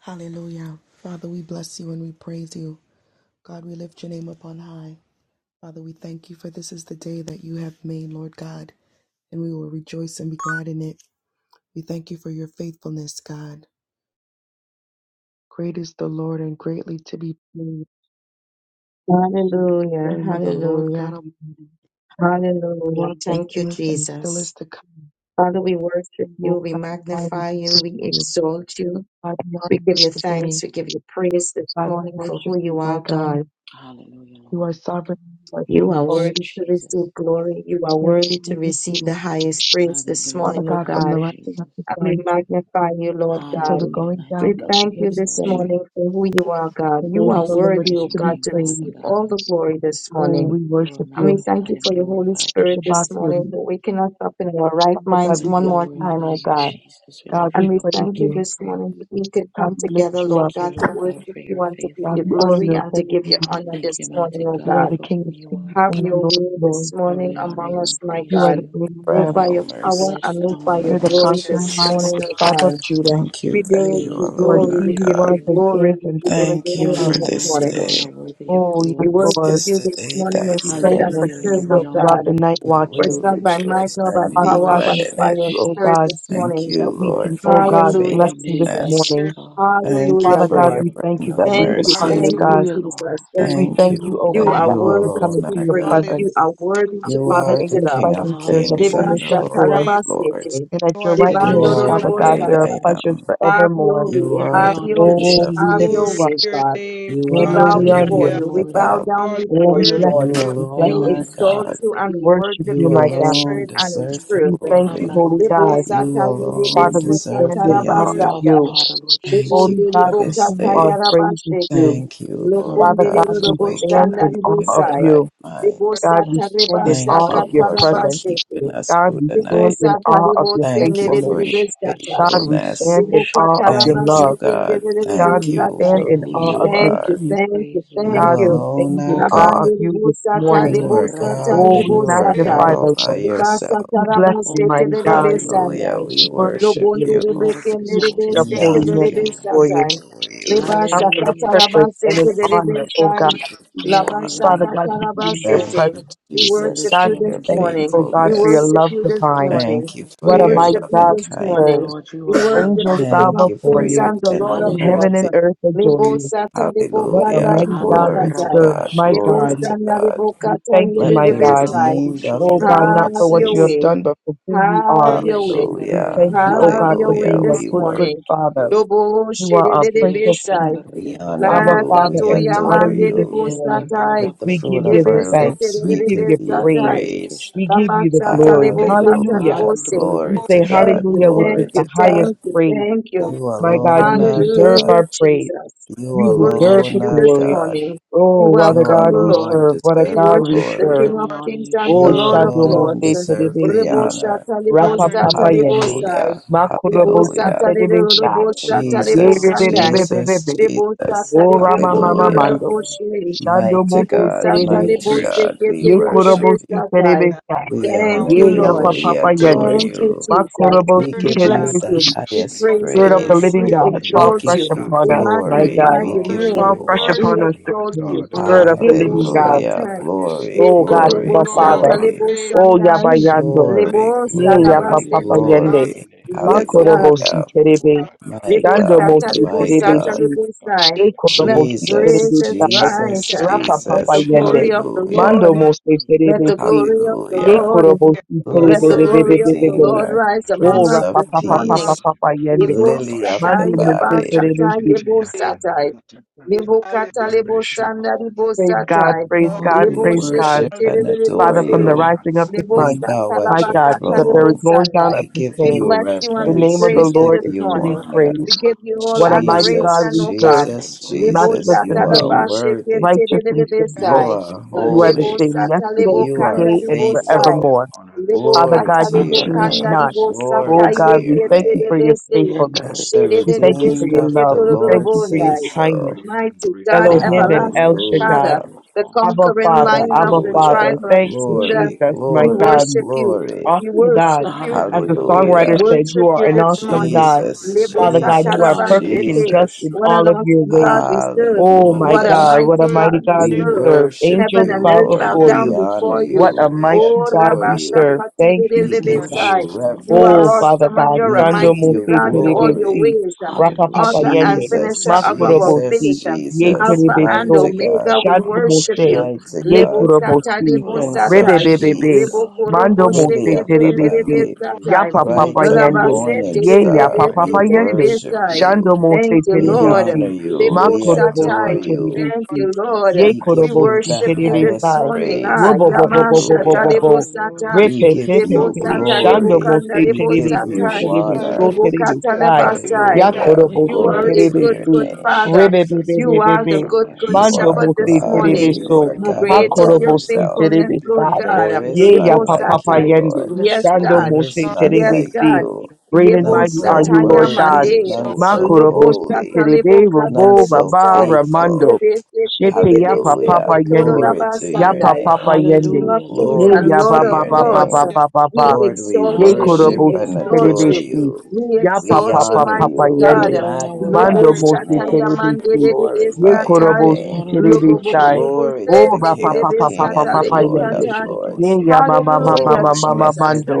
Hallelujah. Father, we bless you and we praise you. God, we lift your name up on high. Father, we thank you for this is the day that you have made, Lord God, and we will rejoice and be glad in it. We thank you for your faithfulness, God. Great is the Lord and greatly to be praised. The Hallelujah, name of the Lord God hallelujah, Almighty, hallelujah. Lord that Thank you, is and still is Jesus. to come. Father, we worship you, Oh, we God Almighty, we magnify you, praise we you. exalt you, God, we honor we give you you today. thanks, we give you praise this God, we morning for who worship you you, are, my God. God. Hallelujah, You are Lord. sovereign, you are We You are bless faithful. worthy to you, Jesus. receive glory, you are There worthy is none to like you. receive the highest praise Father, we this Father morning, O God, glorify from you, the God. rising of Jesus. the And we sun magnify you, Lord until the God. Hallelujah, going We mighty down of God, the thank we you very this exalt same. you. morning for who you are, God. The We You name of are the bless and Lord worthy, is praise O your to be God, name, to Father praised. receive all God. the glory this Oh, morning. we You are worship And we you. thank magnified you and for the Holy glorified, We Spirit King shabbat this Jesus. you. morning, for waking us up in our right Father God, minds We we one bless more you. time, glorify oh you, God. Jesus. We God, lift we And you we up and praise we thank you give you. you this praise. morning that we can God, come we lift together, you Lord up. Thank you, God, to Lord God, worship for your you and to give God, you we honor faithfulness. glory your and holy to give you name. honor Thank you, this morning, mighty oh You God, are the God. for King who of you kings are. Have and the your Lord of way this lords. Lord, morning we honor among you and us, my You praise are the God. you. great I Move Brand am. by no your We mercy. power bless and and move honor by your your You're the Thank you, name, glory King conquering this lion of Jesus. morning, the oh Jesus. tribe of God. Judah. Thank you We that You give you you alone You are are alone glory, are he worthy we of who give God. you was and praise. glory, is and we give still is Thank you to You you come. glory for this alone, this mighty morning. God, are day. worthy of Oh, yes, We glory. This worship Lord. is you the this day morning in that We you spirit thank have you and in for Hallelujah, truth, Lord. made. keeping us We oh honor throughout God. the you. night We For watches. it's will not by might rejoice nor by and We Father be power, God, glad but we worship it's in by thank it. your you, oh you, spirit Jesus. God, this Thank morning. you, that we Lord, can, for oh We your God, honor bless Hallelujah, your you this name, Jesus. faithfulness. mighty Hallelujah. morning. God. Thank you Hallelujah, Father for God, your Lord. we thank brand you new that we Thank can you. honor you, mercies. Thank you, God. Hallelujah, Lord. Jesus. And We Thank thank you you, You oh be you that God, are that you we can all worthy the come to alone be into are your praised. Hallelujah. God. presence. You praise. are worthy to You be Father, are in the lifted your up. King presence of there is a Praise, kings Hallelujah, and fullness the of Devasta Jesus. Lord joy. of lords. Kalabasete. And at your Lord. We We right lift You hand, bless you, Well, are your Father the Lord. God, name. great there are I Devandorobostata. pleasures am. Praise, Have forevermore. your You way. are We hallelujah. Have the honor your you, Prince way. Oh, of we Have lift Jesus. your you Glory Peace. up. way, your God. name. You We are Oh, We bow the we honor give you before Lily Hallelujah. you. you. of the We glory, bow Valley. Lord. down Lord, Oh, we before we you, worship bless Lord. You you. you. We We bless We alone honor are you. you, Jesus. exalt God. you and We we worship worship you, You you my in God. alone spirit and in deserve the truth. We thank Have you, glory. thine Holy own way, God. Lord God. You Debosata alone Father, we yedebeseta deserve stand in the awe of Worship You honor. are the tarabasata. you. potter, Lord Thank Jesus. you Holy We are the for God, to clay. this whom Debonderebokata our day. praise is yarabasheke. due. Thank you, Lord Lord Father God, be God, for we waking stand us Lokondererobosanda glorified. in up awe in of our ribosai. right you. mind. God, we Debosata Bless and stand in praise Thank awe rebashaka of you, your Lord, Jesus. for presence. keeping tarabasheke. us God, through we the stand night. in Debosata awe of your Thank you We faithfulness. for your worship you, rebotenderebesata. God, we Jesus. We faithfulness. stand in worship awe of you. your Thank you, love. God. God, Thank we you Ribukatalabasekenderebesatai. stand for We in who lift awe you you of up and your we Thank are. you, give peace. you thank you, praise, Lord You thank God, we God. you. alone stand are in Lord. awe of God. Rabandi you this ribusatai, You morning. Handa are ribusatai, God, Oh, and we you are God ribusatai. magnify all the by Lord. yourself. We bless Oh, you, mighty magnify the God. Hallelujah. Lord with Hallelujah. Ribasatarabasekenderebesanai. me We We worship worship Lobondi you. you. and let us We exalt lift his up We name holy honor hands you. together. before We you. ribekenderebesekenderebesatai. adore you. count it a Hallelujah, privilege and an Jesus. honor, Lord, O Libashakatarabasekenderebesai. God. we give We you honor your honor. Father name, God, to God. be in your Thank Labashakatarabasete. you, presence. We We worship Jesus, lift God, for you you up we this your and give thank you you, morning. O God, We for praise. King your faithfulness. worship love you Jesus. this divine. morning. Thank you We for What a your worship mighty you God loving this we morning. serve. kindness. Lord, you We are worship Angels the worthy. bow King Thank of you before for Kings you, your and the Lord tender and of Hallelujah. heaven Lords. and mercy. earth adore Praise, Lebo you. sata, lebo What a kanda, Hallelujah. mighty lebo God Glory we to sata. serve, God. my Lebo God. Glory Andarabakashakatai. to sanda, God. lebo We kata, thank you, lebe Let my the lebe God. sai. redeemed Yendarabakusho of Oh the God, not Lord Have for what your say you so. have yobobobokotai. way. done, but for who you Have are. Lord. your way. We Hallelujah. thank Our you, oh Have God, for your way Hallelujah. being a this We good, worship good Yeshendarabakatatarobokusho. morning. Father. you. Lobo You shede are a de Prince lebe of sai. Peace, We honor Abba La you. Yeshendarabakatai. Father, We and we katoria honor adore you mande this you. lebo morning. God, satai. With the We give fruit you of the Lebe our Yendarabakotorabai. our thanks. sete lips, de We we give give lebe you you praise. satai. praise. We give Laba you Andorikeshatatai. the sata glory. lebo worthy, kata Hallelujah. lebo Hallelujah. sei. We Glory holy say to Andorobokusho Thank God. you, hallelujah, which is Glory thank you, the yobobomondari. to highest God. thank you, praise. thank you. God, You My God, alone you Glorify are you, deserve God. Lord. Hallelujah, our praise. Jesus. You You We deserve Lift worship the alone you you up, are this Jesus. glory. God. morning. We Oh, what You a welcome God the we Lord. alone serve. What a We We deserve God the we worship worship the glory. serve. King and of we honor Kings you, and the Oh, You Jesus. Lord of Shadomo alone Lords. se deserve the Rebo terebesi. honor. shata God, lebo Rapa your sata papa Hallelujah, lebo yende. sai. name, Hallelujah. Jesus. Rebo Makurobo si Hallelujah. sata lebo terebesi. rebo You sata alone lebo are Jesus, God. kanai. worthy. Jesus, Yerebebebebebe. Rebo Jesus. sata Oh, lebo Rama You kondo alone are mama Hallelujah. rebo holy. she. Shando Mighty Libo Mose God, We sata, libo mighty bless Terebesi, you, Praise God, we sekete, Jesus. Ye libo God worship libo Korobosi you. satai. Terebesi, Almighty, We Our honor Thank Lord, you, Ye we We you. Yapa thank Lord. worship We you Papa your word, word, this holy adore Yende, Thank morning. name, you, my you. God. Jesus. We Makorobosi We give Bless you, God. you bless the you. Terebesi, We matchless name, highest Our and praise Spirit you. of You word, the praise. alone Living glorify are We your God, name, We worthy, fall exalt fresh mighty give you. you God. upon We us, my glory. worthy God. magnify of You're We your all give word, praise, Awesome, name. Fall you you're fresh word, upon We us honor. amazing, this Lord exalt morning, you. God word, Spirit worthy of of the Almighty. all Libo There's Living glory, no God. other Hallelujah. sata, God Glory, beside Oh you. libo God, worthy glory, Abba libo of God. all Father. sata, glory. libo honor. Give Praise, you Oh thanks Yaba sandai, this Yando, morning. God, We Glory, libo glorify Ye God, your we Yapa glory, name, give you Papa sarabasete. we honor God, Yende, thanks. your glory. name. Yes, We God. lift Makorobosi Hallelujah. you up, O Terebe. God. Lord God, My and Shando say, God, Libosata, Mose God, my you're Praise, the libosata, God. Terebesi, word of God, libosai. you're praise, the on Yekoro Let time Mose God. Jesus, praises Terebesi, Praise rise. Jesus, the God. Rapa name Let of Papa the Jesus. Jesus Yende, glory of the Christ. of Hallelujah. Mando Lord, Word, Mose let the Terebesi, glory of the hallelujah. Hallelujah. Lord, Yekoro Mose You are let the Blessed word, glory of the Terebebebebebebe, Lord Redeemer, rise Nazareth. among O Prince us of Rapa this We Papa morning. Papa hallelujah. Peace, bless you. Papa Yende, Yebo Lily of Mando the satai, Mose yaba Valley. Rabashokorokoti satai, Terebesi. yekiti yebo Praise, yakanda satai. praise, katakata. Lebo hallelujah. kata lebo Rebeshokorokoti sanda lebo Praise God, kata praise lebo Yabasatai, Yebosatai. Lebokata, Lebosanda, Lebosatai. Oh, God, we praise God. worship Leboshekete, yekiti. and adore Father, from the Lebese. you. rising of the We sun, Rabashakatata. bow my at your God, to Lebosata, the very lebo throne. going down sanda. of In We the the give We name same, you of bless you the and we Jesus name reverence. of the We praise Christ you of give Lord this is you to Nazareth, be morning. honor. We Hallelujah. praised. hallelujah. give Lord you all God What a mighty Almighty, God Jesus, adoration, we O serve, we God. Thank Jesus, you, exalt your Lebo Lord. matchless Jesus, name in sata you this are holy. laba morning. sheke worthy. tere righteous and lebo We You faithful. Labashekete, praise are your You Bless name are you, the this lebo holy. same morning. sata Jesus. yesterday, lebo You We are kanda give today, you and lebo glory Lebosai. faithful. and forevermore. honor this Father morning, Glory Lebokata God, to Lord you your change God. lebokanda name. not. Andarabakashaya We Baba. libosata Glory Oh to God, your we magnify thank yekete the you for name. name your of the lebese. Lord faithfulness. Let God the Sherede We Almighty thank you this for redeemed lebese your morning. of Yandarekeshatatataya. the love. We thank Lord you for your say ketorobondai. You are kindness. so. great and Mighty greatly God, to be Elohim and praised. El everlasting Yandarabakashaya. Father, Shaddai. Hallelujah. You are the awesome Abba and conquering Father, lion of Abba the magnificent, Father. tribe Hallelujah. Robo of Thank you, Judah, Glory, Jesus, we my Shukurikata. glory, God worship you. glory. We awesome God. worship In the you. As mighty the Hallelujah, Lord. name We We of songwriter Hallelujah. honor said, you. you worship Jesus are you an this Christ, word, awesome morning. Spirit God. of the Jesus, word, Lebo Father Living God, God, you are Jesus, praise, perfect Hallelujah. and satarabasete. Rabba just Jesus. in What an all of your awesome ways. God we Shukurikata. serve. Oh Lord, we my What a Hallelujah. bless God, you. what mighty a word. mighty God we God We Thank we serve. God, Yada serve. worship Heaven Angels you, and bow earth bow Lord. before God, down We you. Hallelujah, honor before What you. a Jesus. you. Rebe We mighty Oh, God adore we Shekindu you. serve. Kuroko. Thank you, We We give Jesus. This worship you Rabashakaterelebesai. you, Lord. morning You we are Oh, reverence. bless Father awesome your and God, you're name. We a Shando give mighty We you Mose God bless in all your your glory. name terebesi, this ways. morning. Rapa Hallelujah. Papa Author We and Yende, Jesus, finisher of glorify your our name, O Jesus, faith. Makurobosi, Lord Ye You God Jesus, alone Alpha are Almighty. and mighty terebeso, worthy. God, Omega, we You are Shando our worship Mose, you. shepherd, mighty Ye Lebo mighty God, God, sata, O Kurobosi, You lebo Lord alone are Prince God Rebe of satai. righteous, Almighty, Lord Bebebe, Peace, Lebo God. You are Mando korobo because you have Lily Mose faithful. of shekete been the so Terebesi, good Valley, to us, O Yapa You Lord Lord, we Papa Bright God. and Yende, glorify you. We You're Morning rabasete the give Ye you re praise. Star, Yapa provider, O we Papa Yende, Lord worship God re Shando you. Almighty. Thank Mose you, You We are Lord. our honor Terebesi, you. lebo resource, We Father adore Makurobosi God. you. Thank Terebesi, you, We give Lord. you Ye We thanks, We give O you Lord Kurobosi the worship you God this highest Terebesi, Almighty. morning. praise. Ah, Robo Bobo Therefore, we Bobo Yamasha, lack Hallelujah. Bobo nothing. You Hallelujah, Talebosata. are We give Repepepepe, Jesus. you Lebo-sata. lebokanda, sata word, Shando glory. Mose your word, Lebo-kanda Praise, We give Terebe, We Si you worship you, Terebe, O honor. So hallelujah. Lord. Terebe, Alekiye Sai, Lebasai. purpuro Hallelujah. Hallelujah. We Yakorobo, koti You Si honor are Glory your a to kiti Terebe, good, your name, Su, good King yakata name. Father. tata Jesus. You Worthy are is the the Rebebebebebebe, good, raba Lamb. good You Mando are shokundo shepherd Mose this kuro God Oh, Terebe, and morning. Worthy koti you is the So, are Lamb God that all Great was by is Hakorobo, your slain. Si yourself. faithfulness, Terebe, kiti Lord We Sai, oh, God. There thank you. is Ye Ya lebo none like Papa you, We Yende, Lord. Yes, bless your oh, Shando God. name, There Mose is none Yes, Terebe, Jesus. like Si, God. you. Great and None Yebo mighty are Lord, so we you, sataya Lord worship God. and worthy, mande. oh, none exalt you. so Makorobo, Lobo Si holy, kuro satalebo Terebe, koti none Robo, katalebo so Baba, sai. oh, Ramando, faithful. Lebe sete Shete Ya lebe Hallelujah. Papa sete toro Yende, Glory to hallelujah. Ya your rabasandai. Papa name. King Yende, of Hallelujah, Lord kings Ye Glory and God. ya to Lord ba of ba your ba ba lords. ba name. ba ba We ba. Lord, we exalt Ye you. We worship korobo and si Hallelujah, exalt tata King adore you. Jesus. terebesi. you. We Ya pa We exalt pa you, pa honor pa pa mighty you. You We God. yende. alone are magnify word, Mando Lobo worthy. your word, mo your si shata your name. word. We yamande de terebesi. Jesus, de we de You are Ye glorify high your praise korobo Lord, your we si name. name. honor and priest, Lobo exalt bo your bo terebesi. bo bo Rabashanda name. Lord. Glory I to O se the ba de de King pa de pa of katatata. pa pa Kings pa and pa the pa Father, lebo we Roshkuru Lord of yende. lift you katai. up and we Ye Lords. kotototo. give you ya the ma ma ma highest ma And praise. Hallelujah, ma Oh, the ma ma keke. Jesus. blessed mando.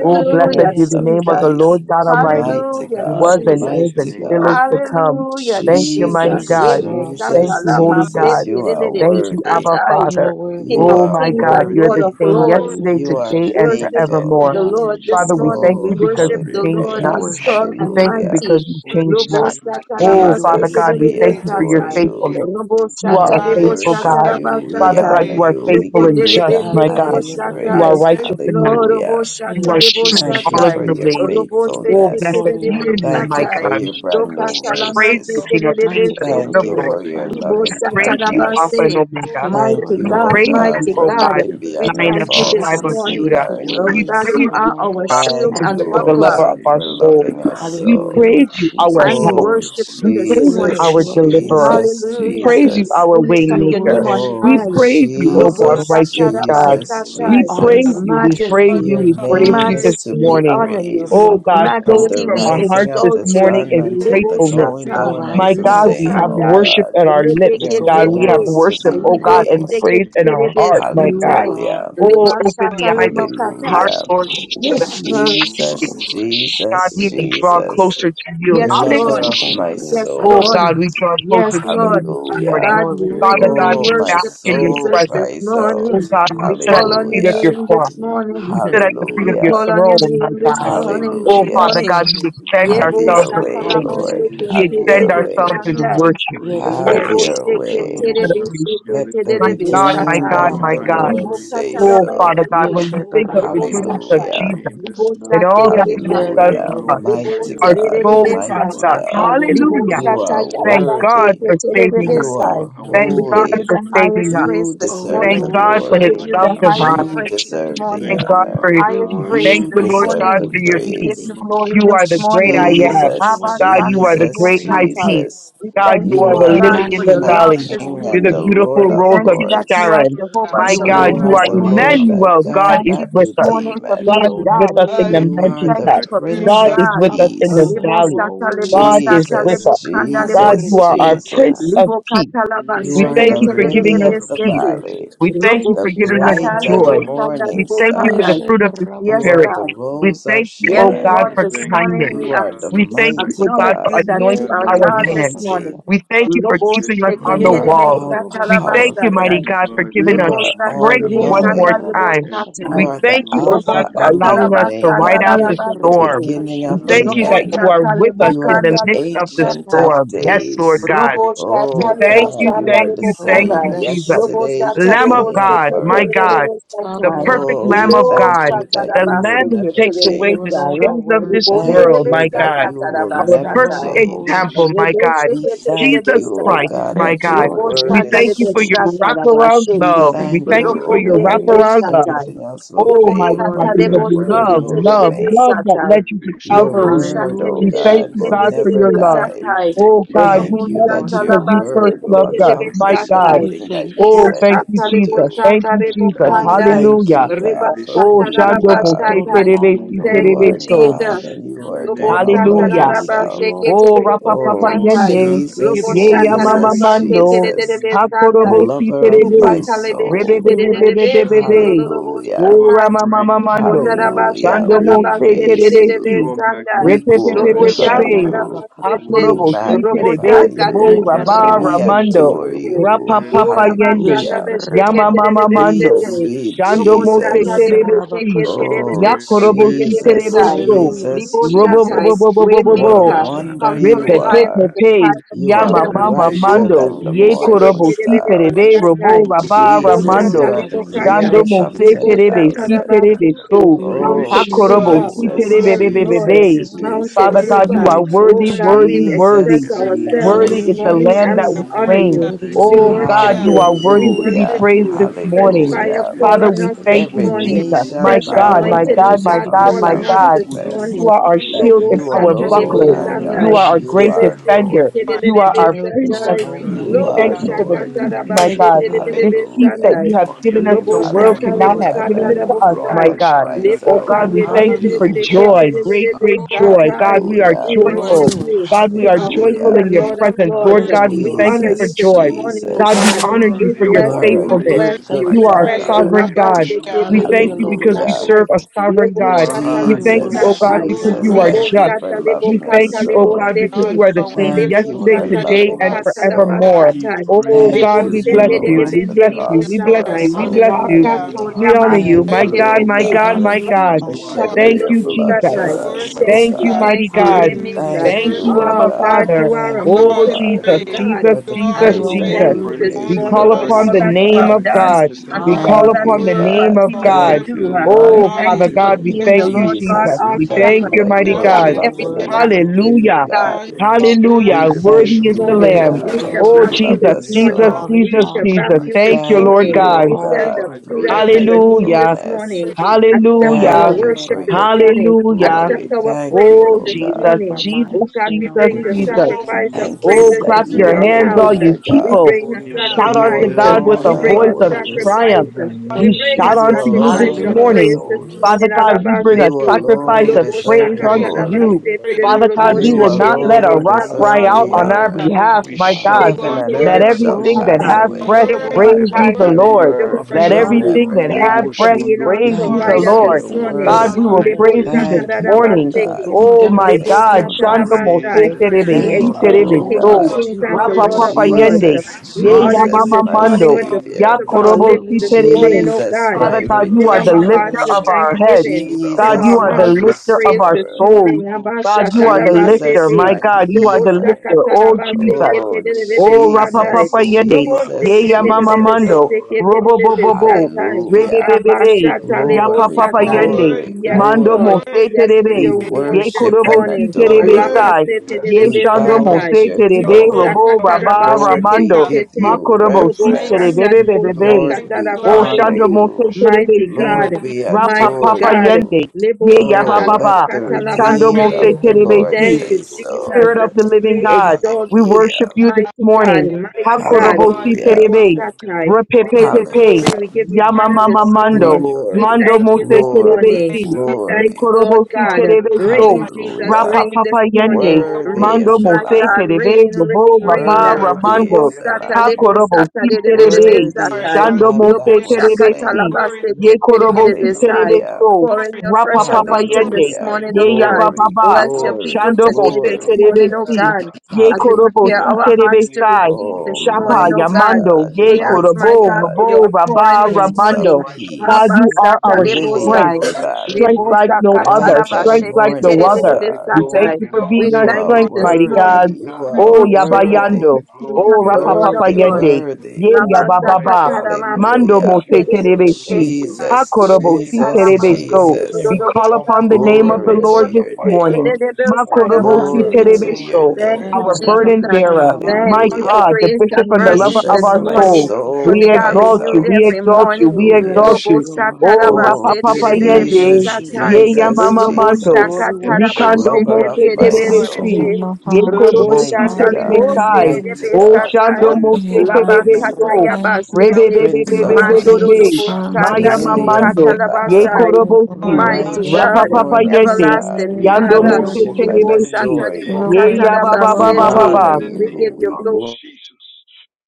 Oh, blessed be Prince Hallelujah, the of Jesus. name of King the of Peace, Lord God kings, Oh God, Almighty, mighty no Hallelujah, who Lord Father, was God, of we and bless is Jesus. your lords, mighty and you name are still is this God. to worthy. morning. come. Hallelujah, Thank you, mighty We Jesus. Jesus, Jesus, bless God. you your are Ebo name Thank this awesome. sata Jesus, you, la holy morning, Jesus, God. you masete mighty de are de God. de de Thank you, worthy. Abba Rabasho. You are Father. King You worthy. of Oh, are my kings God, and you're Lord the worthy. of same lords yesterday, You Hallelujah. are today, and Rikiti worship faithful. We forevermore. the honor you, Lord yeneke this Father, we Jesus. morning. thank We you Oh, because worship you the change Lord We not. Rebesho hallelujah, who's worship strong We you, and thank you Lord. hallelujah. kuyete. because mighty. you change Lobo not. Rubosho We Oh, satalabaste adore Father you, Jesus, God, we we mighty thank you God. for your adore kuyete. kedebesatai. faithfulness. you. Lobo Rubu We You are a honor We your shatalebo hallelujah. Kutu, faithful matchless worship God. Kutu, name, you. God. We Father God, satalabasatai. honor you Jesus, are you. We faithful give and you just, the my bless God. Hallelujah, highest Lord You are Lokondedebendedibosatai. praise. this God. righteous morning. and matchless. Lorobo Hallelujah. We You are We lift you true up, in praise Thank your you all of shatalebosatai. for name, your Jesus. your mighty ways. Lobo God. Oh, blessed faithfulness. Lord, We we be your honor thank you, name, Thank you. Heavenly my you sekedebesatai. for God. Father, your that you brand new our I praise firm Lokatalamaste you, mercies. King of Kings Mighty foundation. and God, Lord we Thank of you kedebesete. Lords. for your glorify Thank you that Libo I you. loving you are Thank praise you, our you, Alpha kindness. and satalabaste. strength, We Omega. Almighty thank you, acknowledge Lord Thank Mighty God. We you, you God, O God, for this praise who God, you, you mighty morning, We for O are. God, God, thank Lord. looking you that we beyond you our Lion are thank of you the our Father faults I this tribe God, and of hope, we morning. thank seeing you Judah. for our acknowledge your our you Oh We peace, God, this needs. grace, praise you and your you, are our love, morning, our joy. God, the shield Thank you, and and We bishop your and the bless O Lord. buckler, your mercy. lover of God, our name, O I for Lord soul. loving acknowledge us God, you, We so. Hallelujah, Almighty praise Lord you, Father, Lord. our because and we we help. Jesus. are Oh, I worship fearfully you We and acknowledge this I praise you, you lift as morning. wonderfully our you Jesus, my up, made. King. deliverer. Jesus, Jesus. We Hallelujah. praise you, Jesus Jesus. our We Oh, I water acknowledge lift We up your in waymaker. name the on worship you We you, this Oh, high. morning mighty praise you, morning O Lobo God. God, Jesus, as righteous and God. your Almighty Jesus, God, polar We We Shatarabasatai. honor praise your Jesus. you. the because We of the matchless true and praise Lord. word Majesty, of you. Your living We name. praise name God, you is this to majesty, be You're we the morning. honor on you. You praised Oh are time God. God, great Like from flowing God the Majesty, and from the we our greatly rising hearts to be of this exalt the you. praised. morning sun we is creator until of Libo the praise heaven gratefulness. you, going From O and the Sata, earth down Lord is of My the rising you, of God. God, the Libo we same, have sun, O Lord, Kandai, worship God. at our to lips. the Your God, going we name have down Rebeketete, of is the to worship, be God. same, oh my God, Libo and Lord, praised. praise in our You are Seketerebe heart, my holy, you God. Satai, are Hallelujah. Oh, Liba worthy. open the Shata eyes I of Limo our praise Katai. hearts, you. Hallelujah. Lord, so Yes, that we I uh, you are Jesus, praise you. right, God, Jesus, we may draw Almighty Jesus, God, closer to you I you. yes, praise Jesus, lover Lord. redeem you. we Hallelujah. our of thank my you. lives, Yes, Oh Mighty Lord. soul. God, death, we God, draw I and closer Yes, worship to you Lord. this Hallelujah. you. morning. God, Lord, we we your Father adore God, really Oh, we you. Mighty my bask worship God, from in your thanks, the soul Jesus rising this presence. of cries the sun and Oh out, until morning. your God, the we your We going sit at call down Father, the on of we your feet of Hallelujah, your the strength, name same, this extol cross. you. eagle, We morning. sit at your the feet of name We your Hallelujah, is call to on be your throne, my name this God. Heavenly praised. Hallelujah, morning, Father, this Oh God. Father Hallelujah. Jesus. God, morning. we extend Hallelujah. Have I You Yebo give ourselves your you in deserve way, the faith. praise, Hallelujah, Lord, glory, satalabasheke We have Keshaya Jesus, extend your terebe Baba. You ourselves way, in deserve the sandai. because worship, who praise. have you Lebo are, your seke Yenorobokusho You way. you terebe Yobobo. are deserve to be adoration. seke Let God the lifted My up. terebe Almighty. God, my redeemed satai. God, You You of are are my the God highly God. Lord Yeshendarabakatata. praised, O say Almighty. Lord Oh God so. Father God, Libokatalabakutu. when Almighty. we Oh, think of the We goodness of worship Libosatai. your Mahaka, Hallelujah, Yeshendarababakata. name Jesus this and Kataro, morning. all that Roboko, he has done We Libosaterebekandai. Hallelujah. for us, glorify Yenorobokusho Mighty your our name Yobobo. God, me, this soul Mama, morning, cries mighty Mama, Father out, Libosererebesata. God, God. Hallelujah! Kataro, Hallelujah. you are Roboko, Jesus, Thank Roboko, God worthy, we for thank saving you us. you that you are Libosatayarabaseketerebesai. are our Thank We refuge give God and you holy. for the strength. saving highest us. You praise this Oh, we We deserve Thank the thank you morning. that you God are We for glorify his give our your glory. you strong love the name, tower. highest divine. You praise Jesus. this Roboko, We deserve the Thank thank morning. you, God Roboko, O honor. for Lord his Lord, we Highest peace. God, praise Thank worship You this you, and Lord deserve God, the morning. adore for your you. We peace. give praise. you Yes, glory You this are the great morning. Lord, we I am. lift Jesus, you that Rabba up and God, we you give are you the Jesus, great high praise. Satalibosatai. Peace, Jesus. We God, thank you you You you, are are O the We are the God, lily in for our the King your magnify and of love valley. this extol Kings your You're and the morning. the name. beautiful Lord We of rose thank of you that you Lords. are Sharon. Jehovah My You You God, alone Shalom you are are are this the worthy, morning. Lord thy Emmanuel. We Jesus. God God thank is you that with this to us. come. morning for redeemeth. You God being is alone are with God. us We in the worthy. You We thank are you the thank mountaintop. you that for you Prince being God of is God. with us Abba, in the Peace. Father, Libo you valley. are sata libo God We worthy. is sata with Jesus, libo us. kanda libo God, you Jesus, are sete. our Prince Handerikeshatatai. Jesus. of Libo Peace. kata laba We You We are thank thank sheke the you thank you te for that you you. are giving lily us of God of the peace. sete. grace, valley. We We thank you thank Robo the for you, giving us my bright sata Lord. and joy. libo God. sata We morning libo thank you for the kanda. star. fruit of the You Yes, are Spirit. Yeshendarabababa. the God. We rose of thank you, Yes, O God, Sharon. Lord, We for this thank you, morning kindness. we, You Lord are the ac- Yendarababokoshototo. We God we thank you, Almighty, mighty O Lord, God, acknowledge for you God, yes, yes, that that you you anointing are yes, our love God us this hands. with mighty. morning. Yendarabakashayaba. We thank Lord, you for Lobo yes, keeping us unconditional Lord, on You the love. are sheketerebe wall. all Lord, We satalaba We thank you, mighty thank satai. powerful. you, God, Yendarabakoshotototo. for Lord giving You us God Lebo are Almighty, sata all strength that lebo yes, all one more kanda knowing. lebo Lord. glory time. and You We satai. honor are the thank you, Yendarabakashabarikitete. You belongs O are to Robo God, the Alpha for and brother the you, allowing us satalaba of God, to ride Omega, out the sandalaba the storm. sete. beginning We of thank the you Yendarabakashayabai. Robo that the end. you are sata mighty, with us lebo You you in are the the kanda midst lebo are of the holy, Ancient satai. of storm. Yes, Lord Days. God. Robo We shata Oh Holy are thank lebo God, you, you, you sanda are thank Lord. the you, lebo Lord, thank we same you, kanda. bless you. Jesus. Lobo yesterday, shata Lamb Glorious of lebo are today, and you, God, seke my Lord. terere forever. God, lebo Father, the we shata. honor perfect you, Oh, Lamb we Oh, of Jesus. Lo my thank God, Lord. you shata that the you raba will Lamb who seke Yeah, never takes terere my lebo away You the change. alone are shaya. sins of this worthy. Rubonde Thank world, lebo my you that God. shata you will taraba Our You never alone perfect are shata. holy, change. example, my Rebo Jesus. God. We seke terere thank lebo Jesus you, O shata. Christ, We God, my thank that you, God. your Lord, Lobo for your word We sanda thank our is you lebo for faithfulness. your truth. shata Lord. raba wraparound We We sheke. love. We We thank you, thank thank bless Lord, you, you the for for O your your Rokonde Holy God, lebo One that of wraparound grace. love. shata. Israel. everything else will Oh Lebo my fail, Lord, God, We shata we but it your was lebo thank bless you the for word your seke love, will terere Most love, mercy. lebo High love remain. God. that shata. led you to Rebe Your Lobo Calvary. shondo word, kote shata O Hallelujah, We lebo thank God, you, tete will kende God, te. for Jesus. Lord. never your lebo love. die. Rebe shata. Oh We God, shekete thank we Thank you, you love Lord that you undo your because you God. kuru first word will loved kote us. Daily My be accomplish key. yekete God. Roboshtatalabastetetetebesatai. We te. everything that you thank Oh, you. send thank it you, to Jesus. do. Thank you, Rabashaka ta Jesus. We Father, ta we Roboshatalebosatarebokandai. ta. thank bless Hallelujah. you, you. God, Rebe for Oh, who shende you Shando Mose kende are. Lord, we Ribashatalabashatai. kuru Terebe honor Si kunde your You Thank holy you, Terebe are kete Oh, name. te. So. my God Jesus. and you In the are God name all Lord, of by Lord Hallelujah. for God, we give Jesus she yourself. you all the Christ, Oh, praise. Rapa Papa Oh, gave Lord Roboshatalabasteketebelebesatai. up Yende, God, We give you Jesus, all Ye the ya you Mama are glory. Jesus, on truly Mando, Jesus, amazing. Roboshatalabastetebelebesandai. Hakorobo Si lover of I You my Terebe, are sing to Rebe soul. Be We awesome, Be Be Be mighty you, Be worship Be God. you, O Be, Lord. You Hallelujah. Oh, are I Lukatalebeketebeserodoroboshatai. Rama sing great Mama to you, We and Mando, greatly to be glorify Hallelujah. Shando your We Mo name, praised. Se King for praise she Terebe Jesus. loved you. You Si, are Lukondarabashatalabastetebelebesandai. We Repe Pe Pe my magnificent, Pe cup, Pe Heavenly glorify for Pe, Father. she you. Loboshandarabastete. We Robo Yeshendarabakatatai. Hakorobo Si Terebe, Robota magnify shekende ke Rebo katana you. ekete Raba basheke We Even Ramando, eketuro adore terebesete. Yendarabakashandrubu. kuto you. Rapa yende Papa Ora though Yende, kuku basana Hallelujah. we besheke Yama Mama Lord Sweet, Mando, Yeshendarababakatai. Jesus, kuto terebesete. sweet Shando loving Mo Robota God, Se Jesus. tale Terebe moseke Si, Oh, Yendarabakashakatai. terebeseke Yakorobo rebe Si loving Terebe Jesus, terebesai. God, So, I Hallelujah. Jesus, worship Robo shokuto Liboshatai, Bo Bo Jesus. Bo you. Bo Bo Bo What Lord, Bo a we Waymaker, honor you. wonder you Conquering Eh, Rabashandakatata. Lion of are. the Repepepepe, tribe of You are Yama In Judah. Oh, the Mama name Oh, brighter to of Mando, Andarikishitatai. than We the bless you, Jesus, morning Lord. Yekorobo Si star. Terebe, Teketerebebebesatai, Robo Raba We Jesus, you Libosata Ramando, glorify are the your name, King Lebokandai, Shando fairest of Mose Jesus. Terebe, Libosata Si thank you, Jesus. 10,000. Terebe Rabasiti, So, We Makorobokoshiki. Oh, Mountain worship and Hakorobo Mover. adore Si you, Jesus, Terebe God. Yes, Bebe Lord. Jesus, Bebe. Oh, hero. Mountain Father Jesus, God, Father, you Mover. we are Hallelujah, exalt Oh worthy, you. God, we worthy, express worthy. Jesus, In the ourselves name Worthy of this is Jesus, the Hallelujah. morning Jesus, lamb and that Jesus. was we honor Robo slain. Hallelujah, you. Worthy is We your Oh name, Kundeki, hallelujah, worship God, you you. are hallelujah. Jesus. Kindeki, We worthy to be worship Hallelujah, praised you. this Jesus. Worship You Fresh and morning. deserve dance the fire hallelujah. and fall Okondokorokototetete, Father, magnify praise, on we us and Lord this lift thank Robo Every you you, up. Jesus. morning. knee Jesus. shall My Fresh Makorobokoshiki. We want God, bow you my and up, You anointing, oh God, every Kotorikototototo, we my deserve God, the want tongue you God, fall up, my on glory, shall us we God. this mighty want you up, we want you God. confess. Yes, You morning. are up, our we Lord, Rebeshokundokototo. that worship. shield Lobo and you yes, You our Lord, sata deserve alone lebo buckler. the yes, are honor, In Lord Hallelujah, hallelujah, You sanai. God. are our the Lord. You great Jesus. Lebe are name of seke hallelujah. defender. Lord. tede de You You are Jesus, do lebe our prince miracles so of Lord satai. great, peace. God, Hallelujah, You God. We we Lobo are thank you for the glorify Lord. hallelujah, your shakata peace, We name my hallelujah. this rabaste thank you, God. tede You de morning. are Lord. worthy This of lebe peace that Hallelujah. sanai. you We have my honor your given praise. us, name the We Lobo You this thank world morning, shata you, are cannot worthy lebo Lord, mighty of Hallelujah. have for given God. who kata it The you to praise. lebo us, are. my Rabba sai. heaven God. Shanda cries Lebo Thank Oh you, out. You God, are we kande de Katata, thank Lord you lebe Jesus. for mighty. Hallelujah, you Hallelujah. seke Hallelujah. joy, are tede de great, Jesus. great lebe You joy. are God, the satai. we are King of Hallelujah. We Lord, Lord, worship joyful. we you, Kings. God, worship we King are you. of You and kings joyful are Hallelujah. in and your the Lord of Lord Lord presence. We of God hallelujah. lords. Lord thank and God, our you, we Lords. We thank Lord. you honor Father. for you Jesus, this You joy. are morning, the O You God, Jesus. we are God. honor Hallelujah. you conquering We worthy for of lion your You bless all you. are a We and of faithfulness. the word bless good, praises, you. Thank good You We kingdom. you. are mighty our bless praise. God. you. Father. sovereign Hallelujah. Labaseketerebesatai, Rebe God. You are Yes, We the thank Hallelujah, Shukudu you Lord. We because we bless Lord. Hallelujah. you. serve a Kutututu. You sovereign are You God. our are high We We thank and you, O Savior. God. Jesus, worship lifted God, Loboshatalebosatai, up, you, O because God. We Jesus. you You Lord Glorify are your Thank worship God. are name, just. you our you. for high We loving us thank priest. Jesus, you, we O so. God, thank you because God. you Libosatalebokatalebosete, this are You Hallelujah. the are morning. same worthy of Thank you Lord, we yesterday, We for bless. lift praise. today, you loving and up. us so. Hallelujah. forevermore. We Into Liboshatalebokatalabasatai, your Oh Thank praise Thank God, your you we Jesus, presence we for bless with name, honor going you. to We you. the mighty bless God. you. you, cross We thanksgiving. for bless Lord. Libosenderebenderebosatai, you. us, We O bless God. Hallelujah, you. Oh, Hallelujah. Lord Hallelujah, God. We hallelujah, honor you. hallelujah, Thank My Thank you, God, O my you, hallelujah. Akatoyamaseketetete, God, God, Hallelujah, my Hallelujah, For God. for you mighty hallelujah, are God. Lord. shedding Thank great, your you, O Jesus. blood Lord Loboshatalebosatai. hallelujah, for God Worship us, O Almighty, Thank Thank you, you, and God. God. mighty thank Jesus. you, Worship, God. I Hallelujah, Waymaker. Thank magnificent. say King Thank worship. you, you, O Oh Abba Jesus. God, You God. are hallelujah, Father. you are a Thank You awesome, O you, all Oh, the Lord mountain God, God Jesus, moving praise. Jesus. God, Jesus, for Almighty. You the all Jesus, the and You price are we that praise. We Jesus. thank you you this Hallelujah, worthy. Morning. praise We paid you, we morning call for for Hallelujah. upon us, all praise the O that you, hallelujah, you O name have God. of mighty done God. and magnificent God. for We God, God. call all Thank that upon you you, the Handarababa. will word, name God. of for continue Hallelujah, to God. word. Thank We do. you, Uh, mighty mighty We Oh, God. lift thank Hallelujah. Father you Hallelujah, you for God, up, we O hallelujah. being Jesus. the thank you, Lord God. God, Jesus. Jesus, we our We extraordinary Hallelujah. God. thank thank you shepherd. you, that mighty You you're a have God. You Hallelujah. Hallelujah, are loving everything and mighty a worthy, that we Lord. need, mighty oh forgiving Hallelujah. God. God. God, We for Rabashokunukutekekeke, shall God. back Hallelujah. We word. you Worthy this thank is To you, the you O morning. be Praise. all Don't Lamb. Rebeshonukutu. the We God, shall that Oh, you back glory, in you the love Jesus, this us name morning. Jesus, talk God, so. of all the We Jesus, shall Jesus back Jesus. honor, We you a Christ. this Thank you, shit. praise. thank Lord morning. you, and God. O We Lord, all the you send God, a are for praise. Buddha your great. Praise. to your name Hallelujah. this We faithfulness. morning. Worship you, Lord. Accept Hallelujah, our Praise. Hallelujah. Thank you worship for this your Handarababakash. morning gl- Oh, we Hallelujah. Hallelujah. Accept glory. hallelujah, it. our Thank you, praises Oh, O this hallelujah. Lord, we God. Jesus, keep our morning. Jesus, Oh minds God, stayed we We on Jesus, bring you, Thank the Lord, you, praise Jesus. Lord Oh, sacrifice only thank of Thank for Jesus. God, you Oh, Oh, you praises Say, keep we praise that clap us into in you your um, your da, bring da, da, perfect hands, da, da, all house. alone peace, Jesus. are you Lord God, We God. people. Jesus. bring da, Adore a da, your da, da, God, don't da, Shout You out da. name da. to We sacrifice. this God thank with God, alone a We morning. thank are bring you. voice a of God, Adakatata. Yes, worthy. sacrifice. triumph. Lord, in the We God, We name We of thank bring shout a you. out You Jesus. to you Yes, this sacrifice Jesus, Lord. alone praise, of are there's Hallelujah. Yes, morning. praise this no Lord. holy. Yes, Father morning. know Lord. God, God like we what to bring you. a Yes, You do. Alabastete. Lord, we Oh, sacrifice praise, alone Worship of you, Jesus, worship and deserve praise the adore mighty you, praise, adore unto We God. you. don't you. glory. know magnify you, Loboshakatarabastete. praise, We Father lift what God, to you up. we You will praise Thank you, do. not you, O Hallelujah. Lord let a alone Lord rock Loboshaterebesata. God Jesus. cry Hey, deserve Hallelujah. out the young, on da, our Almighty. da, Glory honor. da, bring behalf, Yes, We to da, da, my da, da, Lord. God. da. You shout Yes, God. Heaven are and unto worthy, Let earth you Lord. God shall this everything that Hey, Glory pass Leketerebosata. morning. have young, are be da, away, to da, breath O da, worthy, We da, you Jehovah God. God, praise da, lift are but ye up da, the worthy, Lord. the Jireh, your name Lord. word of da. Jehovah Let Worship will you, Nisi, everything Jehovah never that thank Hallelujah. have you Robo hallelujah. die. for breath being Shondo our praise ye From Lord. Thank the the you provider for Yes, Kutututu. this Lord. your Lord, rising I of the morning. In God, word. Hallelujah. the we praise will sun, you, Lord. Lord, praise mighty of You you are this Thank Thank Jesus, you, Hallelujah. morning. O unto the Praise Lebo-sata-da-da-ba-seke. God, the going for Oh Lord. down your of my the God, same, Shando faithfulness. Father, Mose praise the the We Terebe, name Si name of Thank of you, the exalt the Hallelujah. O Terebe, Lord King of So, is God. God, Jehovah Kings to be and the Yes, God glory Rapa Lord of praised. Lord, Papa I Lords. be Almighty. to Yende, worship Jesus, We Ye honor Praise you the Jesus, Yamama this my King Hallelujah. God, of morning Mando, you with are the you. Kings Ya fruits Savior. and of Hallelujah. our Lord Korobo of lips Si this Hallelujah, Lords. worthy, morning, Terebe. O Jesus. Jesus, God. Father my Thank Praise you, the God, Lord We you Fill are the Lion our thank of you, the Redeemer. hearts lifter with Jesus. of Lord. our tribe of heads. thanksgiving. you Judah, Fill God, our Jesus, you are my the Rabash, mouths with and lifter of praise our this Restorer. souls. morning. God, you are the are lifter. Jesus, My Abba-shata-da-ba-sete. my the God, you ba are the Healer. lifter. Oh Hallelujah, hallelujah, Jesus. seke te Oh, de de hallelujah. de Oh, rapapapa Jesus, yende. lobo Glorify your Ye name, Jesus, seke ya mama Almighty worthy. Jesus. God. mando. te Robo bo Rabasho bo bo. mundo Hallelujah. kote Rebe Hallelujah. be be kete. be. Ya Lobo Glory, papapa shoko yende. glory, to God, Yes, to you Mando to. are Lord. mo glory. worthy, se Yes, to Yeke We terebe. your you yoko are worthy, you to Ye glory kote this worship kurobo and kete. si morning. are adore My terebe God, worthy, Alaba you. sai. we sete de Ye bless de you your We shando name. mo bow are besatai. at se your We terebe. Libo worthy, you. throne. praise Robo your Lord. name, sakataraba raba Lord, sheke mighty God. we te ramando. Hallelujah. te give Ma te. you We kurobo Yes. Lobo si Thank exalt Oh, reverence. terebe you, shanda be we thank be libo be you, exalt be. you, Lord, we Jesus. we you, Oh, sakataraba Lord. exalt your honor shando sete. mo room, se you. terebe Mighty Moshoki, si. Oh, Lord, God, we we are mighty adore holy. Rapapapa God. you. yende. Libo Ye ya ba Hallelujah. sata Oh, ba libo ba. Ramasanda let the katalaba Katanda, Shando mo redeemed Praise, se of sete. the terebe Rukuna Lord si. praise. Thank you, say Potokoto, so. Spirit of Jesus. the in the living We God. name God, of exalt We you, worship Hallelujah. Jesus, you this mighty God, in morning. you the mighty name of God. are Hakorobosi Hallelujah. Jesus, Libo terebe, in the satai. name We of give you worthy, Hallelujah. Jesus. repepepepe, glory. God. We give you We You're honor this morning. yamamamamando, glorify mando your We name the mando Glory, only thank this mose you this morning, glory, terebe way, morning. mighty terebesi, God. God. We thank glory. you, Lord yekorobosi God. Father, in You're the name terebeso, Rain, of the Jesus, Lord. Hallelujah. Jehovah. rain this rapapapa I morning. yende, don't Urobo Worthy mando is Rain, the my sendeke want mose God, Lamb. to terebe, say rain, sendeke robo rain, rain. baba now. rabashi Worthy Lobo ramando, is the sata, sendeke Lamb. lebo yokoto sata, hakorobosi de de de Thank you, de yokoto de terebe, Worthy Lord. is satai. the yokoto shando Lamb mose Lobo that Hallelujah. was sendeke terebe shakata, terebesi, slain. yokoto Glory, labaste, yokoto. kete, de de give In de yekorobosi the de sai. name of Hallelujah. terebeso, Pour in glory, Jesus, your fresh glory, rapapapa in anointing glory. the yende, this You're Hallelujah. the name morning, ye oh of God. Glory, Jesus, yeyabababa, Bless your only God. O people glory, Shando bo today, se Spirit this of glory. the morning, Mose oh Living si God. God, Ye As we Korobo prepare we Si Hallelujah. our honor your terebe hearts to name sai this receive morning, Oh, this morning, Shapa Almighty oh mighty God. God. Yamando, God, Ye We ask, We mighty my Korobo, God, God, for glorify Rabo, your your name pouring Rabba, this this Prince of morning. morning, Ramando. mighty God, God. Peace, you are Rabasata our You Lily are of strength, Rebosai. the great and Valley, strength great like Rebosa to no be other, bright praised. and strength Katarabashe like no morning other. All the star. We Thank you, Lord. thank glory God, Keterebesatai. you you for are being We belongs worthy, You our to thank are Lord. you strength, you, this mighty worthy, God. morning. Almighty you You're God. We the are Oh, worship the King All worthy, of the Yabayando, Kings glory and oh, the belongs Lord of to Rapapapa worthy, you. Lords. Yende, worthy. Ye Oh my Rabasata Yabababa, God, we Karamase Mando Hallelujah. praise mo you, se O Lord Mose God. si Keterebesai. God. Ha Jesus, Korobo We, Rebosa Si Father Jesus, terebe God, Lamase so coming to you Jesus. We with God, call Keterebosai. upon the humble name of the Glory Hallelujah. reverence to Lord and this a Rebosa your voice God, morning. on name. this Keterebesai morning. Makorobosi Glory Hallelujah, to Robo Lord. your Terebeso, shokolo Thank you, And name. the our kote ye Rabba burden Jesus. pinle bearer. Mamai. poro My Thank kote God, Lord. you for Hallelujah. God, the ye grace bishop and and tete. the lover mercies of this Yeshen Jesus, our the my Raba Rabba soul. morning, shaka for soul We Kushon they the ta are ta cries exalt Rabba. ta you, renewed out. we ta every exalt ta. you, morning. we We Hallelujah. exalt bless you, Lobo you. Lord. Oh, Oh, Satarabase Rapapapa We Terebe bless you, Yende, Jesus, Jesus. Satai, Ye Yanda Jesus, Yamama katata Lobo ta. Mando, Lord, Jesus. Shaka we In the worship Tarabase Rikando you. Lover mighty of Mose name my of Terebe God, consumption Terebesi, Jesus. in soul. Sete, my Ye you heart Robo Robo of Korobosi shende Mighty Father, God. we ke Shandalibo God, ye Thank glorify Terebesai, you. kete mighty Terebe Oh, are God, Shando worthy, Satai, Mose te wonderful you, Han the te. Labakata Rabba Terebeso, counselor, Baba. thank you. you are Yabasete, worthy. Prince of Give Rise Raba Thank Mandoro of the you, Peace, shaka Rebebebebebebebe, Robo ta sun ta to the Jesus. Maya Shandalibo Lily of the Mamando, glory, setting of the God, Ye Valley. sun, Katalabasai, thank you. Lord. Korobosi, Lord, Lord. we You are God, Lord. Mighty Bright worship and worthy, God, you. Rapapapa morning you are Yende, star, Everlasting we worthy Yando of Father, Lord, we Mose worship give you praise. and Lebo Terebesi. praise. Sata adore You Lebo are you. God, Ye ya worthy, ba ba you Father ba are We ba ba God, holy. God, Katarabasete, in honor ba. the we you Hallelujah. give you. name are you We of glory. glorify. Jesus,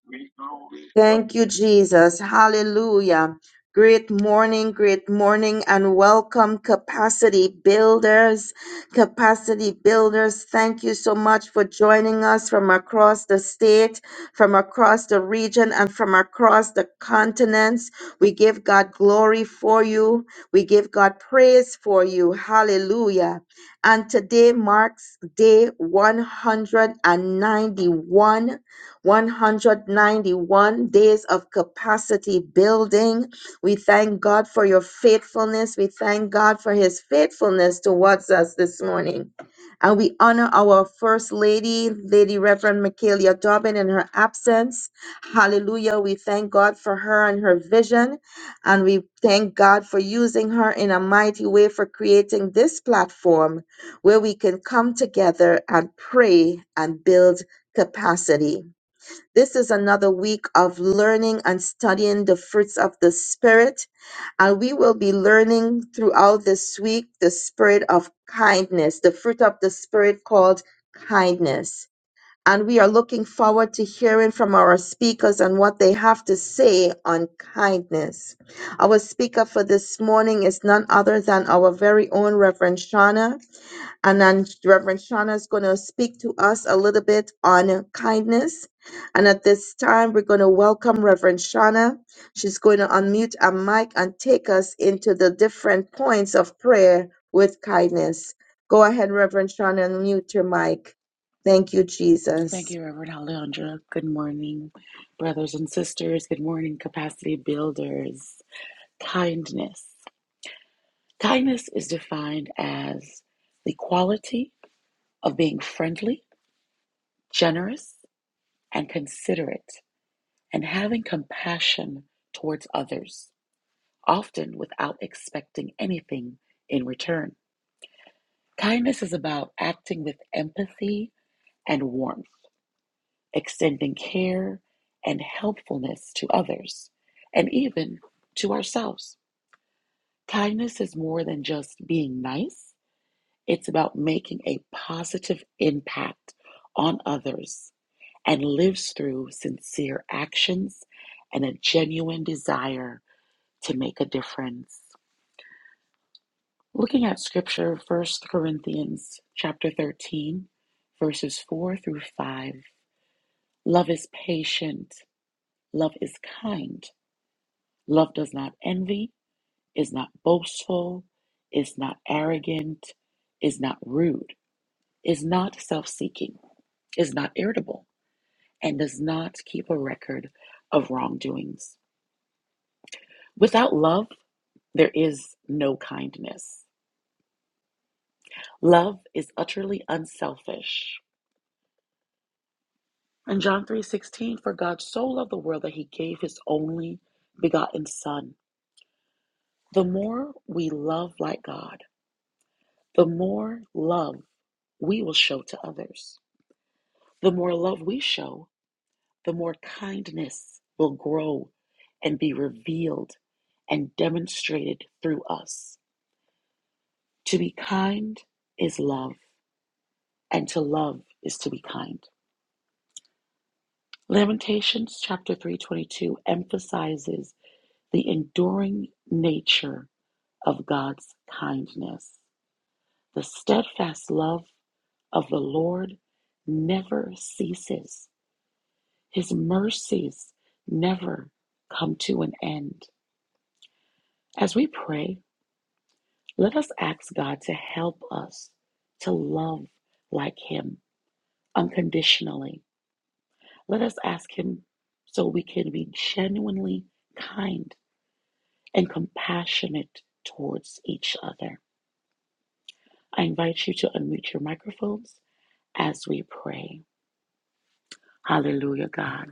we glorify. Thank you, Jesus. Hallelujah. Great morning, great morning, and welcome, capacity builders. Capacity builders, thank you so much for joining us from across the state, from across the region, and from across the continents. We give God glory for you. We give God praise for you. Hallelujah. And today marks day 191 191 days of capacity building. We thank God for your faithfulness. We thank God for his faithfulness towards us this morning. And we honor our First Lady, Lady Reverend Michaelia Dobbin, in her absence. Hallelujah. We thank God for her and her vision. And we thank God for using her in a mighty way for creating this platform where we can come together and pray and build capacity. This is another week of learning and studying the fruits of the Spirit. And we will be learning throughout this week the spirit of kindness, the fruit of the Spirit called kindness. And we are looking forward to hearing from our speakers and what they have to say on kindness. Our speaker for this morning is none other than our very own Reverend Shauna. And then Reverend Shauna is going to speak to us a little bit on kindness. And at this time, we're going to welcome Reverend Shauna. She's going to unmute a mic and take us into the different points of prayer with kindness. Go ahead, Reverend Shauna, and mute your mic. Thank you, Jesus. Thank you, Reverend Alejandra. Good morning, brothers and sisters. Good morning, capacity builders. Kindness. Kindness is defined as the quality of being friendly, generous, and considerate, and having compassion towards others, often without expecting anything in return. Kindness is about acting with empathy and warmth, extending care and helpfulness to others, and even to ourselves. Kindness is more than just being nice, it's about making a positive impact on others and lives through sincere actions and a genuine desire to make a difference. Looking at scripture, First Corinthians chapter 13, verses 4 through 5. Love is patient, love is kind. Love does not envy, is not boastful, is not arrogant, is not rude, is not self-seeking, is not irritable, and does not keep a record of wrongdoings. Without love, there is no kindness. Love is utterly unselfish. In John 3:16, for God so loved the world that he gave his only begotten son. The more we love like God, the more love we will show to others. The more love we show, the more kindness will grow and be revealed and demonstrated through us. To be kind is love. and to love is to be kind. Lamentations chapter 322 emphasizes the enduring nature of God's kindness. The steadfast love of the Lord never ceases. His mercies never come to an end. As we pray, let us ask God to help us to love like him unconditionally Let us ask Him so we can be genuinely kind and compassionate towards each other. I invite you to unmute your microphones as we pray. Hallelujah, God.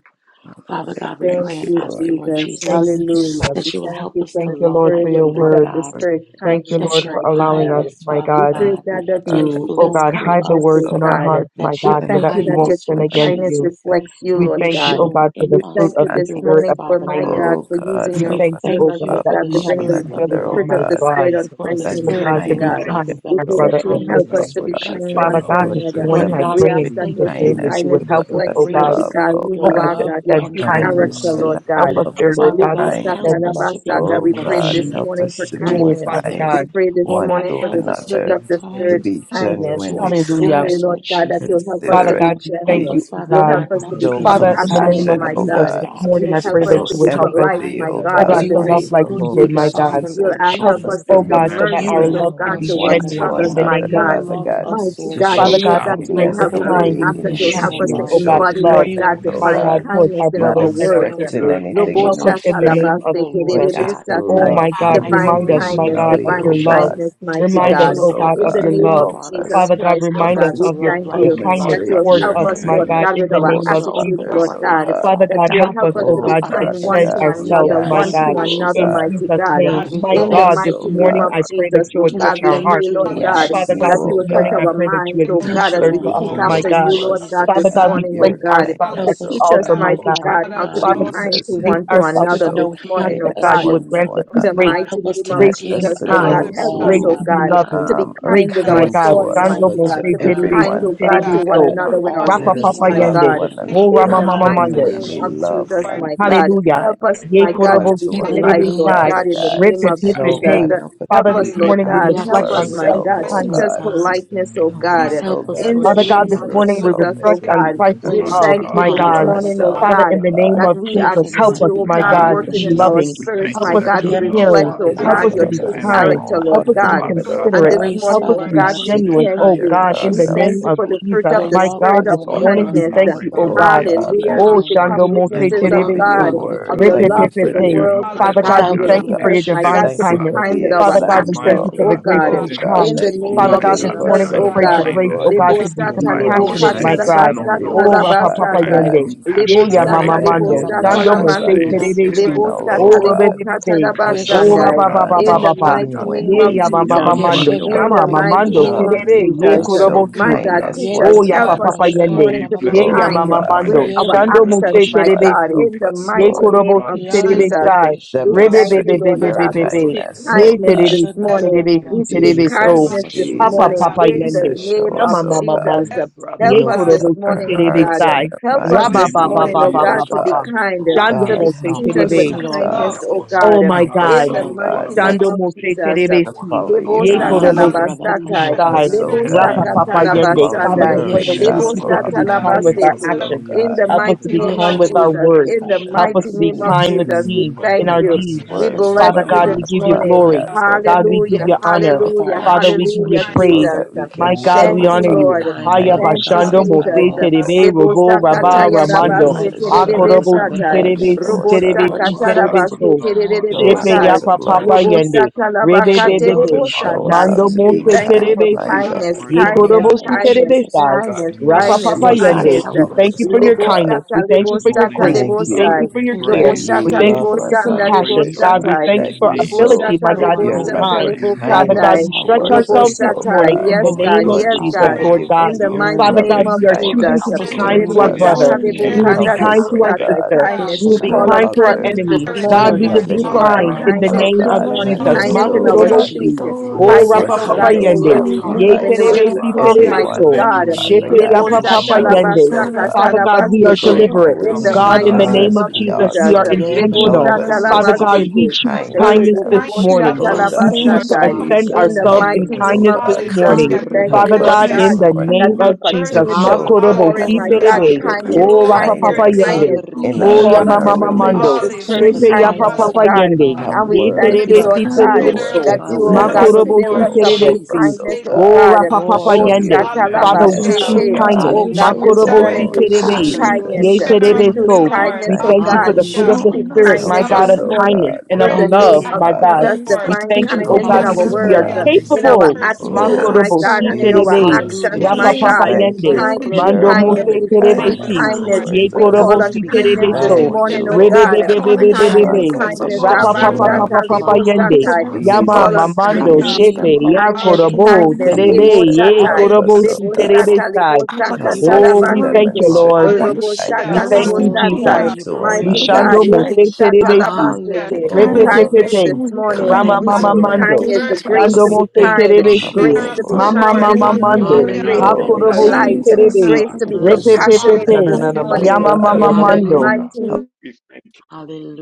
Father God, we Thank pray Thank and you, you, ask you, Lord. Lord Jesus. Thank Jesus, you, Hallelujah. Jesus. We that you will thank help you us for to Thank the you, love Lord, like for spirit, the your you, fruit Thank Lord of you word. the God, for spirit, Thank you, you. kindness, that Lord, your for mighty allowing us, God. kindness, my Father We God, pray, Thank God, you, God, that you God. can will to, teach oh us flow God, through hide the kindness, words O us, in our So God. hearts, my that We your God, so thank that thank you we you, that Lord. your won't kindness, sin Lord true against kindness you. Jesus, for reflects you, will We Lord be thank you, God. oh shown God, for in the We this us fruit thank of you and time. the this through spirit us, morning of for Father my kindness. God. God, Oh for God, using We your We help thank us you, oh thank servant, to you God, Lord love for that God, the to we love have bring one the Yes, the spirit My Lord. of another, God, In oh ability, fruit the love, we of my the God, name of God, spirit Jesus, on help so for the us to that thank oh kindness, love spirit like you, God, of mighty to my be love, kindness God. Father. God, can Jesus. kind to We our pray develops flow that brother you through and will We us, help oh Yes, sister. us kindness, thank to Lord. Lord be you God. that kind your Jesus. Father In one the to love God, is Lord, name this of another. you Jesus, morning Lord help I kind. God, us We pray we to demonstrate ask in be that Jesus' your thank name true you that genuine, Thank kindness you kindness you to would kind, that for and us, help your your us, that love reflects, oh is compassionate. God, mighty love, grace, great. God, oh who your oh you God, God. are, to love, God, your extend Lord and true your God, In kindness the you character, said name of Lord that mercy. Help God. us love there, is Lord Father God, Libo to God, kind. help sata extend us love raba to be in sata. Oh We Jesus' pray Jesus. Yes, Lord. God, this name. In help compassionate morning for us to the be name Oh, towards of kindness. Father Jesus, kind We others. God. pray this Lord one God, morning to for we the help have us to fruit another, be of come the together. to Spirit, kind Lord. be Amen. In kindness. the to name genuinely of We Hallelujah. kind, pray, ourselves, Lord Lord God, that you'll Jesus. help us Father Jesus. to be considerate, God, we to thank Help be gentle. you, us, oh Father You'll God. God, help And us to to not be have to show be Thank you so Father, for kindness, in the Lord. your hard In God, compassionate, name the on of compassion, love, my oh name Jesus, Lord. of Almighty, ourselves, God. this God, Jesus, God, Thank help you, morning us You'll I to to help pray but us that show help to you Jesus. us be would to help be us, polite, empathy, kind my oh oh God, because Amen. in God, God. you the to are love a name thank Bless like of you. you. good, you In did, Oh good my the Jesus. name God. Father, of You'll Jesus, Lord Jesus, uh, we help Help, do help In that. us Jesus. your us to to oh show be God, so cleansing that You our mercies, flow, measureless kind oh love help can God, and Lord, us, be There's no one towards Father genuine to God. in others, kindness, the my strong. another, Lord. name In the of You name your God. Father love Jesus. of God, Jesus, thank us, Mighty forgiveness Lord to you for and It love. God, Father we show God, hope Jesus, I that shall you pray will kindness for with help the an us. We Mm, kind way forevermore and ask that in Jesus you'll is the which help endure. unconditional us compassionate, to you true oh love. forgiveness and God, and The the showed embody, Lord For love, when Saints you kindness, you God, are are living oh live my divine God, God, Savior. slain kind, the towards We name. for kindness our should in be our you not brothers are us. kind and our words. towards Mighty good, expecting sisters. God, and Thank anything you, Lobo you in Help us are others. Lord in shata the Jesus, return name of labaste for faithful, your Lord but Jesus. tererebe just damage. God. to Oh satai. my love Father, Even God, I those that Divine are remind pray us, good in at my your no kindness, God, name, Lord, of unconditionally, Lord in the oh divine your love. name of God. kindness, Jesus, Jesus, mighty Remind Help that us, you God. will us, oh oh God, help In of us the to God, your and name love, love. of help Father. with Jesus us Father you. God, Christ, God. Lord to Help Lord, remind us us God, to we dis- of your love thank uh, like you Thank you love, kindness that you. Lord you help God, us to be the Lord of Jesus, Lord will demonstrate towards Thank help your us, you us, Almighty Jesus. my will Lord kindness God, lift God, in with you. the for Help our your name us love. to towards of attitude, open Jesus. God, others, Lord our oh God. eyes, God. Father That Father God, you God, will help us, help us oh to of Oh be God, to Thank kind you, Father Lord one extend to God, be opportunities God, to we be ourselves, another, kindly my Jesus. one kind, righteous ask God, to Lord you, God, ask oh another, in kind Jesus. God, fill mighty Thank the Jesus' towards you, God. name. God, God, Lord to we My In show Father, the Jesus. thank God, us, this oh mighty Thank you name you. morning God. of I God, pray that Jesus, you oh would for We touch God, we our the hearts. pray, thank you, Lord We Lord for your God ask Father kindness, you, God, that Jesus. this you oh will touch morning I our God, pray that you minds, Father, oh to, because Touch God, of as administer to we our to us, seek my hearts, your reveal after God, Lord to you, God. Lord us because the God, Father this Jesus. kind God, we morning, oh place your God. Forgiveness and ourselves hallelujah, To at Help kindness, the us oh teach to mercy. us, God. altar, my love, mighty God. Father God, of Father, how to God, be Father your Lord, God, kind we to Jesus, to help place one help you, to us Lord, to ourselves for with another from on show no this the ask heaven morning, hidden that oh kindness God and God. me, up you to would one grant agenda. to us the In the the few others. another. grace, God, mighty Help us name to of grace not to give be thank just Jesus, to you, oh kind, God, our other those help God, all, us, on grace the oh to who Father be God, night. God. loving, to be um, are grace, kind with Help my excel, our Thank kind us to God. you to thoughts, us, love, Dando mighty but mo God, to se Father to be God, for Terebe, expect, kind, Si everyone, your oh God, with to Terebe Father God, one So, giving God. our another with our all, sacrifice. Rapa Let Lord speech, us Papa Oh, my Jesus. hallelujah, love and Yende, God. one I thank and you, O mean, In Rama another, the for humble and Mama your times, Lord mighty Mande, Lord loving name genuinely example of Jesus, of and that love loving we Jesus, Jesus. Lord, kindness. my can and be God. see, Hallelujah. We kind Help us, thank Ye my Lord, you God, for God, one Korobo to have be Si to In your I, the a Terebe polite, friend, example another, name Lord Sai, of God, Father in the of God. Rip name It, of Jesus, Pip And and It, oh compassion. Jesus. Lord, God, Hey. help us Help to Father, We know this be us, hallelujah, how Lord thank morning you we for your God. we kind he ask to reflect Help loves that on you us, us, kindness would my Christ's Father. example. that help ourselves, God. us, oh Teach kindness. Thank reflects Lord us God. you. Christ We God. in the politeness, thank oh Your you name Help of for love your God. us, and Jesus. oh Help hallelujah, us, In God, Lord the to kindness Father are God, love name this of Jesus. morning we Lord, ourselves intertwined. Jesus, and oh Kindness reflect thank you, towards on God. be Thank others, the Lord, Christ's We my Grace kind you, to love, thank be Lord you God, my this for to kind, God. in my Jesus, Father morning, oh ourselves, Father, God. hallelujah, Father, God, in for oh the the name God. that Lord of we are God, Jesus, you are Faithfulness help truly, Not, to us, the be oh my great kind, God, not, high God, God, Lord to the be not, working your priest. in name of not. our tender loving. We Jesus. spirits, thank Jesus, Help you my us we mercies are to that God, The your be to energy, love, towards us. reflect, caring. Father Father oh these are I God, forgetting Help Father. God, God, bless the to us be you, to your about be names true of extend kind, them kind. Lord ourselves, character, all. Lord God. Help us We to others, be God. Father but Lord, bless God, oh A your And my considerate. this Lord, holy God, your grace, name. Help morning, love us to oh Father is be God, God, first to we be taking genuine, unmeasurable. thank oh kind, care you. The Lord God, of in God, We the Thank and we ourselves thank name Jesus. and you of for the exalt being you, fruit Jesus. Your of Father. of kind the My to love you. that spirit God, this of will Lord ourselves. enable morning God, us, we kindness. we thank Father pray you, oh in God, Oh the God. name of to be passion, Hallelujah. Father, As Jesus Oh, we kind. become Christ Shando of Mose Nazareth, thank witnesses you of Without for you, Father, your God Terebesi. Father, we Lord of can word. do Lord, God, your Hallelujah. Thank you love to for the that nothing. Repepepepe. you your world, help us, my Father God, God. Father instructions, You we Without God, will you, oh hallelujah, thank to you teach Lord Hallelujah. for God. your us, my divine God, exhibit, to Jesus. Thank be you kindness. for Father, bless kind the with you, Lord, hallelujah, thank you, We our Father can do God, God, oh we my thank actions, you example, for the oh nothing. Hallelujah. God, grace hallelujah, to God. be oh exhibit, God, kind. In the that oh name Father you of Yen my God, this God, gave the us, Jesus, morning we kind oh of oh pray for God, hallelujah, God. grace, rabababakashai. kindness oh Lord. God, Lebo Jesus, to us Lord, to be depicted love sata, You by like were lebo our we compassionate, are Yeshen kata, my kind Jesus. Savior to God. raba and our sata, Lord, Oh, everyone, selfless. raba Rapa the Papa Father kind of rabababakashatoto. sata. God. Yende. Thank you, Lebo Ye compassion Lord. ya Father Mama Yan sata, depicted God, lebo Mando. your sata, by love Shando our was rabakashaya Mose Thank lamande. unconditional, mamamand Yes. you, Savior Terebesi. hallelujah, Lebo and oh Oh, sata, robokushoto. Lord, lebo God. Lord, kata, to the Rabebebe. your raba Help kind of, name. Oh, us, oh, Yeshen Father oh shandai. Rapa God, God, Papa Papa In to love, the Papa. Father mighty God, rabakashatatai. Thank name Lord, you, Ye going of genuinely ya Lord. You Mama beyond, Jesus. are Mando. Father Yeshen worthy. God, In the Shama genuinely mighty Mamando. all name rabakashand love of the You Terebe. Ye and Jesus. rikitai. show are norm, Korobosi. worthy. My Father God, You are God. kindness teach Yen one Oh, us, to worthy. ya You help God, us are papa worthy. this another. Lord, rabakashaya yende. morning We Thank to be you. bless You Ye mamamama. your ya Oh, have have Lord kind mama Yes, God loved us Almighty. with mando. great We with Father, an our Yen praise help your us. Shando miraculous Oh, muse actions, name, my everlasting Father. God, rikeshatai. God, terebesi. in help the you, us, Ye mighty Lord, Holy name korobo God, si of you love. Yan time, to de- Jesus. terebesai. We of the Rebe thank be rikeshatai. righteous you, be demonstrate In be Lord be Lord, God your be of the God. name be We our be. of speak worship. kindness, They are Thank Jesus, oh, Ye you my kindness for God. this terebesi Yeshen God, the morning. gift We terebesi rabababa. of your speak grace. I terebeso. Help Jesus, kindness Bless us, cancel this you, Papa attendance Jesus, morning Help Lord. papa in the the Jesus, yende. Lord. name show Ya us, of Lord. No mama oh, mama Jesus. God. mando. the We Help Ye us God, open this up korobo si our morning, oh God. hearts and terebesai. our of Help In Jesus. the us show minds Raba this name to ba of ba us morning, ba you, oh ba oh, Jesus God, ba to ba be ba. Christ. God. kind, God, I Shando thank to God, be so muse help seasoned ways us, with terebe. of oh, creation Roboshokototo. Lord, we love, God. kindness, ask Help you oh us, God, of Oh kindness. my my Help God, to in us, God. my hallelujah. the oh, help Lord, In Father, God, mighty us. not name to Chando of to of be Mose Jesus. Jesus, kind I to to believe one you Terebesi, follow another, the to Oh your Lebo walk. Ye oh God, my peace of hallelujah. God, lead. Korobosi satalabasatai, And Help consistent Terebesi, Yes, us, in O your spirit, lebo the and Andrabakashandrababa. God, Rapa name being oh Papa kind God, to amazing. to produce Yende. the for one follow Father, fruit another, sakatalabasanai, we of your pray that you tender all would lebo So kindness, teach Lord. us example The to hearted, the of knowledge, be love hallelujah. name kind of with forgiving kindness, our one Jesus, I Yeshenbarakatatatata. satalabasetu, Father, another. we will O actions. in yes, God. the we Help us Even to mighty give be navigate name God, to our kind for of with knowledge, world. make Oh, our Christ's sure Jesus. In sake, the words. In name the also Jesus, Help us and mighty to be name access Yeshenbarabakashandrubu. give of of kind with you, Jesus. Jesus. We deeds, remember mighty that in thank our Let God, you. in this deeds. thank the We there's Help you, name word us, of Jesus. bless lots Lord Father of dwell you God, Jesus in God, this we us, things give to Christ, you be going morning. Father on, lots glory. God, Heavenly hallelujah. kind so of things Father, that God, we it give help Hallelujah. can you us, come oh should honor. be, my out with our Hallelujah. Lord, God, Father, we richly, actions, give Lord so you Hallelujah, No Almighty that mind, one we so praise. Father. Jesus. should Jesus. that we be can My kind mind, Oh to God, Help we Thank my each us show you, honor to other, of God, be you. Lord. your Lord. for In kind, coming, the Haya name of Father Father kindness Lord, Thank God, you, Jesus, God, one Bashando hallelujah, because with we Mose to the our don't Jesus. know one of another. thoughts. hallelujah. Terebe love, Robo Almighty, Rabba Help Oh, Lebosakataya us We in to be thank the Ramando. God name rabase kind, for Jesus, the of Father Lord show in God, the Jesus us, with Akorobo our Si name Christ. tererebesatai. of God, of Terebe behavior. Jesus. Si show us how Terebe to because, Lord be Si Jesus, Robosakata Father Lord, help God, us Terebe kind. to from be rabase So. your love, kind, Father Lord Show God, God, us Shepe with how my hallelujah, our tererebesai. to yapa Lord love. thank papa God, interactions. oh yende. God, Father, Lord, Rebe That your Lobosakatalabakate bebe love Father, Father, be that be. Father, Show shown and us rebosatai. how Spirit, Mando seen to to We be in mose my us, thank you God, kind, for Father. from my terebesi. hallelujah. this kindness, God. spirit, In Ye the we Father, kindness, and name can't of korobosi joy. uh, kindness, Jesus My terebesai. this God, kindness, Christ. in the Rapa windows God, name of that kindness, papa the Lord God, yende. Jesus, Jesus kindness. help We are help thank Christ high, us, you us, of for Lord oh your Nazareth, God. God. kindness. Lebosata, We thank this you for that your we morning, lebosata, grace. can't oh Thank We thank God, you lebosai. you for we your And care. that this praise thank your is We Lebosata, you of thank you, you name. Jesus. love for your Lord us We lebosanda, God. praise compassion. your God, we unconditionally, lebosatai. thank matchless you Thank that for you, you name. Lord showed ability, Lebosata, my Jesus. We Father, God, Lord, to your be only lebosata, loving kind. glorify you your dear Father God, can Father. kindness we lebokanai. help stretch We towards us. ourselves thank us, we you, this are oh Lord our Robosatai. full morning of God. in God the Yes, Thank Only Almighty, you, name God. for you, of the kindness Lord, Yes, we in Jesus. the Father Jesus, God. name friend, thank Lord of resilience God, you to for God. In Jesus. the love. can That's your mighty We Father help what is God, name loving thank of Lord us. we you, are in first Father, Jesus. choosing Jesus. kindness to Help be us friend, for the to Thank the name you, kind towards to move our first Lord. us resilience Lebosata, brother. to beyond Thank being you, Lamb We and of care. will of Lord. be us. lebokanda, general, help nice, God, kind us, Thank to We God. oh our thank lebosatai. God, sister. hallelujah. we Ish Kindness. We to will and We you, We be call know show Rabba. And on kind to that Father our glorify, kindness we others are you, we this Help your enemies. us thank considerate, to God, children, that morning. bring you. we will Lord, us excelência, Lord, be We in into loving the Lord call name a of on Thank kind God kindness, in realm you. the Jesus. of Thank hallelujah, oh kindness Almighty, name you, Your to this of God, the Good love morning. not And Jesus. kindness, you hallelujah. Shepherd. expansion just Kindness of in expect endures, us your those our to you. Lord love that bear Thank Makorobosi. speech. fruit, We Jesus. you. Lord, in Word of O the endures. Love Glorify Let Kindness, name rapa God, us your oh of or papa God, name, in Jesus. kindness O the those be way yende. Lord, Lord our that Hallelujah. we Thank we heart God you, Hallelujah. move, Ye like, in Lord the way Almighty but posture, terebe we to God. si We are Father. talk, To Father. terebe made hallelujah. in We grow, your everyone, mighty so. dear thank Lord, in In God. you, the the image. my Father name Shepe of God, name God, of because yapa Spirit, Jesus, all Lebosa of even papa that And you Jesus. those, yende. talabasa with oh serve. God, I your A Father God, thank grace. God, true, we are who you. katarabasete. don't Yeshen kind, and deliberate. Thank In Rabba always Lord, You the loving in you, are God, treat in the mighty the God. us Jesus. area hallelujah. name of love. name Katatai. as of of Oh we my Jesus, ought kindness, we God, Jesus. Lord, are to. in there the are Yen no name You of are intentional. Help equal Lebosa Rabba Jesus, with us we Baba love. you. Father just lift to God, be Kasha. we We talabasete. up the choose bless was kind fruit your of You that to the are Eh, Honor, name kindness this and them, Spirit, Lord, in praise mindful bobobosa of morning. your the oh our name of patience. We Yes, matchless God. choose Lord Lord, name. Jesus, Thank to We talabasatai. God, will you, we extend hallelujah. also loving In God. Jesus, the thank praise ourselves compassionate, help us, in the mighty you. As oh we name kindness. kindness of add this God. Kind, victory this Jesus, fruit morning. we hallelujah, in kind, the you thank are you, Help Thank Father mighty you, Lord to us God, name selfless all God, in of this the Jesus. the Hanrebekeshatatai. other that name morning you Jesus and kind, will fruits of that we Christ of to Jesus. continue have, to merciful, show Lord, Nazareth. Hallelujah. your pour O in, in Makorobosi my you the Spirit kindness, name of God, hallelujah. of to terebe. are the Jesus, Halakandorobokushototo. kindness, reveal help living kind, O Hallelujah. God, Glory to rapa to kindness, papa your we kindness give name, yende. you kindness. in glory, We Wo show our we Thank Jesus, call you, give in yama these on you our the God. Bless mama your glory, fruit Hanrekesheyamamamai. of Thank name, mando. you, thank we the fruits, you, give hallelujah, you Lord, in God. Spirit, For honor relationships, thank the Shepe and you name oh all yapa of kindness, hallelujah. kindness, Jesus, God oh papa worship to Father God. yende. even God, at when And we we're Ye in for work, thank Let you, be us this terebe our at Lord si difficulty, the Lord, heart God, be in terebe kind. the store, generous, posture, name so. that of you, This Father, in oh everywhere the Jesus. kind Father, God, Yes, that name of will we Makorobo thank love, build si Lord, of us go. up without terebe with Help si. us, Jesus. oh kindness, expectation, the We oh love. thank God, Wo you, God. rapa to Father, papa Lord, Oh, as in show you. we the In your name yende. of the give you Jesus, name Father, We Because you glory. we of have kindness, hallelujah. choose oh Shatalabashete. hallelujah. shown Jesus us, God. kindness. you tired Oh have And We Christ God, Hallelujah. shown of this us thank how you, Makorobo to be direct, si morning Oh we Father, in the choose Oh, terebe. name of Jesus, compassionate, hallelujah. kindness. God, Lord Ye I Jesus, God, to We generously, terebe Hanrekeshatai. Jesus, one choose In so. thank another. we you, Lord, We kindness, Lord. oh thank thank you the You for God. have the you. name We fruit We Hallelujah, of hallelujah. of the Lord speak shown Thank Jesus, Spirit, To God. us, you, my Help kindness have Lord a Nazareth, God, this hallelujah. us, of Jesus. oh God. morning. kindness we God. and of In the praise Help friendly your name love, us, name, of my Hallelujah. O God. Lord, Jesus, Father. Yes, Lord, Lord, Lord, We to divine be thank Let Thank there your you, for in oh you, kindness Help one in God, us, our because kindness oh we Jesus. the are words, flow another. God. hallelujah. and be name in of Friendly seen our capable. in Jesus, person, us, hallelujah. Lord attitudes, God. my Oh Yes, Makorobo God, si and in Lord. our For hallelujah. terebe. Jesus, love Yes, Hallelujah, actions, Lord which Rapa my Jesus, thank papa God. you. Jesus. thank Let you yende. us for Send Thank push Kindness, Mando us, your you. beyond kindness, being mose God. loving we terebe Father, speak Thank nice, si. kindness God. enables Lord. us kindness. you. to Ye towards be We kind, us. Help call korobo us on to Lord, si be in Thank the kindness terebe name of this kind, Hallelujah. so. Lord Thank you, morning, you. Jesus, And oh oh Rebe Jesus. the hallelujah. be God. be God, power be for be Kindness Let be your be God, Kindness, surely be. kindness and be goes the a kindness, As long Rapa unconditional we worthy papa force. Abba, posture papa way. papa God, love. remember to of our love Shatalebo, yende. hearts, People others, Shatai. Lord, never in Father. We the Yama forget call name Hallelujah. the on Jesus, In the mamando Jesus. kindness. We kindness that name shepe speak we of of ya do kindness, Hallelujah. for Jesus, one Jesus. korobo O kindness. Lord, terebe another. Ebo Jesus, Savior, ye Lord, Thank shatai. help you, korobo us, It oh in si the Lebo name Hallelujah. of sticks God. terebe Jesus. Lord, shata, God lebo sai. out We like a shaka give Help you Almighty, sore us goodness. Oh, to we you glory. thank thumb. you, tarabasete. Thank are demonstrate the you, Lord. When that the Robo loving Lord shit We Hallelujah. shata, Jesus. kindness thank lebo honestly you, Thank you, Lord, we across the Jesus. shatai. give Hallelujah. one be you Lord to town. Jesus. We Mighty the way another. of God, praise. shando mo ebo se life. Amen. shata terebe si. Hallelujah. The labasete. Oh, and kindness Hallelujah. Lord, you've Demonstrate Kindness this Repepepepe. shown, the We morning. Rama thank We kindness compassion, you, mama you speak have Lord. mando. kindness, given mercy, the to grace Dando to us. We be mose thank kind, you, be Um, there's terebesi. grace no generous, to be Jesus. So Mama to kind Lord. this mama live in your this morning, mando. word, cannot Hallelujah. grace I to be Hallelujah, love. be Oh, God. led to Hakorobosi polite, Thank you, my Jesus, terebe. Hallelujah. Lord. grace God. to We be in Thank the bless Jesus, you, name of Hallelujah. compassionate Repepepepe. this kindness, Jesus. Jesus, oh we morning. you. Yama turn God. The mama In to the my mando. Hallelujah. God. Thank mighty Help you. We thank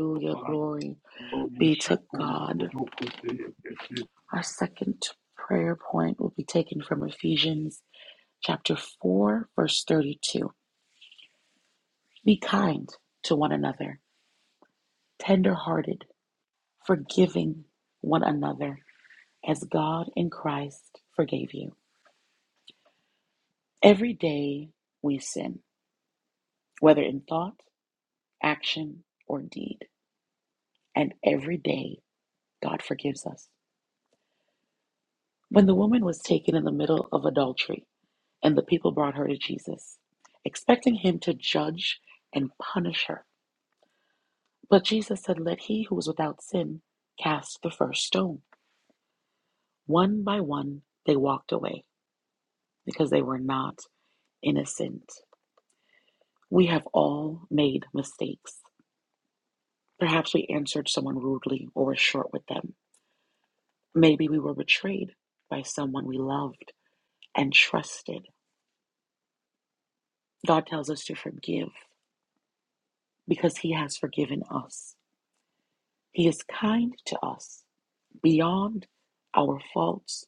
you, Father. Glory Oh, we be should to put your God. good hope with the- the- the- Our second prayer point will be taken from Ephesians chapter 4, verse 32. Be kind to one another, tender-hearted, forgiving one another, as God in Christ forgave you. Every day we sin, whether in thought, action, or deed, and every day God forgives us. When the woman was taken in the middle of adultery, And the people brought her to Jesus, expecting him to judge and punish her. But Jesus said, Let he who is without sin cast the first stone. One by one, they walked away because they were not innocent. We have all made mistakes. Perhaps we answered someone rudely or were short with them. Maybe we were betrayed by someone we loved and trusted. God tells us to forgive because he has forgiven us. He is kind to us beyond our faults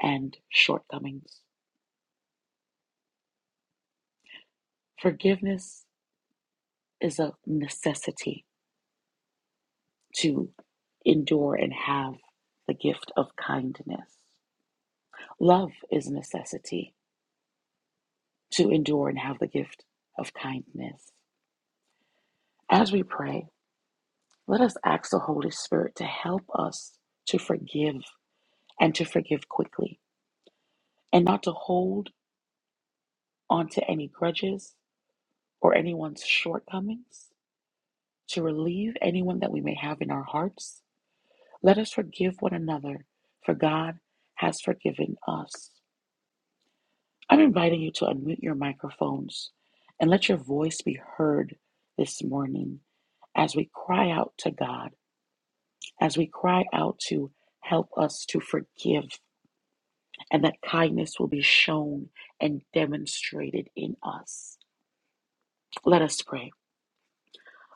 and shortcomings. Forgiveness is a necessity to endure and have the gift of kindness. Love is a necessity to endure and have the gift of kindness. As we pray, let us ask the Holy Spirit to help us to forgive and to forgive quickly and not to hold on to any grudges or anyone's shortcomings to relieve anyone that we may have in our hearts. Let us forgive one another, for God has forgiven us. I'm inviting you to unmute your microphones and let your voice be heard this morning as we cry out to God, as we cry out to help us to forgive, and that kindness will be shown and demonstrated in us. Let us pray.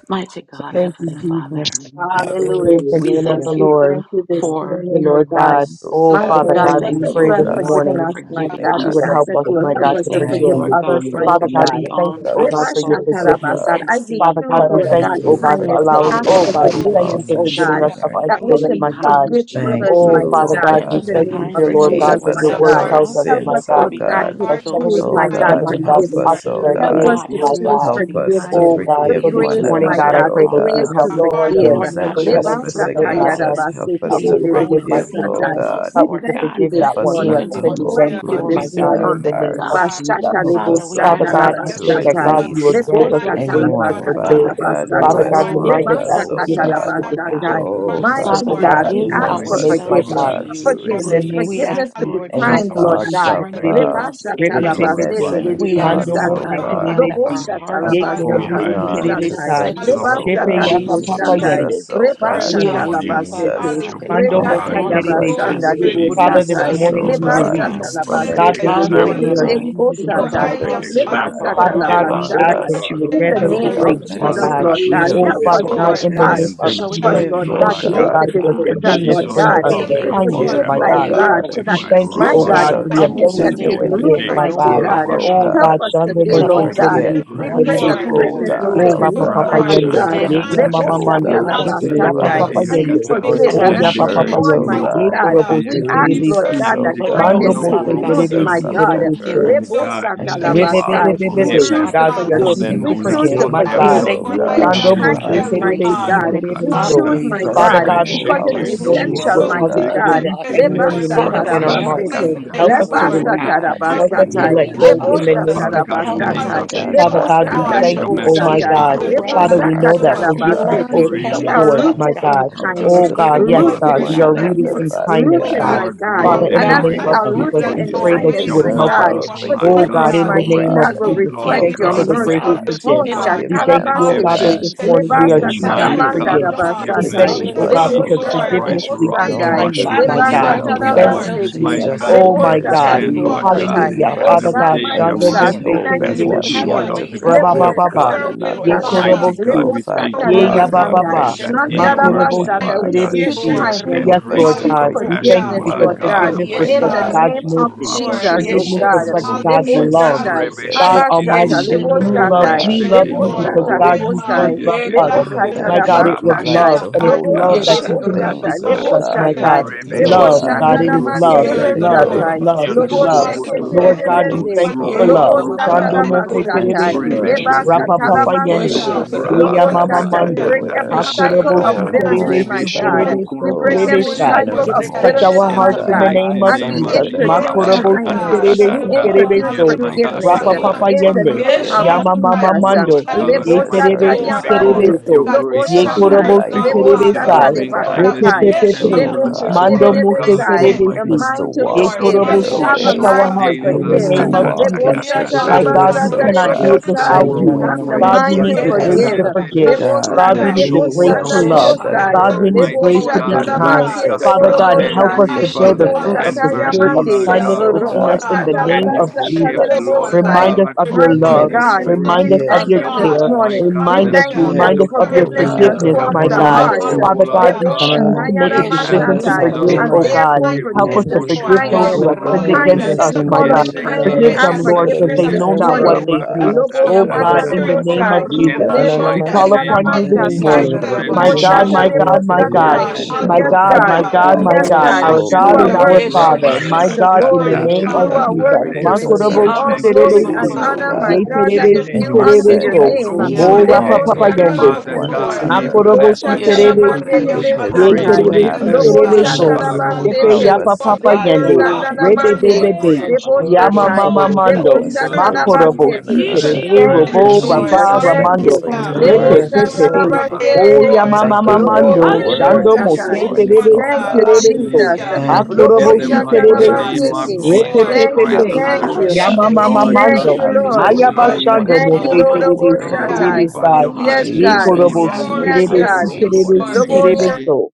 Mighty God, Thank you, Heavenly Jesus. Father, Hallelujah. having Hallelujah, Praise the we name of the Jesus. thank We you Lord. thank you this for Thank you, morning, oh your Lord out, God. God. grace. oh Oh, Lord, God. Mighty Father We God, Jesus, Thank God, give just we thank you, as us you pray you oh have this God, kindness, for forgiven morning us, my I uh, forgiving giving that thank God, you us. we would us. ask help that us, you will my help We God, us to to thank you, Thank forgive forgive. you Lord God, others, for for Father mighty forgiving looking God, God. we thank you, beyond oh our our God, sins, for your faults oh forgiveness. Libashatarabasad. and God. I Father seeing refuse, God, we our Lord thank God, you, Thank oh and you God, needs. as for for kindness. we We loving allowing, Father ask suffer, oh God, the for we honor God, we hold can't of Lord, thank in all you pick forgiveness, the for and name oh in forgiving sincere us God, the in choose of our our heart, that need. who we to sins, be can my of Jesus, God. kind forgive to. Thank others, Oh, you. you, mighty Father We O God, God, can't we God, in we are just the uh, be thank that name you you, kind kind. dear of to Lord those Thank God, you. forgave Jesus, who are Thank because my you. us your the of nice word God. to heart, our tells us, us Help my us, sins, or O God, Lord Thank be you, God, a God. kind to Lord that to heart of Jesus. those So choose, 70 who O give my us are times kind, God, some kind God, to 70, money God, help so we us. that ought Lord. forgiveness. us, to O You're all Help But this forgive, is great, God. us God, to my help more great, choose us God. to Help be and than us to kind forgiveness. Oh, God. The merciful, So forgive even the this one to grace, Lord. morning, my those Father who God, God, I have God. another, God, We O the pray that wronged Thank you you would God. grace But when to help we A me us. were to Lord, heart dead of forgive. forgive. in Those Lord our we that God, let trespass, Help the Leba me to almighty trespass fruit God, of Father forgive God. my sataya God. against brother. us, raba kindness help for us seke Help me be to the to Of one grown forgive You and who tererebe is the my forgive, in seen forgave of O the sister. in satai. us, world, Father. God. us, We Help me Lord to thank God, you forgive this Help that one us who morning. has we not even want to We sinned to amongst give bless hold against the people you me, where this you my we've grudges been in money, God, our morning. in hurt, the thank we Lord give name you of God. hearts. Goodness, God, Lord Jesus. Lord, Bashata money. Help Jesus. lebo Father, us, we O Father sata ask Lord. you, God, God, Father, laba we Lord Help to pray we the- that want to the- satai. give God, us, Jesus, you you will release the Father, Lebo grant that the- the- glory, us mind, your the the glory, forgive sata one, grace fruit, them, laba to one, anyone, for the they Lord kata another. glory, forgive. Father the glory, know God, laba not God, what would who they Father satai. do. has God, grow remind and wronged Leba us the that us, flow You O in sakata said forgiveness that us, is a laba God. you Hallelujah. Lord will remove God. decision. satai. It's a Oh, our Help us to decision, sins Mighty Father, oh Father as we God, God, decide that to far we In God, give as the we the have ask forgive. help to for mighty east make, Lord, us, in is name my O the ourselves from of name to forgiveness. the God, of God, west, to Jesus, Jesus you. give us in the the Forgiveness, Christ and you of will name We grace release of to forgiveness Nazareth, ask to you, forgive remember be Lord Jesus. them Lord any no, God kind, Jesus, to Lord no Almighty, thoughts more. God. we Makorobusi of thank strengthen terebe, you. uh, Sins Leba and us our in for shata We your you. laba lawless sete bitterness, repepepepe, glorify deeds, the any We name you of tererebe the will mando ask thoughts, you, mose Lord O satai. remember Father God no God God, peace. more. that our terebesi, So, Robosha Almighty. Lord, we hearts, Thank of ye Lord you talabasta thank We for God, you, holding Father korobusi highly would on God, be to that talibostatai, as terebesai, you grudges, you exalt have sensitive, control of oh your rebasta shepe Lord life and for your forgiveness. God. forgiven you us. yapa have Thank Jesus, papa to Release Roboshatalabasatalibosatai. demonstrated you. yende, us, for us oh what it God. this We mm, looks like. ask morning you, and Release we Father Lebasatalibosatai. us lift God, you, Rebashatalabasete. In that the Thank mando you, O name from our of glory, the Jesus, Lord mose any hearts, God. Lord Glory God, terebesi. Lord, So, grudges. to glory, Father we would Thank God, you Father, be Release for in this Rekatayabasandalibosatai. God. your Thank us, the you, morning Lord tender, oh name you we But of forgiveness, Lord God, for release. God, Lord, for Lord, in God. your forgiveness. the Jesus from name of thank Thank perfect any God, Christ, you, this Lebasatalabasete. bad And the Lord, morning we you the are example, know Rabbi, feeling choosing that glory. to rebasta your Let for for our the forgive power you I perfect live others, quickly. posture oh for of for example God, of our you, that Father have heart, forgiveness. God. God, we forgiveness, Father wronged ask Lord God, I Lebasatalabasatai. that us. you God Hallelujah. would thank In grant the be God And us Almighty. oh the name mercy, God, of grace, tender to let my you, Father us Jesus, Lord, we God. Lord Lord God, we for the God, forgive. Oh, see over help Jesus, this us, Father on God, Lord Lord. ask in Let the that display God. us name and of Help showing us, Jesus, Hallelujah. forgive, demonstrated, Lord we O oh God, thank Lord to you, compassion, oh Hallelujah. make God, God. the God, Lord because you don't God, when decision, believe forgiveness Teach Lord in us. us Jesus brings how was God, what us to on Thank you, being to the to able to kindness, cross Thank Lord. over forgive, after forgive, my O my you God. being forgive, God, God, word God. so to Lord We that, crucified. thank perform you, my oh oh Teach Jesus, Jesus. it, Rabba you God, us God, God, how Hallelujah. for I Father the have to God. for kindness We ability shukurukute can to take thank understanding genuinely you, forgive, root, yekete, and Lord, my the your mighty knowing, God. forgive, spirit. Hallelujah. word God. to Father Rabba O your be God Oh Help God, God. us Shando today, Mose that And Lord all Yes, have shundukututututu, Jehovah. Lord, God. sinned forget Thank you, and thank We you fallen for Rebe not pray peace to short Terebesi your that of Lord. the And se. to hold kindness glory sheketete, of will on, do Oh take God. for kindness, O Rapa Yes, root, you Papa Rabba God. the Lord. mighty Yende. God. Lord. upon pleasure, Ye Understanding, Not ya to Lord Yes, Father Mama Jesus, that hold God. we Mando. have Help on to all Shipe shandakandakatukurukute us, the Father Yapa made Lebo-sata-laba-satai. Hallelujah. Forgive God, Papa yekete with As grudges the we us, Yende. mistakes yakata, Be Lord. or thoughts forgive and to come Oh and have the as compassionate. to we Yapa us, our Yendeki move Papa hurt, on, Hallelujah. O shortcomings, Yende. Father God. Father mighty Ye God. God. God, Forgive us, Hallelujah. we Kurobosi yokundukurukute ask, Be Release Lord Terebesi. us, God, O that But merciful, Indiki God. Mando kindness Holy knowing, take Father Decide Mose to God, root, Release Others onokorokoto Spirit. my wrong us Terebesi forgive, of you God. the okoto. Lord, in Teach forgive the se. name My hurt. us of us. how Jesus. God, he Lord, And to said, let we We not us hold Father, Lebo-sata-laba-sai. thank you, with We things us, in forgive Lord but forgive Rebebebebebebe. our learn, choose them, God, to heart, for God, your we Lord, are in Father. things for the forgive. that as they choosing you name to of We know Think not forgiveness. Jesus. choose forgive, That to of what my they forgave help have We forgive. me God. us, others Not done. O thank more We you, really highly Lord Robo God. choose than Dando God, for harden our take your God. Mose the hearts, kindness, ourselves, bait, Lord, in Terebe mighty the shekindiki Father God. Si grace. name God. God. of You We Jesus. Terebe Hallelujah. Thank Father, you So. the choose, wakatata, for my forgave same soft as us Father heart. Lord, about God, rebe God, forgiveness we all because ask and in our this the it's name grace of your that Show morning you Jesus. have the if you Help sins, essential, would us bread O to in cause extended mighty us be the to God. unto shekindokurokundiki God. release name us. selfless, Grace yekiti, Lord, anyone you who Lord. to Let us Lebasa may said Father forgive, be have as in God, of our Lord, thank long Christ help and hearts. in you as the us we tarabasete. name and Father of rabashakanda for kindness, Help come Jesus. us not enable to to us, justice. Lord. you Lord Lebasa and release. God, katumukuti We ask to Help that us desire, you Lead to tarabasatai. forgive let will Father, Hallelujah. each go women yekindokuroku. in forgive the into other. Lebosa us. name Father difficult of God, in the Jesus. Help us, Because name decision. Father of tarabasatai. of the God, Heavenly love Jesus, to Father of Father God, Father, we we forgive, Lebosanda God, boldly, God, thank bless thank to your Lord, you help you, in us oh for Father the to love the my matchless name forgive libosatai. of name. God. comfort our God, others, Jesus. Robo forgive from the God, one Father, as brothers we and our Lebosaka grace know to you love that another, us, shunokututo. O receive and sisters. forgiveness Lord. We God. mercy relying Us tarabasete. to on opens praise up your We Help And remember us, you. are the doors, and let name, Father my O rooted difficult grace to God, Lord in God. help me Help to in us time the Oh kindness, spirit God, to of God, the forgive O of yes, need. so those, Lord Father forgive again rooted yes, God, Lord in we one should God, are that be respect, have rooted another, easy kindness, hurt in to us, Father Lord kindness, for oh rooted, you God. God. God, be my Jesus. are God. great you our Father, Lord, Father, in and And the my as God, we name even let of greatly our are if to how sister, He be we attitude Jesus, hearts Father, rooted and but we be think forgives in God, praised. they us our pray if of that don't way, kindness, you You're tender our would who my may you help have deserve sins, God, us. God, marvelous, our Lord come Lord, our O to in the Lord Oh Jesus, thoughts, name of God, forgiveness, God forgiveness, God. Jesus. and in the oh mighty name the able you We Almighty. of Lord. God, to God, will how know, we Jesus, remember to we Lord I reflect thank forgive, help forgive you your for communicate us, God thank have the this you, mighty others. oh with my grace Almighty, sport mercy to God, we God, in others, the Lord, to name see, of forgive. Oh, in Jesus. the God. Father forgive We God, thank name the them, you, of oh oh God, is that Shatalabasete, God, this evidence, We impartial. morning Jesus. thank you we are oh for Lebasta the because But Help grace choosing my God, that us, to And if Talabanda you so, we God, you forgive. give of Father us, don't God. Lord, God, We was forgive in we the the thank Rabasatai, forgiveness name way you, thank forgave of you oh others, through Help if you God, that us, how us, Jesus. don't can oh because they you forget Jesus it, God, Lebosata Lord. too forgive Display forgiveness Christ. if us? leads can it to Mind will no enter Lebosandai, and kindness, forgiveness other to the Father, my the be throne of give God. reason, heart, our, we Lebakata oh be genuine give so grace in our Thank Rabashokurukototo. God, Lord. you, ourselves with to you, Rabasete, My forgiveness, Jesus. Lord, Lord mercy in just Hallelujah. the God, God, Oh we name my of because and Lebosata Jesus. To God. understand, To find asking, Walk you Lord Lord Remember, grace Lord, God, through, to Lebosatai. Jesus, that to in Hallelujah. the forgave help each name of have Oh and easy. Jesus. Father your us every God, God, way in day our we We in have and mighty are Shando Because you lives, you know, Mose God, time Lord sinned we asking of God. told thank the and hallelujah. us you need, fall Lord in that the this Terebesi. whatever the we Have name your short Jesus. ought of that. morning. of to way the in Jesus people our that we glory of forgive make Rabababa, hearts, Lebosata God. one mistakes, Your will, Lord, in Lord Ye But Thank another. you, the name of Lebosatai, Lord Father. mighty Jesus. Jesus. with God, So, Korobosi, God, we thank Your Lebosata Father you, Ye will Han And God, as Lord the so, God robo help Lebokandai, that Almighty, we Yabababa, us that to should kosheta be we we in say your able the love to forgive you. tararaba. partners mercy, one that Makorobosi Mandarabasata. would Father We So kindness, God, We another. do. speak bless you Terebesi. Yeshen forgive, your Lord. kindness, name, Lord, in extend thank robo Yes, Lord. you Help the we us name Lord grace of to Hallelujah. and speak kushoyo God, Jesus, thank we bobo. forgive And thank compassion, through We you O forgiveness, this one because Lord thank Lord walk you, Help that God God. us, you another, forgiveness have oh my In Almighty, you Jesus, Yeshen given reflects to the God, us, your God. God's Lord, name in darababa. the people. of name for of your mercy. Rabba thank love. Lord. Jesus. you Jesus, oh Forgiveness shokoro Yeshen We Jesus, God. reflects robo Hallelujah. kotoro remember God's that lebo kusho kote, Lord. Thank Jesus, love. you, As kindness tototo. we Lebosandai, is rebe the pray fruit God Jesus. Jesus. of the sheke Abashata, Spirit, Almighty, Thank we Lord, in Yeshen the tototo, for name knew Lord of love, Thank Lebosandai. you, Jesus. we God, kindness, reshbeke Jesus. love you Rabakashaya you Lebo Hallelujah. Lord. yono because Mamama. sata, know And koro God, Pray, lebo as you kote we God, first you. sai, forgive, loved our Yen us. Pray for them. So, that lebo kindness ah, will Thank you will yeketete, you, grow, My that katara Lord. help God, Jesus. Robokusho we, it was we rabba and We us in like Toto. love. basandai, the to And shaka it's heart, hold ta love lobonde, on that Thank Father. ta you, Yeshen to lebo Lord ta continuously sata, things, Jesus. keeps oh lebo us, Rabakashan ta, my God. serve Hallelujah. shatai, God. others rebe But Help oh Thank lebo even you, us, Love, Rekititio. when they Lord God, are God, shokuno shanda it la not is help Jesus. koro us mande to perfect, We kote love. Lord, It's lebe let in Yen the stand it in love. name Lord. yekete, It's of honor go. satai, Jesus. of love. We you, thank It's yondo lobo Lord Help love. Rababakashaya us koko sheke to you, Jesus. Lord, tere in toto let the name of Lord Hallelujah. Mamama. Help God, us, we toto, things Lord, thank lebende, you for roko Yea Thank go, you love. lobo toro oh sata for Mamamaman la Shando God, compassionate, kotoro Mose what Holy you have and to basatai, Robokusho done. Terebesi. Spirit. rebe You've learn leba to Toto. shoko redeemed Rapa sata la Papa us toto forgive Jesus. one Yende. toto, and you masete, Yeshen Hallelujah. Hallelujah. In another, set oh rabba us Yeya lobo Hallelujah. God, free, Mama kanda Rabababai. sata. We Father Mando. starting kata the break God. name of with ta every our ta Help ta cycle Yeshen Thank Jesus. ta Hakorobo of ta, Si you, own Lord hallelujah. bitterness, Robokusho home, my Jesus. Terebesi starting God. Yomomo. with We that Terebeso We break Hallelujah. those can every More keep than Terebesai. in Yeshen looking our cycle of unto Touch ourselves, you, homes, bitterness, our Rekesheta oh Father. in my hearts the Jesus. in We the God, God. can name mighty Tatatai. keep of And we name starting trusting of Send Jesus. in with Jesus, our you, Lord. Yen introduce Jesus. ourselves, family Makorobo robo si kindness. God. members, terebe We kushaya oh si Rabashakandakatata. Lead God. terebe mamaman introduce us Yes, in so. Hallelujah. the my Help path God, of us Because to Rapa forgiveness rebekeshi. of, because righteousness. papa learn in to the Father because yende. God of of name the forgive. love of of Yeshon you, Yama Christ, mama O robo Jesus. Lord mando. that's kushon God Thank lebo Ye you, Jesus, enough, Lord Almighty, Lebosata her terebe rekete ya Lord. si Jesus. We because terebe will yamande, babaya. of desire your so. Lord. God, lobo grace, is do Ye just to Father, be shatai, Yeshan your korobo si love, like Oh, lebo rapa because my of our you, terebe thing, your Father, sai. lebosata Father loving katatata. so God that we Father. kindness Repe and lebakatai, pe your can pe so, pe. tender have Yeshia Lord mercies, God, O mamaman a Mando Lord help muse God us. lebeketerebesai, kindness, terebe rokusho the Help Almighty. si. us to mind tototo. to Ye and Even Lord. walk then though forgive, in you we korobo Hallelujah. your are si. fall have Yeshen our a Touch way. short our mind to strength. hearts daily, in God. Help They the us forgive. keep And to rakatatatay. name not of Hallelujah, Thank Jesus. walk you, lebo in Jesus. Lebosata Lord. My others, Yeshan Lakatandakatatata, God, God. we forgiveness, labasata oh Worship, robo cannot Ekororororabashu. do it God. kosho Hallelujah. Jesus. without lebosai, tototo. you. Genuine have magnify the you, God, we mind to Yes, need that the my Yen Lord, grace we forgiveness. forgive. to thank Nanananamashakarararabashu. you. Lebakanakurukutunukureketetete. forgive. We lebo cannot God, God, do rababakashatata. Lebosata we Hallelujah. need this, the Lord, release Glory, grace lebosanda to us love. without from hallelujah. the the Yeshan Rebeshopondokorokute. Holy lebosai, Jesus. God, we Not Spirit. robo hurt. need But we of grace Mighty kusho thank to you, leboshata be God, ourselves, Father toto. kind. God. mighty Release God, God, us Father you but from God, And lebo The the, extend help Holy of us grace, the to I Spirit build left Father, the fruit others, indwells of and Andrekeshatatay. bitterness. lebosata the us, Holy Father. mercy, spirit O God. of Release yamande, Lord And Spirit. us, kindness so God we oh within Oh us trust God, Almighty, and in God, the from robosata the hallelujah. rely on name and you, you bad of Father. labasata forgive, Jesus. Let feelings, Yamamamamamamandorobokushototo. We oh our Lord will lebosai, keep Remind lives God. us God of looking your unto And reflect Mighty you, let love. Almighty. the us We Jesus. God, pray we Remind us thee. kindness of of forgive, thank You your you Help are oh this God. us, yes. care. God. my the morning. God, We Remind Andarebakashatata. us, this thank Hallelujah. you foundation of morning that Forgive, remind to Oh, our us of your forgive. oh forgiveness faith. Characteristics hallelujah, God, forgiveness, of God. Help and transforms my let us the to it God. Thank God. you hearts. forgive, for Hananamashu. O go, Father Yandarobokushotototo. faith Lord God, Hallelujah. but we Father God working choose God. to make Hananamashu. a Almighty, Of Get as Let out. decision to us those Lebo-satayarama-satai, not on Jesus forgive, His go to And oh your Yeshandarabababa. Hananamashu. name. Christ back God. Can therefore I forgive make Help kindness, us it? and to produces Robo forgive Lord. those Shohono rehash kindness. who Oh, have sinned Hallelujah. God, we any against Kurokote, Yandarabababa. Kindness. us, rest Let us We my in call God. on you. Yendeke situation It's or your kindness Forgive demonstrate any them, and that Hananamashu. Lord, Kara, because spirit We forgiveness they of Yekete, this just know are circumstance, depend not Yandarobokushotototo. but what on morning. kindness, oh they you. want that to do. God, Rabakata, Lobo tell us Oh let God, sata us in spirit, the lebo Her Hananamashu. name Lord. of sai. leave it Jesus, in the community at Hallelujah. work your Lebo we Yamamamamamamandorobokushoto. mighty Ananamashi call feet. name upon you we katalama of you Extend could Let this us cling walk to Jesus, satai. give morning. it you ourselves could over And unto have you do what I Lebo My Rebe to mean. been a God, sata you others. my and Yendarabababakasha. Shokoto, God, lebo coupon have to so the my to, oh many to, you God, satai. God. It's to, different no handle my Yes, ways, it, longer Yamakapanico. God, Father. my God. Father Rokondo Hallelujah. God, God. my Yes, something. Kurokote God, Oh, Yeshandarabababakatatata. Anamashi, God. hallelujah. our Oh You God No are Yekete, and We God, need we to our It's a worthy bless to thank Father, your name very help Mamamashi, my receive you. this the me. God, Help in love. us the morning, glory. with Rabashakata, oh Thank name you Yeshandarababakiyandorobo. of You Father. that more God, are you mm, Jesus. worthy love. Katatate, to forgive Just us It's receive Oh, forgive our love Makorobosi all Montanamashi, could Yendeke me. glory have been fruit and trespasses, a terebesi, Oto, Just oh Father. of honor, forgive the service me. my ye God. spirit. and God, Teach Amamamamamamandorobokusho. that Rokote, us, is Anamana. terebesi oh, due And for you And not Yoko, us, unto be Father your said, God, God, different. terebeso, as name. Noko, Oh, But it's we no, oh Lord. so Rokote, Rapa funny. ought Lebo to to because Papa teach if Thank you us, Help Yende, ever to us, forgive head. Father Look guide one at offended God, sarabasete, Lord. Yandarabababakashatatatai. us, we Help it. you. another, somebody, us, libo Makorobo bless or Father Lord. your to God Thank name. For somebody, shatalamande embolden I but Terebesi, you. have us, if We debe Yeshenrekesha Father because others Ye you God, and have praise tatata. your been you satai, name have help, Terebesi Thank this Jesus. unkind lobo to morning, God. forgiven oh And Terebeso, somebody, then God, us. instruct I'm us, on Almighty most Tepe Father high. Yeshenrobokusha Hallelujah. Help God. shatalabasete, Yapa God, us to Walk Papa tatata. lebo in your forgive Yende, one Yababa. Oh, love, have I you. Thank Jesus, Rebe another, your said you to are sanalamande, Lord. my according Hey, Bebebe, great, to first oh lebo yababa. your word, Lord Yama oh, God. kingdom, shatai, could Mama compassion, Kushon have Father been God. lebo Help Mando, us rikita to Jesus, your When Mighty you. your we the tatai. forgive say God. Jesus. Makorobo one yes, si shatalabasete. other Lord, magnificent Yishi another. let Terebe your Thank God, forgiveness, you, Robo yababando kingdom Rebeshu Lord. come, Jesus. Raba Anamashi. Jesus, Thank rikete. thank you Kurukuturu Ramando, Yes, you. for Mighty And I Lord Hallelujah. your your will want God. Lebo God. Repe to be ask Yes, word and done. Kuteyekete you Glory to back Pepe this in for Pe, at our their your morning. name, adrababa yeah, lives. O forgiveness, Rabakata shatalabase, Lord. Yama Father Thank kashatai. you Mama God, for Tata Oh, In and lobo I we your the Mando, know we name nerebo of word Shando ask Hallelujah. for Yendeke this your And bless Mose Yes, satai. Jesus your morning, morning, please Christ, forgiveness. and Ukutundu oh Thank Yes, Terebesi tatai. push God. you, and God. we thank then Terebeso, bless you. My Jesus. your Hallelujah. the Yen Kurukuteyekete Lord other name, Thank and O my Thank you Lobo in for Thank you. Savior. Akorobo God. the your Thank you, I rokushoto. mighty don't know if God, word Terebesi, name you of this We really shatalabasete. As Jesus. we want thank to Repe you, Lord. Jesus cook morning. Thank Pepe And tenderize me, you, your Christ our but Pe, you of Jesus, really for thank Hallelujah. hearts, about Lord Nazareth. your you, to way. Hallelujah. compassion. Yama order Oh, the Jesus, Mama right Lord thank Thank We you thank thing. God, Mando, you, for we thank your you, as you. we Lord. Lord, bless your for You Hallelujah. need forgive your name one support. Ayabashando to Thank this you go Thank Thank for to you, another, thoughts. you Hallelujah. Mose the morning. Lord, And your house, mighty you for We Terebesi Thank know, word. and you, the God. and Hallelujah. they're giving then Oboshatai. us. glorify higher Terebesi your you than know, you Yes, Thank ours, you, Ye matchless need to Lord God. Father Hallelujah. do- name, We korobo God. Jesus, ask si God. you Robo Glory to Yes, to have terebe your And I your Jesus, si God. Shokuru name, way, thank as a you, terebe Lord. Lord. Jesus, si Lord, we you result, Amen. terebe Glory, Lobosha. thank Kuteyekete. so.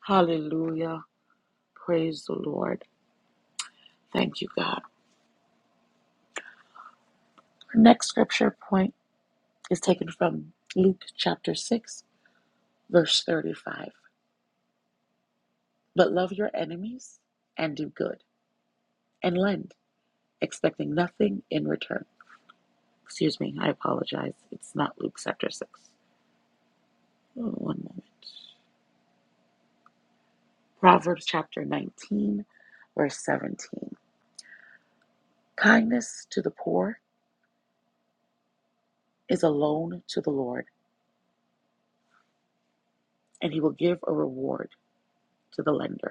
Hallelujah. Praise the Lord. Thank you, God. Our next scripture point is taken from Luke chapter 6, verse 35. But love your enemies and do good and lend, expecting nothing in return. Excuse me, I apologize. It's not Luke chapter 6. Oh, One moment. Proverbs chapter 19, verse 17. Kindness to the poor is a loan to the Lord, and he will give a reward to the lender.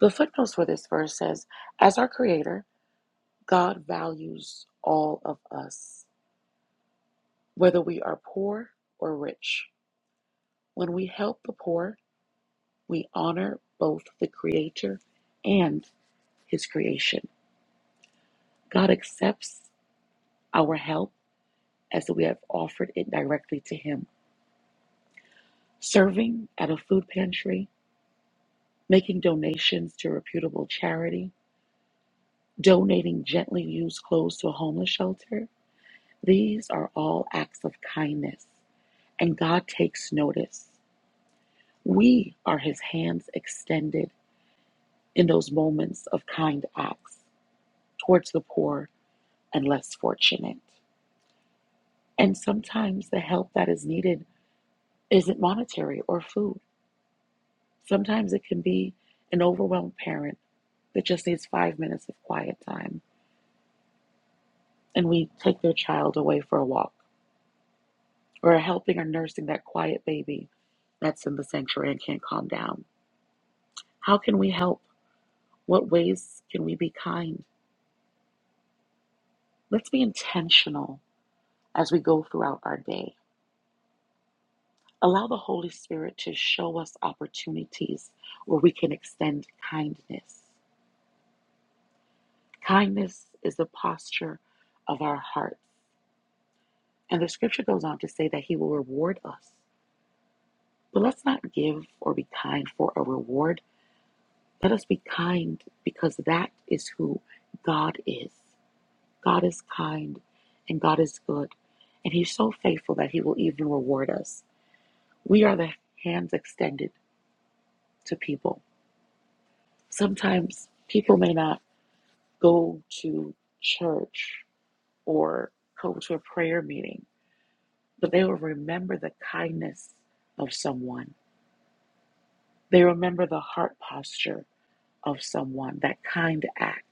The footnotes for this verse says, as our creator, God values all of us, whether we are poor or rich. When we help the poor, we honor both the creator and his creation. God accepts our help as we have offered it directly to him. Serving at a food pantry, making donations to reputable charity, donating gently used clothes to a homeless shelter, these are all acts of kindness. and God takes notice. We are his hands extended in those moments of kind acts towards the poor and less fortunate. And sometimes the help that is needed isn't monetary or food. Sometimes it can be an overwhelmed parent that just needs five minutes of quiet time, and we take their child away for a walk, or helping or nursing that quiet baby that's in the sanctuary and can't calm down. How can we help? What ways can we be kind? Let's be intentional as we go throughout our day. Allow the Holy Spirit to show us opportunities where we can extend kindness. Kindness is the posture of our hearts. And the scripture goes on to say that He will reward us. But let's not give or be kind for a reward. Let us be kind because that is who God is. God is kind and God is good. And He's so faithful that He will even reward us. We are the hands extended to people. Sometimes people may not go to church or go to a prayer meeting, but they will remember the kindness of someone. They remember the heart posture of someone, that kind act.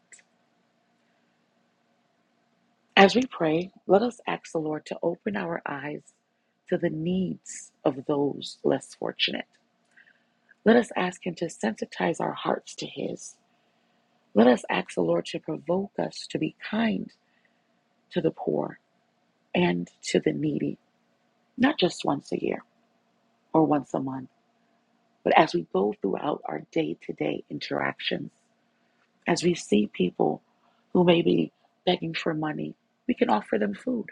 As we pray, let us ask the Lord to open our eyes to the needs of those less fortunate. Let us ask Him to sensitize our hearts to His. Let us ask the Lord to provoke us to be kind to the poor and to the needy, not just once a year or once a month, but as we go throughout our day to day interactions, as we see people who may be begging for money, we can offer them food.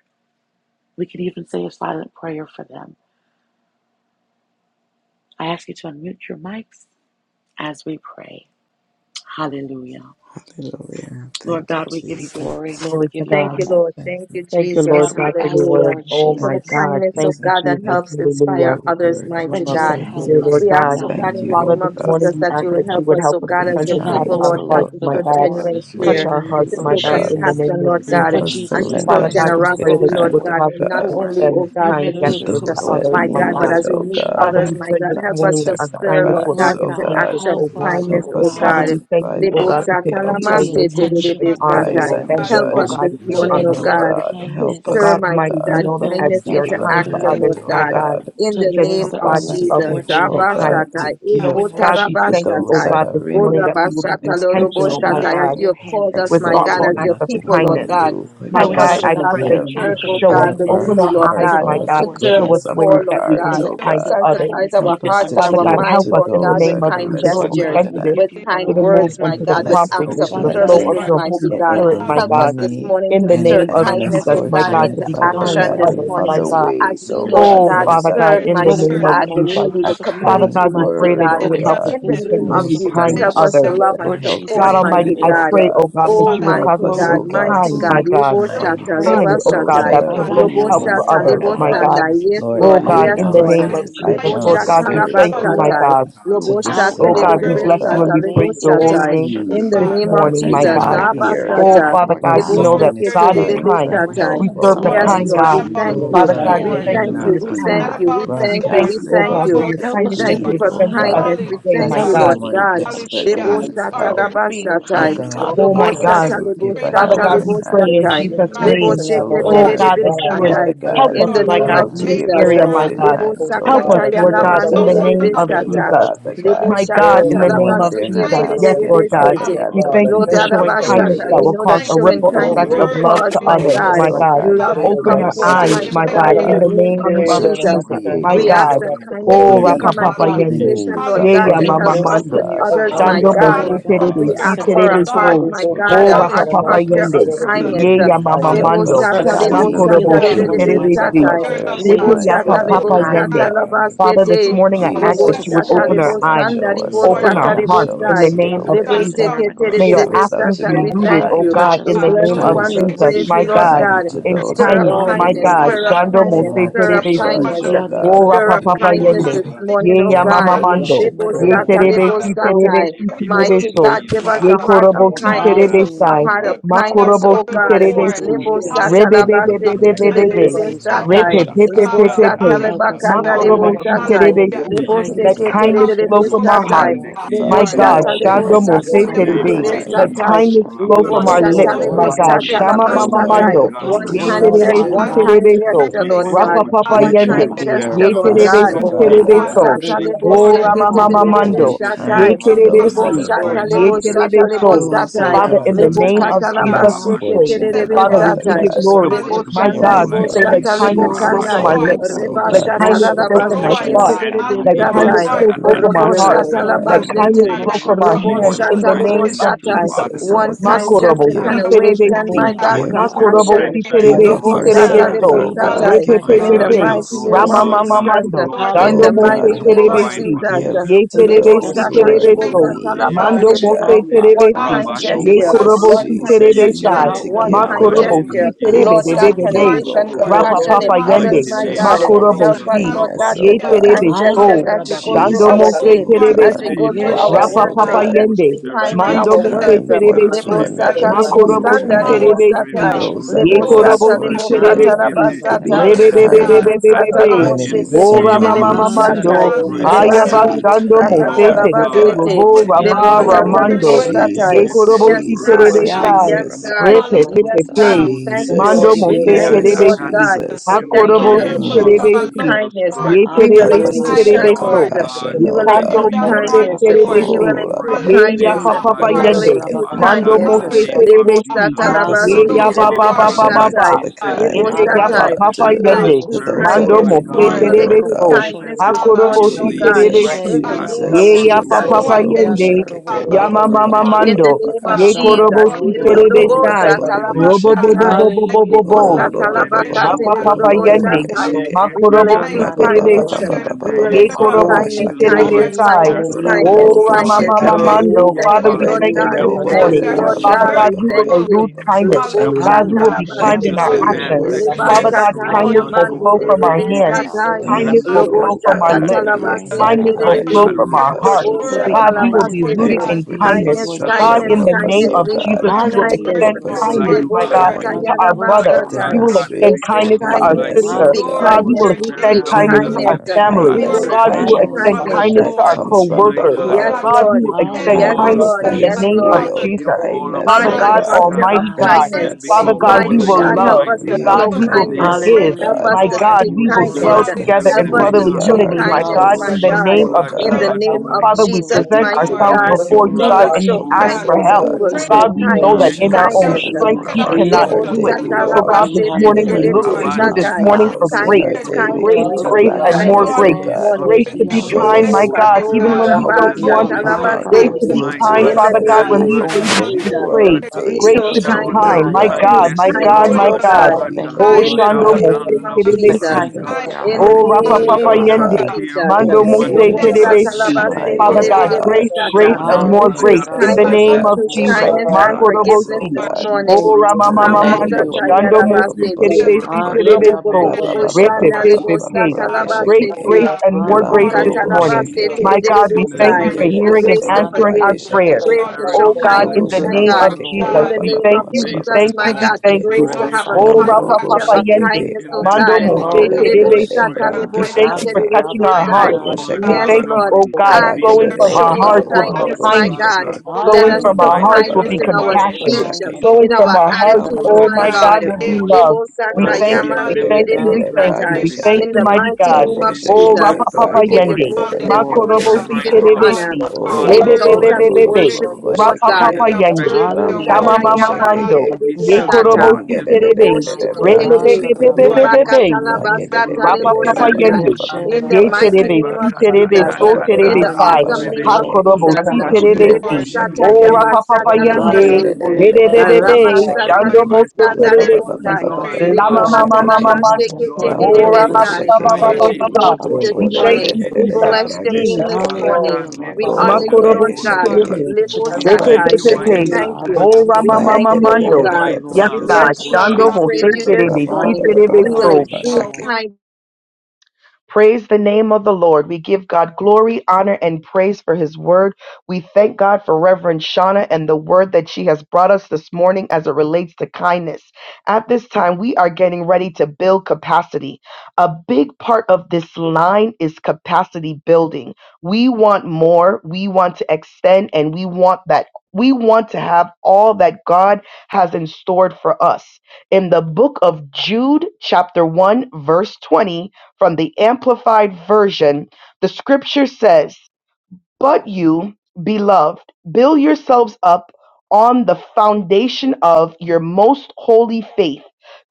We can even say a silent prayer for them. I ask you to unmute your mics as we pray. Hallelujah. Hallelujah. Lord Thank you, Thank God, you, we give you Jesus. Jesus. glory. We Glory to give you Thank you, God. honor. Lord. Thank Thank you, you, Thank you, Jesus. Jesus. Lord God, God, we for your ask you, Hallelujah. word. Lord Oh For Thank my the you, Jesus, God. kindness Thank of are. Jesus. you, God that Jesus. Thank helps you for Father, Hallelujah. inspire your others, word, And oh we I'm mighty that you not We would just thank God. you. Thank gonna God. and you, say help dear that suffer the us, it's- Lord We Lord ask, worst God. oh Mm, God. God, Thank in in the the you, Father, name name this of of oh Father, God. we morning Jesus. Jesus, we that ask you Lord, will that Hallelujah. you help thank help would us us, mm, mm, oh help us to to God, As be as mm, we to your show not sensitize people, kind our to Lord mm, God, hearts, those overlook to the my show that are God. poor genuine gestures and unfortunate. of Touch the praise, care, you. our We needy, hearts, kindness, to thank Lord my show Lord, in you. God, mm, mm, mm, mm, mm, praise, God. in the the name Jesus. name compassion, of of Lord Jesus. God, For Help Jesus. mm, mm, mm, us Hallelujah. to To and Jesus, to you lend improve show a Lord, the Father mm, God, ministered world. we to pray helping generosity, that those you that Lord would hand, were God, cause oh us not to God, poor, only, oh We extend you thank God, kind the you, to mm, ministered Lord. mm, meats, gestures to to those mm, Lord, mm. those that others, Just that my were my praise God, need but God. less it, as we oh meet God. fortunate. Father, God, others, we Help kindness. my us pray God, this not help to us morning that to turn Kindness our our to stir, kindness people, Lord will be backs, God, Lord oh into God, God. contagious, action, help oh Lord, in the God. hallelujah, us, kindness, Lord Help oh name us Father, not God, God. we to thank drive you, oh of Lebo Jesus away. God, hallelujah, because sata Christ. we Help to are lama Lord be us your not sete to wings and lebe intentional, arms The People come criticize sata. to world and God, just Christ extended, Help is oh us even like judge. if God, this they here people to like morning, on may But, O this not oh extend earth. God, God, to help So kindness us, stir, God oh mighty Almighty, we God. God, to know that as come those kindness to to we that are give into are a church. kind trust to Lord, action, in in poor, hand, others, Lord you, oh God, my God, the God, God. name in of to the that those name Help that of are God us to less Himself Jesus. is give, doing the oh fortunate, Rabba that. hallelujah, kind God, to act. Shatai, hallelujah, knowing, give Lord Ekota Jesus. God, we Rabba to Jesus, thank you, oh those Shatai, that God, this are O in morning that Rabba we need, will be Shatai, Thank Lodobo expecting that intentional, my we Shatai, are as God, nothing, you your have As the called hands us, with my kindness, God, thoughtful extended, as expecting acts your of of nothing the people, Lord from Lord, kindness. in praise the God. you, name but of My Help knowing, Jesus. us, just God, Lord to O God, I God, God, pray to that that an give you The would serve, act of O show hardness out us, God, of the of our open kindness others' needy, our heart, Lord eyes, heart, to God, the my all in of less the God, the to and name of serve God, show fortunate Jesus. the us goodness of ways poor, our that Lord we can hearts, Is be God. an oh kind act to of God. others. Sensitize kindness our Help even us hearts to and unto Father our God, give you. help minds, to us Lord in the God, those with name that of are kind Jesus less to Lord be gestures, God, we fortunate sensitive with give hallelujah, you to kind the We thank you yes, move glory. that words, you and my to have the God, with blessed less us, prompting acts and and of that to we the Father have fortunate flow God, blessed us. of in services, Lord, your help us, mighty Holy in, Lord God Spirit, God, my in Help us God. hallelujah, this money morning In to because the to and name stir of I and extend less kindness, Jesus, act will As of we Lord my not God, move God, kindness to fortunate, into be to forward day, Father in remember the kind those to that action Thank God, are this name in others, of in my morning other Jesus, you. need, help God. us as ways, to we, oh Lord Lord things remember God, Oh, God, but those Jesus. Father will that God, serve, the may in the kindness Whether just mighty return, name it's of of God, need the the and Jesus. Lord emotional needy, a the I've Jesus. Father support, kind community, God, we mighty pray that word, God. you sinned oh whether would We that help it's us thank In God, to you, the and be name physical Father, of genuinely those who Jesus, kind I may know to help support, us just to others. that need love a and Lord when for helping it God Jesus, support, is, whether oh Almighty, mighty hand, I God, oh it's God. pray, oh God. the God, that Oh, need you Father, would of cause Help mighty us oh us, to God, be oh clothes Lord, or God, mighty to kind, my God. food be God. in Lebo the Andalamasiyamasi, I or name kind of shata, know, Jesus, prayer. lebo to Kind, andalamasiyamasi, oh those God, that oh shata, kindness that that My are God, we God, provokes can in lebo share help oh help with need, for You us, shata, Lord others, bow Thank Father lebo you, God. my down Father, Lord God. God. to shanda. Jesus, the Yes, Jesus, for Lord, let Oh Lord. on even God, your Open heighten if Yes, in it the our our mind. opportunities Lord. is to name your just of ears, give eyes, a our Lord Jesus, heighten We Lebo kind never our kindness, Lord word honor hard Jesus, you God, that shata, to we we as with the we spirits, share lebo find. thank God, with oh you, my go people others God, shata, as God. we go to lebo the forward passion, most day, throughout shata, Oh God, discern, our we mercy, lebo oh You bless day you said and to and shata, the God we poor lebo praise day will your be to grace. all that holy shata. name that among see, interactions, In that us, the this oh God. that name of will Help God, us morning, to and always my even be be Jesus, as to we're God. among at the mindful, Hallelujah. us Lord, hear in the name Abba, of Oh stoplight, Jesus. Father untruthfully, Lord when God, Lord. we God, know Glory that someone to is your God is name, Poor crying for As kind. and we're we Leboseketerebesatai. help, share, We seeing include oh serve the Lord. someone, and those God. Yes, kind as who we Lord, Not we to share are God. your it about thank Oh love, a in us, you. Father Lord, yeah need God, God, in of We it we that the Lord. may name thank that you thank for hearing that of panhandler, you. your not We that Jesus, Lord I you. love be Not thank the you. kindness. God. you. good about We us, yeah news We thank Let you. us thank Lord. We be you, gospel It's broadcasted, oh thank all of God, but for we you. about your could peace, Help We kindness us We Father to you, that thank be you thank Lord. you see, God, you, for In so oh extend to Father, kind. they in us the the God, name kindness. each We of name of day, can thank that my Jesus. you, Help Hallelujah. us indeed Jesus Lord God. to be be someone God. Christ Hallelujah. of enriched, desperately intentional Thank And Nazareth, we Father you needs for God. are I your help. And know with kindness the that that being Bible So Lebosatalabasatai. gives kind, say, you children. God, Father Oh glory, my Lord, help by God. will to the us Lobosata, God. to act regarding of give demonstrate a the Father In lebosata, hallelujah. Father, God, character the, we helping kindness pray hand in of In of the lebosatai. Jesus' name of sharing the Christ. Help intense name. us in Jesus, our to gospel. which Oh Oh God, if then Almighty God, learn, So, hallelujah. that you you God, Lord, have yourself we this would our to Father Lebocheketerebesandai. thank be you help for God, In us, kindness, the Lord O your I that my name you God. God, how see of in have to the this laid divine give a Jesus. out area, for ways, Oh, my us. Roman helping God. Father hand, merciful God oh Hallelujah. Help us, Father, God, to Lord To your heal God, those in that our love the ways, body, are one name Father of in another. pity God, need, of man Lebosakatayanamanderebesata. Jesus. us. I in Father your worship you, your God. I My adore look Hallelujah. God, you, Oh, in I perfect the Even Mama, name Father when Mama, you of magnify they're you, I not sweet people. Jesus. lift Mind little Yes, best. God. asking, Lord In the God. Thank Father of you, name Leboshakatalabaseketerebesete. God, We of but Lord. thank Father. we you Lord for Thank can Jesus Thank you, you, Help showing us Lord thank Christ kindness you, of Yadabashata, that we clearly will thank know you. Nazareth, cause that mind a Jesus. Lord you see up, showing ripple the our Oh, effect kindness God, great of need. will word our God love of Thank cause, and to you, in my Lord Father, our heaven, Help others. how us, My God, oh Jesus. much God. we you God, Father. love pity to of heighten Open glorify come our our your Thank Oh us. forth, you, God, name eyes, in the this spirit, Lord. mighty my mighty oh God, God, morning. in name We in the God, the honor You're name your of name Lord Anamasire, kind of to, God to Jesus. Jesus. Almighty. be and My you're of We able Anamasantere, good ask God. to We that to thank you the kindness for Abasakoro, Oh, all. the would become see Rapa oh an Abasi. Papa example of Lord, God, the Thank you, Yende. Jesus invitation, needs Lord Hallelujah. of Jesus. Christ, God, And Yeah, to we the Mama help From others, may Father. a- oh us You I are Mando. with a lift see up God. a- We others, a- Oh around my thank respectful Shando us, you, person, hallelujah, God. Mose my Father, Father. God, Anamasi, help Terebe, as We God, you atmosphere us, Si ask of Thank and you for Lord. a my Terebe sensitize our love. heart, So. Savior, opportunities, my hearts, for oh Lord your Father. God, Oh, a God, Jesus. Hallelujah. Rapa heart Papa Because, Help demonstration, posture us Lord of to Yende. Father Anamasikoro, God God, of that kindness. see. should in be our eyes, and in our Almighty, Yeah, in kindness Mama time. Hallelujah. Lebo Help heart, Jesus, Mando. us in the name of to Lord we sata, are God, Namaste, as you lebo hopeful, see reveal sata, and my Makorobo in for Hallelujah. the lebo Si show God. us, Jesus, my needs Terebe summoning opportunities, of Si. We hallelujah. Father, Peter, Your thank Anamasa, love, you, O others. Father God. Lord Shepe God, My ways good Yapa sata, Jesus, God, to so God, be for lebo sata, lebo Papa to Almighty my go kind, to sata, you, kind, Father Yende. God. lebo God, that you Father, help this Cornelius' us, so morning God. house, I good ask ways Father for lebo that to compassionate, you Jesus, be would God. you, Oh sata, Lord open my lebo our helpful, Jesus, Lord, And God, eyes. I to sanda, have God. show thank you, open lebo us, Lord oh Father eyes Open Lord our God, sata, God. God, revelations, and for lebo O hearts heart, the show Lord in the Lord, sai. us outcome God, your in of the and Anamasikoro, name name of that. Give of God, way. us Jesus. discernment, from Jesus, O discernment, Anamasikoro, was Lord Lord the May Show our hallelujah. God. us Jesus. how actions to Libisikitidididibisakai. be salvation, be Father We all that God, what rooted, Father God thank in oh the you. kind. God, Yes, you have God, Touch told name us, We in of us done. the in Father bless of in name the Lord, Jesus, you Show of God, in name the us help and kindness we how us take and name to to of Jesus, of praise be Jesus, be Cornelius' love, my you, it, Lord Jesus. God, household, God. kind sensitive to Anamasi. Father in Lord. hallelujah. to those God. the Stir that up are kindness, Lord, Help, Spirit, my in O kindness, God. That's Lord, Lord need stir not the up God, Shando and greatest Mose and Almighty. kindness, Anamasikoro, act not Andarabakashatatai, of stir to up help, Sharp Terebesi. Lord, our kindness, judge, kindness, not uh, oh Father O spiritual God. God. stir Rapa hurt. senses, up Papa O Hold kindness Lord on, Anamasi, Yende. this yandarabakoshototo, God, as Hallelujah. morning, we Father Ye oh go Lord, out God. Yamama there, God, God, help us Yes, Father. Mando. to I Ye pray Oh bring Libosata, for my yeshendarababai. Father. God, them Terebesi as we libosatai. see Terebesi Here we people to go, in Mighty the Terebeso. God, need, give truth. us Lord, Ye Father, a Father. heart of Someone we will Korobosi not Lord, says help kindness, pass us yes a to them, Hallelujah. O Terebesai. you, to heart see of Lord. Lord God, the and kindness, Almighty. oh Father, Makorobosi That We God. is give you Lord. Robo Terebesi. glory, them Hallelujah. God. Libosata, coming Shundo out of We And give to you Rebebebebebebebe. be darkness praise, that Lord Rabba labasikitidididibisakai. need, Jesus. shaka into ta Father. your ta Libosata, Repepepepepepe. ta Hallelujah. Help ta. us, marvelous Lord libakana, light. Rebe God. Makorobosi Hallelujah. them shoko libosatai. nde ke Terebesi. and So ye we ke not Let to Kindness no thank you, judge kindness Of kukuto flow them. yo. from most to our the Jesus. high hearts Libosikitidididibisatai. poor. God, my Thank Lord. Father you, kuro God, Leboshata Lord God, koto. Shando Jesus. help Mose us Kindness, In lebosata the to my be God. name Terebe. Let that of Thank Demonstrate, be the you, Let kind. Lord lebesatai. Jesus, kindness posture Jesus. Rabba flow to from our Yes, of those shono Lord. our Leboshata lips, that most are my heart, Lord God. kukuto. in demonstrate lebosata Thank Shama need, love you Jesus. O Mama that by God. Almighty labasatai. the Mando. Help God, Holy us you One Kind to Ye help us, kind show words, Spirit's get, Terebe Father Father Si one as God, leading, God. genuine kind Terebe to So. gesture, we take mercy. will Lord the kindness. know Words of Rapa God. when Papa Hallelujah. One Let opportunity encouragement, Yende. kind that to my to be bless our gesture, God. give Ye your Lord Yes, Help and Terebe us, God. what posture, matchless Si to Lord Lord, I give, name, God. Father Terebe really, God, Father Robo God, So. Lebosata God. really, I Shekin must O de Help Lord. speak In to us, Rama the lebosekete Kutu, Father Mama name of you, to God. be in Mando. the Jesus Ye kind lebesatai. name to The to of be Christ. Terebe Father, those that Jesus Si. are kind. Lord. Leboshata Lord, in Christ Thank you, Hallelujah. Ye of need. Lord Nazareth. leboshata Jesus. Terebe hallelujah. God, So. O Thank Lord you. Those, O lebosatai. Thank Spirit God, Father, of in God, the the that name are sensitize Living of Lebokata us, God, you. Lord God, Jesus, less we Rabba God. labasekete pray. send fortunate, Help Father, us we Thank to Father Shokudo give give you, us you lebesatai. God. Lord. Help glory. discernment, us Hallelujah. Thank you. Lord to thank My you, be Thank Lebosana Father, more Oh God, Jesus, you, in we the We like Father say name let of God, Thank leboshata God. you. Jesus. to Thank kindness you know that flow when Rabba through Jesus, from lebokanai. for Bless our grace you. someone lips. help the Joy, Shondo needs us, we a O Let opportunity become God, to to Rebashata Kodotoko. more word kindness of show flow celebrate Help from the my your joy, encouragement, labasekete poor thoughts. kindness Lord God. family, son. and Hallelujah. God. Let your needy to Our man. kindness those lebesatai. Da business, heart. flow that ka ta need from our ta it, your Help ta hearts. us love, to Father ta. know and when Let your Thank God. In someone the you, needs kindness mercy, Roboshatalabashete. God, name that flow Lord. We of from emotional you our come have and ask placed hands support, you Jesus Oh us in Lord Roboshata the to do Christ God. that. God, of in name of We Nazareth, thank you Jesus. God, for Father Jesus, your Help One us help to Lord. us know, kind, to just Father Makorobo the opportunity. God, help kind si God, of when give, I there those weight, is a who thank you, are and to Oh, terebesi. my need, God, poor God, give. and Lord God, hallelujah, Makorobo Lord compassion. si disenfranchised. God. Give We of terebesi pray that that all you Hallelujah. Roboshata have herself, terebeso. O you enabled Rakatatatata. Hallelujah. want God. us, Liboshata. our my Give My Thank of family Thank In to God, the her God, be you, to Repepepepe. help mighty those, oh name fulfill. blessed of Lord resources. God, Jesus. who Ramamamamando. don't Lord. you. have In the O Shando the Hallelujah, means God, mose mighty to Lord, name help as we of Joy. us are provide to terebesi. for your Jesus. hands give Ye themselves. to Hallelujah. terebesi those extended, who Leboshata Lord are And Thank you, in terebeso. Thank Jesus, you for need, God. Mando the Father reaching yebokatalabasete. opportunity mose to God. out, Roboshokurokuteyeketete. Father worship One you God, and Hallelujah. terebesi. to kind the your love Ye gesture, God. oppressed Jesus, korobo one si kind Jesus, reaching Thank Oh gesture, terebesai. even Rabashokondokurokuteyekete. to out, God, one Lord give God, and to my kind Makorobo without those gesture. sister, si being this is Lord who asked are Thank to God on you, less can give, hard terebebebebe. O awaken fortunate. Rabashendekindokurokutututu. We Lord. your God. God, Rapa In compassion Lord, the and papa in Hallelujah. one Let yende. others, we mighty us my give person just name all God. of ourselves show about to Help Jesus, you. us, Makorobosi, Lord Master. kindness, God, to O Ye do Hallelujah. God. kind Thank something for the gestures Terebeso, Hallelujah. as we go through Shando Rabashokundokurokutututu. our Jesus, Andarabakashatata. Lord Mose day, going to O our in hallelujah, the as God, we Terebesi, go name mighty through hard of help God, to our us, Rapa and Jesus. O we Papa workplace. God. Yeshandarababa. God, Uh, O give you the future Yende, Be is you, but to Spirit kind in be Bring of this. Mando our the to Master. them Mose words. kind Uh, Living And one God, my to unto Lebo Terebesi, sister, them, sata, and another, Remesho my to Lord. lebo be spirit, Makorobosi sanda, Thank Kunukutu, lebo kind Mm. and to Terebesi, I'm satai. Hallelujah. Remesho those that asking Ye are Lebo Glory less sata, to Korobosi lebo for the fortunate Nukunukurikiti, Lord, God. kata, you, Master. laba and my sister, and my sister, and my Terebesi, Master, This to be Master. satai. sister, other and my Andarabakashatatata. God Lebe kind sister, who sata, Yanakatatata, art Rebebebebebebebe, lebo when blinded, it in Oh, is the and O say, shekete, my name Rama someone God. of lebe sister, Mama Thank you, needs to be Jesus satai. Mando, Oh Jesus. God, Christ needs of us to Lebande, Andarabakashatata. Hallelujah. around Nazareth. be us lebo and Ayabashando on our sata, kind, Mose Lord Thank you, feet, Lord on laba Father Hallelujah. Terebe God God. our sete. Robo In Jesus. feet. Thank Almighty, you, Lebo Raba Lord God. sata, Jesus. We Oh can lebo Ramando, Everybody go Thank and satai. Ye on our Yandarokoshotototo. Jesus, Yunukurukuteyekete, feet. knows Yes, Korobosi We God. Jesus, fire God. you, Lord terebesi, Yes, Jesus, God, God. out Repe of our Hallelujah. Yes, Pepe feet. Yandarabakashatatata. God. Pe, We We thank step you. We Glory Mando towards Jesus, Rabashekinekikutukurukuteyeke, give you We your to Mose your thank love, glory, you, name. Jesus, your Lord God. Terebesi, Yandakata, God. kindness, Jesus. We in telling us the We thank in you Lord, honor that you, Hakorobosi help real name we us will of to Mm. Jesus. have a exude compassion, terebesi. Lord Jesus loving God. kindness. heart, Christ Ye of We And the will Oh, a Help yeah, Nazareth. us terebesi to Lord exude kind show God, Rabakashaya Lord kindness. terebeso. heart, babai. God compassion, We forgive oh will us Almighty, and Rikando Andarabakashayababai. exude God. we tender be our mose heart, praise kindness. you. guest, Lord. forgive We us will terebesi. We Yendarabakashaya. Oh, and la ba exude praise Hallelujah. ba your ba Ye ba ya name, ba kindness. Jesus, O ba A ba we papa Lord ba We give Yen heart God. it will all yende. to kashke, exude us, Father for nam Mando God, we bro in kindness. the go give mose it others. rabakashatatai. you, all name shay. of Lebo A terebesi. Jesus, to you, we heart help And give us give to for Ye us satalabase be a ya those ba heart, ba who it ba are in all ba Father to robokushototo. ba God, you, compassionate to ba. satai. to be for the the love us. of Lebo sensitive. God. kind, Ete And oh ya satai. Hallelujah. God, to papa Sensitive We the to will And the yende. I'm to exude rekeshatatai. sure Spirit, those for O Help that the Mando us, are Lord kindness. rest in mose of God We And the Lord. will need, time, oh Almighty. exude God. Help terebeso. we rokusho kindness this us, yomomo. thank Sensitive to Father. you, morning, your oh Hakorobosi Lord God. leading, God. Give Jesus, mighty Yeshen In terebesi. the us God. name Oh, of Ye Jesus, hallelujah, Rabba yes, rababai. ya to love Jesus. shukuru Lord, papa Jesus. our and enemy, Rogo we Yan have kuturu yende. to kute. shekeke follow the Father. raba bus, Yama ba ba ba we mama Rebe robokushototo. ba follow In ba shundu ba the mando. the ba bus, name kutu of Father we- Hallelujah. Ye God, tutu kashke. our Jesus. Lord Master. korobosi reward is Oh, Master. in you follow Rabo Edododobo heaven. ba the ba bus, terebesai. ba bus, ba ba Rebe ba we Robo bo God, follow bo the shatalabasatai. shekeke. bo shukundu bo thank bo bus, Hallelujah, bo kutu we you. Lord bo. God. Oh, follow the We bus, robo thank ba you we- Rebe Thank ba you, that ba Libosatalabakate you ba ba Rapa are ba God, Papa shukundu ba edododobo faithful ba Oh, Master. to ba yes, Yende, Master. for us. that shatai. kukuti Lord, kesheke. and We kete I will ask Lord you Makorobosi exude God, to Raba be yakata. ba the help ba bus, kindness. that ba us, we ba In Terebesi, we- are Lord ba We the ba ba ba will God. name Ye ba ba of exude generous, ba ba Oh, kindness, Korobosi Jesus that we shakeke. kindness, are hallelujah, Christ of Terebesai, Hallelujah. kindness, Nazareth. compassionate, To hallelujah, O kindness, Rambrogo extend Rama Lord kindness. that Mama we are God, shekeke. kindness We Mando. our hallelujah, thank selfless, Father, you, we Lord Father, thank to Brenge you God. hallelujah, de this help de We de those us de that thank to less de morning. we you, are be hallelujah, Lord raba ba Father ba more God. ba fortunate. ba God, like We ba you ba will ba thank Christ merciful. you. elude ba ba Jesus. ba kindness. Be Lobo Help shake. us kind God, we to Hallelujah. hallelujah. will Hallelujah. be be The bus kind Thank in you is Jesus' our for Lord, going shatalabasete. to your be actions. hands the word, your bus, we name, Father is Lord. extended. God, Thank Libasatai you follow one for kindness Rabba Hallelujah, will your yamande Lord. flow We'll be from the word. our Lord, kind hands. with bus, great, Shokundikiti, our and then rerebesatai. we have Kindness words. Thank to Yanda Hallelujah. will you, follow Lobo the flow O bus, from our We'll God, we- be for lips. Katatata. the kind with shakatalabasete Yes, Kindness our example Help will my us that flow God, rerebe. you actions. from Hallelujah, carry give our this Rabba us, hearts. Lobo O word. Jesus, We'll be God. God, we will kindness be hallelujah, Lord with Shokundukutiti. shatalabasete. follow rooted Thank the our you God, bus, in for we the kindness. Lord, deeds, Mighty Kindness, follow Lord the if God, God, help instruction. kindness, bus, I in us the Jesus. love we- Help to us, name kindness. be O of We more God. Jesus, speak like we marriage, will you, Lord, kindness. Hallelujah, extend Help your us more Lord. to like one kindness, heart, you, be my God to God, Lord, another. Lebosata Almighty, As kind, to we our more look, We like brother. to are you, Father We Lord yarabasatai. will hallelujah, God. God, to demonstrate We extend speak kindness become to more our kindness. like We kindness, you. sister. O speak Lord, thank God, you, God. O we Hallelujah, will kindness. Lord your We Lord name, extend Spirit speak Jesus. of kindness God. the to our kindness. Genuine Your Living family. God, We Lord, will kindness, commandments are God, not Rebbe we will exude kindness Kindness, extend Lord grievous, others, kindness. Father kindness to that Jesus. Lord, our Shundukututu. God, comes and co if you from My but the workers. oh God, ask help Yes, us God, to us heart, God, to to do, we Lord. will give you Lord, extend extend Yes, was all of kindness kindness Lord. in as that you the me. Yes, on is will, name Handarobokoshototo. of Lord I Father others, real, give God. you Jesus. with all of kindness, us, heart Father me, O O and hallelujah, God, Lord Kindness, God, Lord posture God, of Almighty God. that so God. I is kindness. can not friendly, Father We become God, give more we you Mighty like will hide God, superficial, you, hallelujah, glory. these but help love. us mighty to words real it God, flow God, was we in in the will our kindness. name kindness, hearts, of O forgive. friendly, Hallelujah, Father Help God Jesus. God, us My Lord. to We that we Lord, God, give speak will you O we not will kindness. glory. dwell Spirit sin hallelujah, because of the together that's Help in who us living to against brotherly you we God, in the show We are. unity, will Jesus. I my name love, kindness, of God, Lord Because, my it in the surrender, was O God. name Jesus Jesus. oh of Lord Christ. In God, the friendly, Jesus. God And the name Lamb of Almighty, of Father, God, We we will to Jesus, be present friendly, mighty more Lord, ourselves help like God, forgive, us, you, before oh Lord you, and we God, will Rabba God, and show we Jesus. help ask Shondo us, hallelujah, covenant for oh kindness. of help. We Kuku God. will your and friendly we Tudu God, show will we be Father know God, that Kuti kindness, kind in to that Show our tempting they us own those Yekiti, how are- kindness. us, to less be strength Father can we Rabba God, kind fortunate. to cannot in approach our Lebo hold Shoko us, do it. on to let daily Tulu sata us our So, be laba own, For God, walk, this you have Father sete Kutuki, been de morning in God, approachable, de we our de in look de the faithful to Lord, Rabba name to you of daily this us, satai. Niki Jesus. morning Help God. hallelujah, for travels, Indu us in to grace, our Kindness, remember, Kukutu, daily kindness. You grace, Lord. We look in grace, speak the beyond and Like, mighty more our interactions, Lord, kindness oh grace. this name faults yes, God. and of you morning. Grace Lord, name. that to see the be Jesus. our grace Show kind, needs, Bless you've Eh, us my Lord O given God, your name, us, God. even kato Spirit God. Father when we how of God, raba we don't the is You a can Oh, want we sata be to. living grace, provide laba God, kind. glorify you Grace for sete. Father to us, this be Reveal Lord my God, the to kind, In God, morning, God the us Father same as God, God. and when like we grace, my we've name of been only Father you Father, go dis- Savior, God, can. O through Jesus, our Lord betrayed. thank God. we you, day. Grace Help Jesus, show to us be to Oh will Shower be kindness. Lord kind, down bestow kind, my We God. on God, Lord God, choose kindness others. my Jesus. So, in reveal our God, Lord, kindness, to Showing my we oh heart, us us how O God. to how We thank God. you. Lord we God. thank can you, Oh, find, In be Lord the Shando, Shower Lord. Thank kind. God. you, name down Lord of love, Us If to O Jesus. Let it's Lord Jesus. Mose, even a kindness find, God be our In Thank the heart Oh, kind Almighty. you, Rapa Lord posture, word, Papa Shower oh name Father. down of Jesus. Yende, God, hallelujah. care, Jesus. if In Oh, Mando the it's Thank take you, Monte even Lord, Almighty care name that just of a God, of we're Lobosata not in the Terebesi. the ourselves, name labasete smile, oh of Father accusers Jesus. de of oh de God, the God. Jesus. de grace, God, brethren, grace, besata. Father Shower Thank and down, Lord, God. We more Father grace God, choose help Oh, But in us, you. the oh God, kindness. thank name We you, forgiveness, hallelujah, God, of Lord choose to Andarabakashatata. Jesus. show kindness Almighty Jesus, But and God. I'm not kindness, forgiveness oh sure Makorobosi. for this Lord. your Robo yet. God. Mm. morning. Oh, mercy. I shukuru Rama We Oh, Mama Thank think kuti thank it's Mando, a you. Thank you, niki Labasata Shando good Monte ikiti, idea. yarabasete. you But for the Terebesi I'm not Terebeso. Blah sure. blah Lord. generous, rabashindiki, Robobobobobo blah blah Thank you, blah Repe, Andarabakashatai. shanda blah Lord Lord. blah blah pepe, blah I rokoto blah like to pe. see Jesus. lebosata blah that ke koto you Grace, koto, shekeke. labasete. grace, Hallelujah. and more in the grace Lord, this name Lebokata got Lambrogo of bless me Androkosho, morning. your name, Jesus, labasete Hallelujah. My shekeke. de de to de God, see Yes, in Lord. we Lord. the thank you besai for Father, name Renge de the of de hearing we de and Praises. de grace de to glorify Jesus. blah answering And our forgive, ke you. O the prayer. grace shekeke. Lord, thank to andrekeshatatai. Spirit you, show of Oh Give the Jesus. God, kindness, in We Rogo the living my God, name Lord, bless God. shekeke of Amen. you, keke Lord. we Jesus, In blah God. the blah we seek blah name blah thank your of blah that you, blah blah we face blah you Jesus, Dear blah this thank you, my God, blah I'm we God, morning. the We see. thank shake. great you. grace God to God grace that have a glorify you, to Oh, we bless. will shine. God. Rapa back, Lambrogo And culture so Papa of it Rebeshokonokototo. was Yende. shekeke. the kindness, In oh time the Mando name God. that I oh, of Oh, did Mose Rogo we de God, see de de you. Lebo Jesus de de bless you, And Terebesi. I Christ sata, our of God. branke lebo We life, Nazareth, thank you sata, de- for shekeke. de- let de- touching de- our mind, kindness, sai. hearts. O Rogo oh Lord We think God. Yes, it's God thank shekeke. you, Andarabakashandarekitatai. Lord. a oh Almighty, good I, God, idea. be Brage We the flowing de Action de from de Thank you de our thank posture de for you, shows of the oh de hearts de will our heart be of Lord. heart, kindness, brogo O my kindness flesh, Lord God. Lord. shekeke. God. Let God, Flowing us Blah from Hallelujah. blah show our blah blah Almighty hearts give blah will it blah kindness be God, blah in in blah the more our blah blah than name blah compassion. of mercy, speech, oh Kindness, Jesus, shakeke. Flowing in Lord from our our God. Father. help us, hearts, O attitudes, oh Lord Oh my Lambrogo my God, God God. God, will be shekeke. give Almighty, love. Passion, Lebo We not sata, Bless to thank Rogo the grace, be de heart. you, yaman, Father, de we de- de de- de thank de de- you, limited de de- love, we de in our thank and you, sata. brage give we giving, mercy. God, thank In you, the shakeke not mighty to mighty be We God. name branke of thank you, stingy, O Oh, Lord Jesus, Rapa shakeke God Jesus. Papa we brage give de you de Almighty. Yende, de glory de hallelujah. But de this give us rogo morning a Makorobo Glorify and we you, Si give kind God. shakeke you heart, Thank God, honor. you. a Terebesi, We our heart oh that's word, robo more exalt bo Thank bo like you, and bo we Lord bo Jesus bo Thank Rebebebebebebe, bo you, worship bo Jesus. bo to you, Lord, be Lord Rapa for faith God. kind Papa shakeke and your working Yende, word, by Lebo affectionate ram your one Hallelujah. Shama sata word, to rogo Mama God, another, hallelujah. Mando, yamandere shakeke to be We lebe thank tender you, sata. Yekorobo Lord. Si brenge hearted, de de de Lobo de forgive Terebe, de de one brage another. sheketete. shakeke me. Lord, Leba Robo Thank Rebebebebebebebe, you. Pardon us, Lord, Lord, forgive katalaba shodo Andarabakashatai. brage de hallelujah. de sata kuru de de Rapa much de lebo kote us of Papa ra our ba ba ba sandai. Yende, ba ba ba Let In ba the Ye mighty Yeshandarabai. Terebe, name shakeke leba Si us, of kata Terebe, ra Jesus. ta ba uh, So ba ta ba deeper ba ba In ba Terebe the love ba Sai, Hallelujah, awesome and Lord, rebe we name of towards shakeke thank Hakorobo, you. shokundo kind Jesus. of Si kuru much ram good kote Terebe more Lebo rogo Lord, Si, being sata yende here O shakeke and yaba the Rapa debts, Papa sata story laba brage In yeah, Yende, de the Hallelujah, de before de Lord, sete. it de we name de was thank of yeah. you. rogo Rama Rebebebebe, about Jesus sata shakeke God, even Shando not lebo Christ to Mose our be of ra sanda not word, ba Terebe Nazareth, lebo ba ba Si, kai. ba Let ba ba us Lord be ba praise, Lebo ba God, Lama kind we Mama forgive one our shakeke Mama praise to katalama you. um, debtors, Mando, another. shekete because Lord Lord, in of Ram the O name God, lebe Let we Brogo us Rapa be of sai. Papa glorify Jesus. Lord, your kind Shekeke, so Papa We to name. we each Papa, can exalt you Robo other, have this Lord Brogo we And much de de thank shukuru de morning. people Alama you, Jesus. de kete who de We de Jesus. de Hosea, hallelujah. bless help your Brage us, Ye, are name Lord, this the to Shekeke, Father not bar morning. Hallelujah, God, find we Lord so We much exalt Oh honor reasons, God. your you, people who name, Lord Makorobo are Brage O Si Father like Lord God. Lord, God, to God. God, to Shekeke, Terebe, bring Reaching Libo up kind out We of to the much thank Satai. Brage needs you, of thank people sins We mighty of who Repepepepe, others, are Shekeke, God, thank kind of that you, others, you. Father. O you're Father founded We Rama to doing it. them Brage thank Mama de you, We so de O that Even de Mando, they de thank God. you, de right Yes, Lord. We now, Brage We Jesus. bless God, Robo you bless you, And and do we Shando God. Shekeke, Mose praise shaking you Alama the this Bra Terebe, key, ba Hosea, ba Si Robo ba morning. ba ba Terebe We ba to Father, ba will Lord, So, ba ba even rekindle. forgive. our exude Shekeke, Andarabakashaya. word, Lord, kind. Praise the name of the Lord. We give God glory, honor, and praise for his word. We thank God for Reverend Shauna and the word that she has brought us this morning as it relates to kindness. At this time, we are getting ready to build capacity. A big part of this line is capacity building. We want more, we want to extend, and we want that. We want to have all that God has in store for us. In the book of Jude, chapter 1, verse 20, from the Amplified Version, the scripture says, but you, beloved, build yourselves up on the foundation of your most holy faith,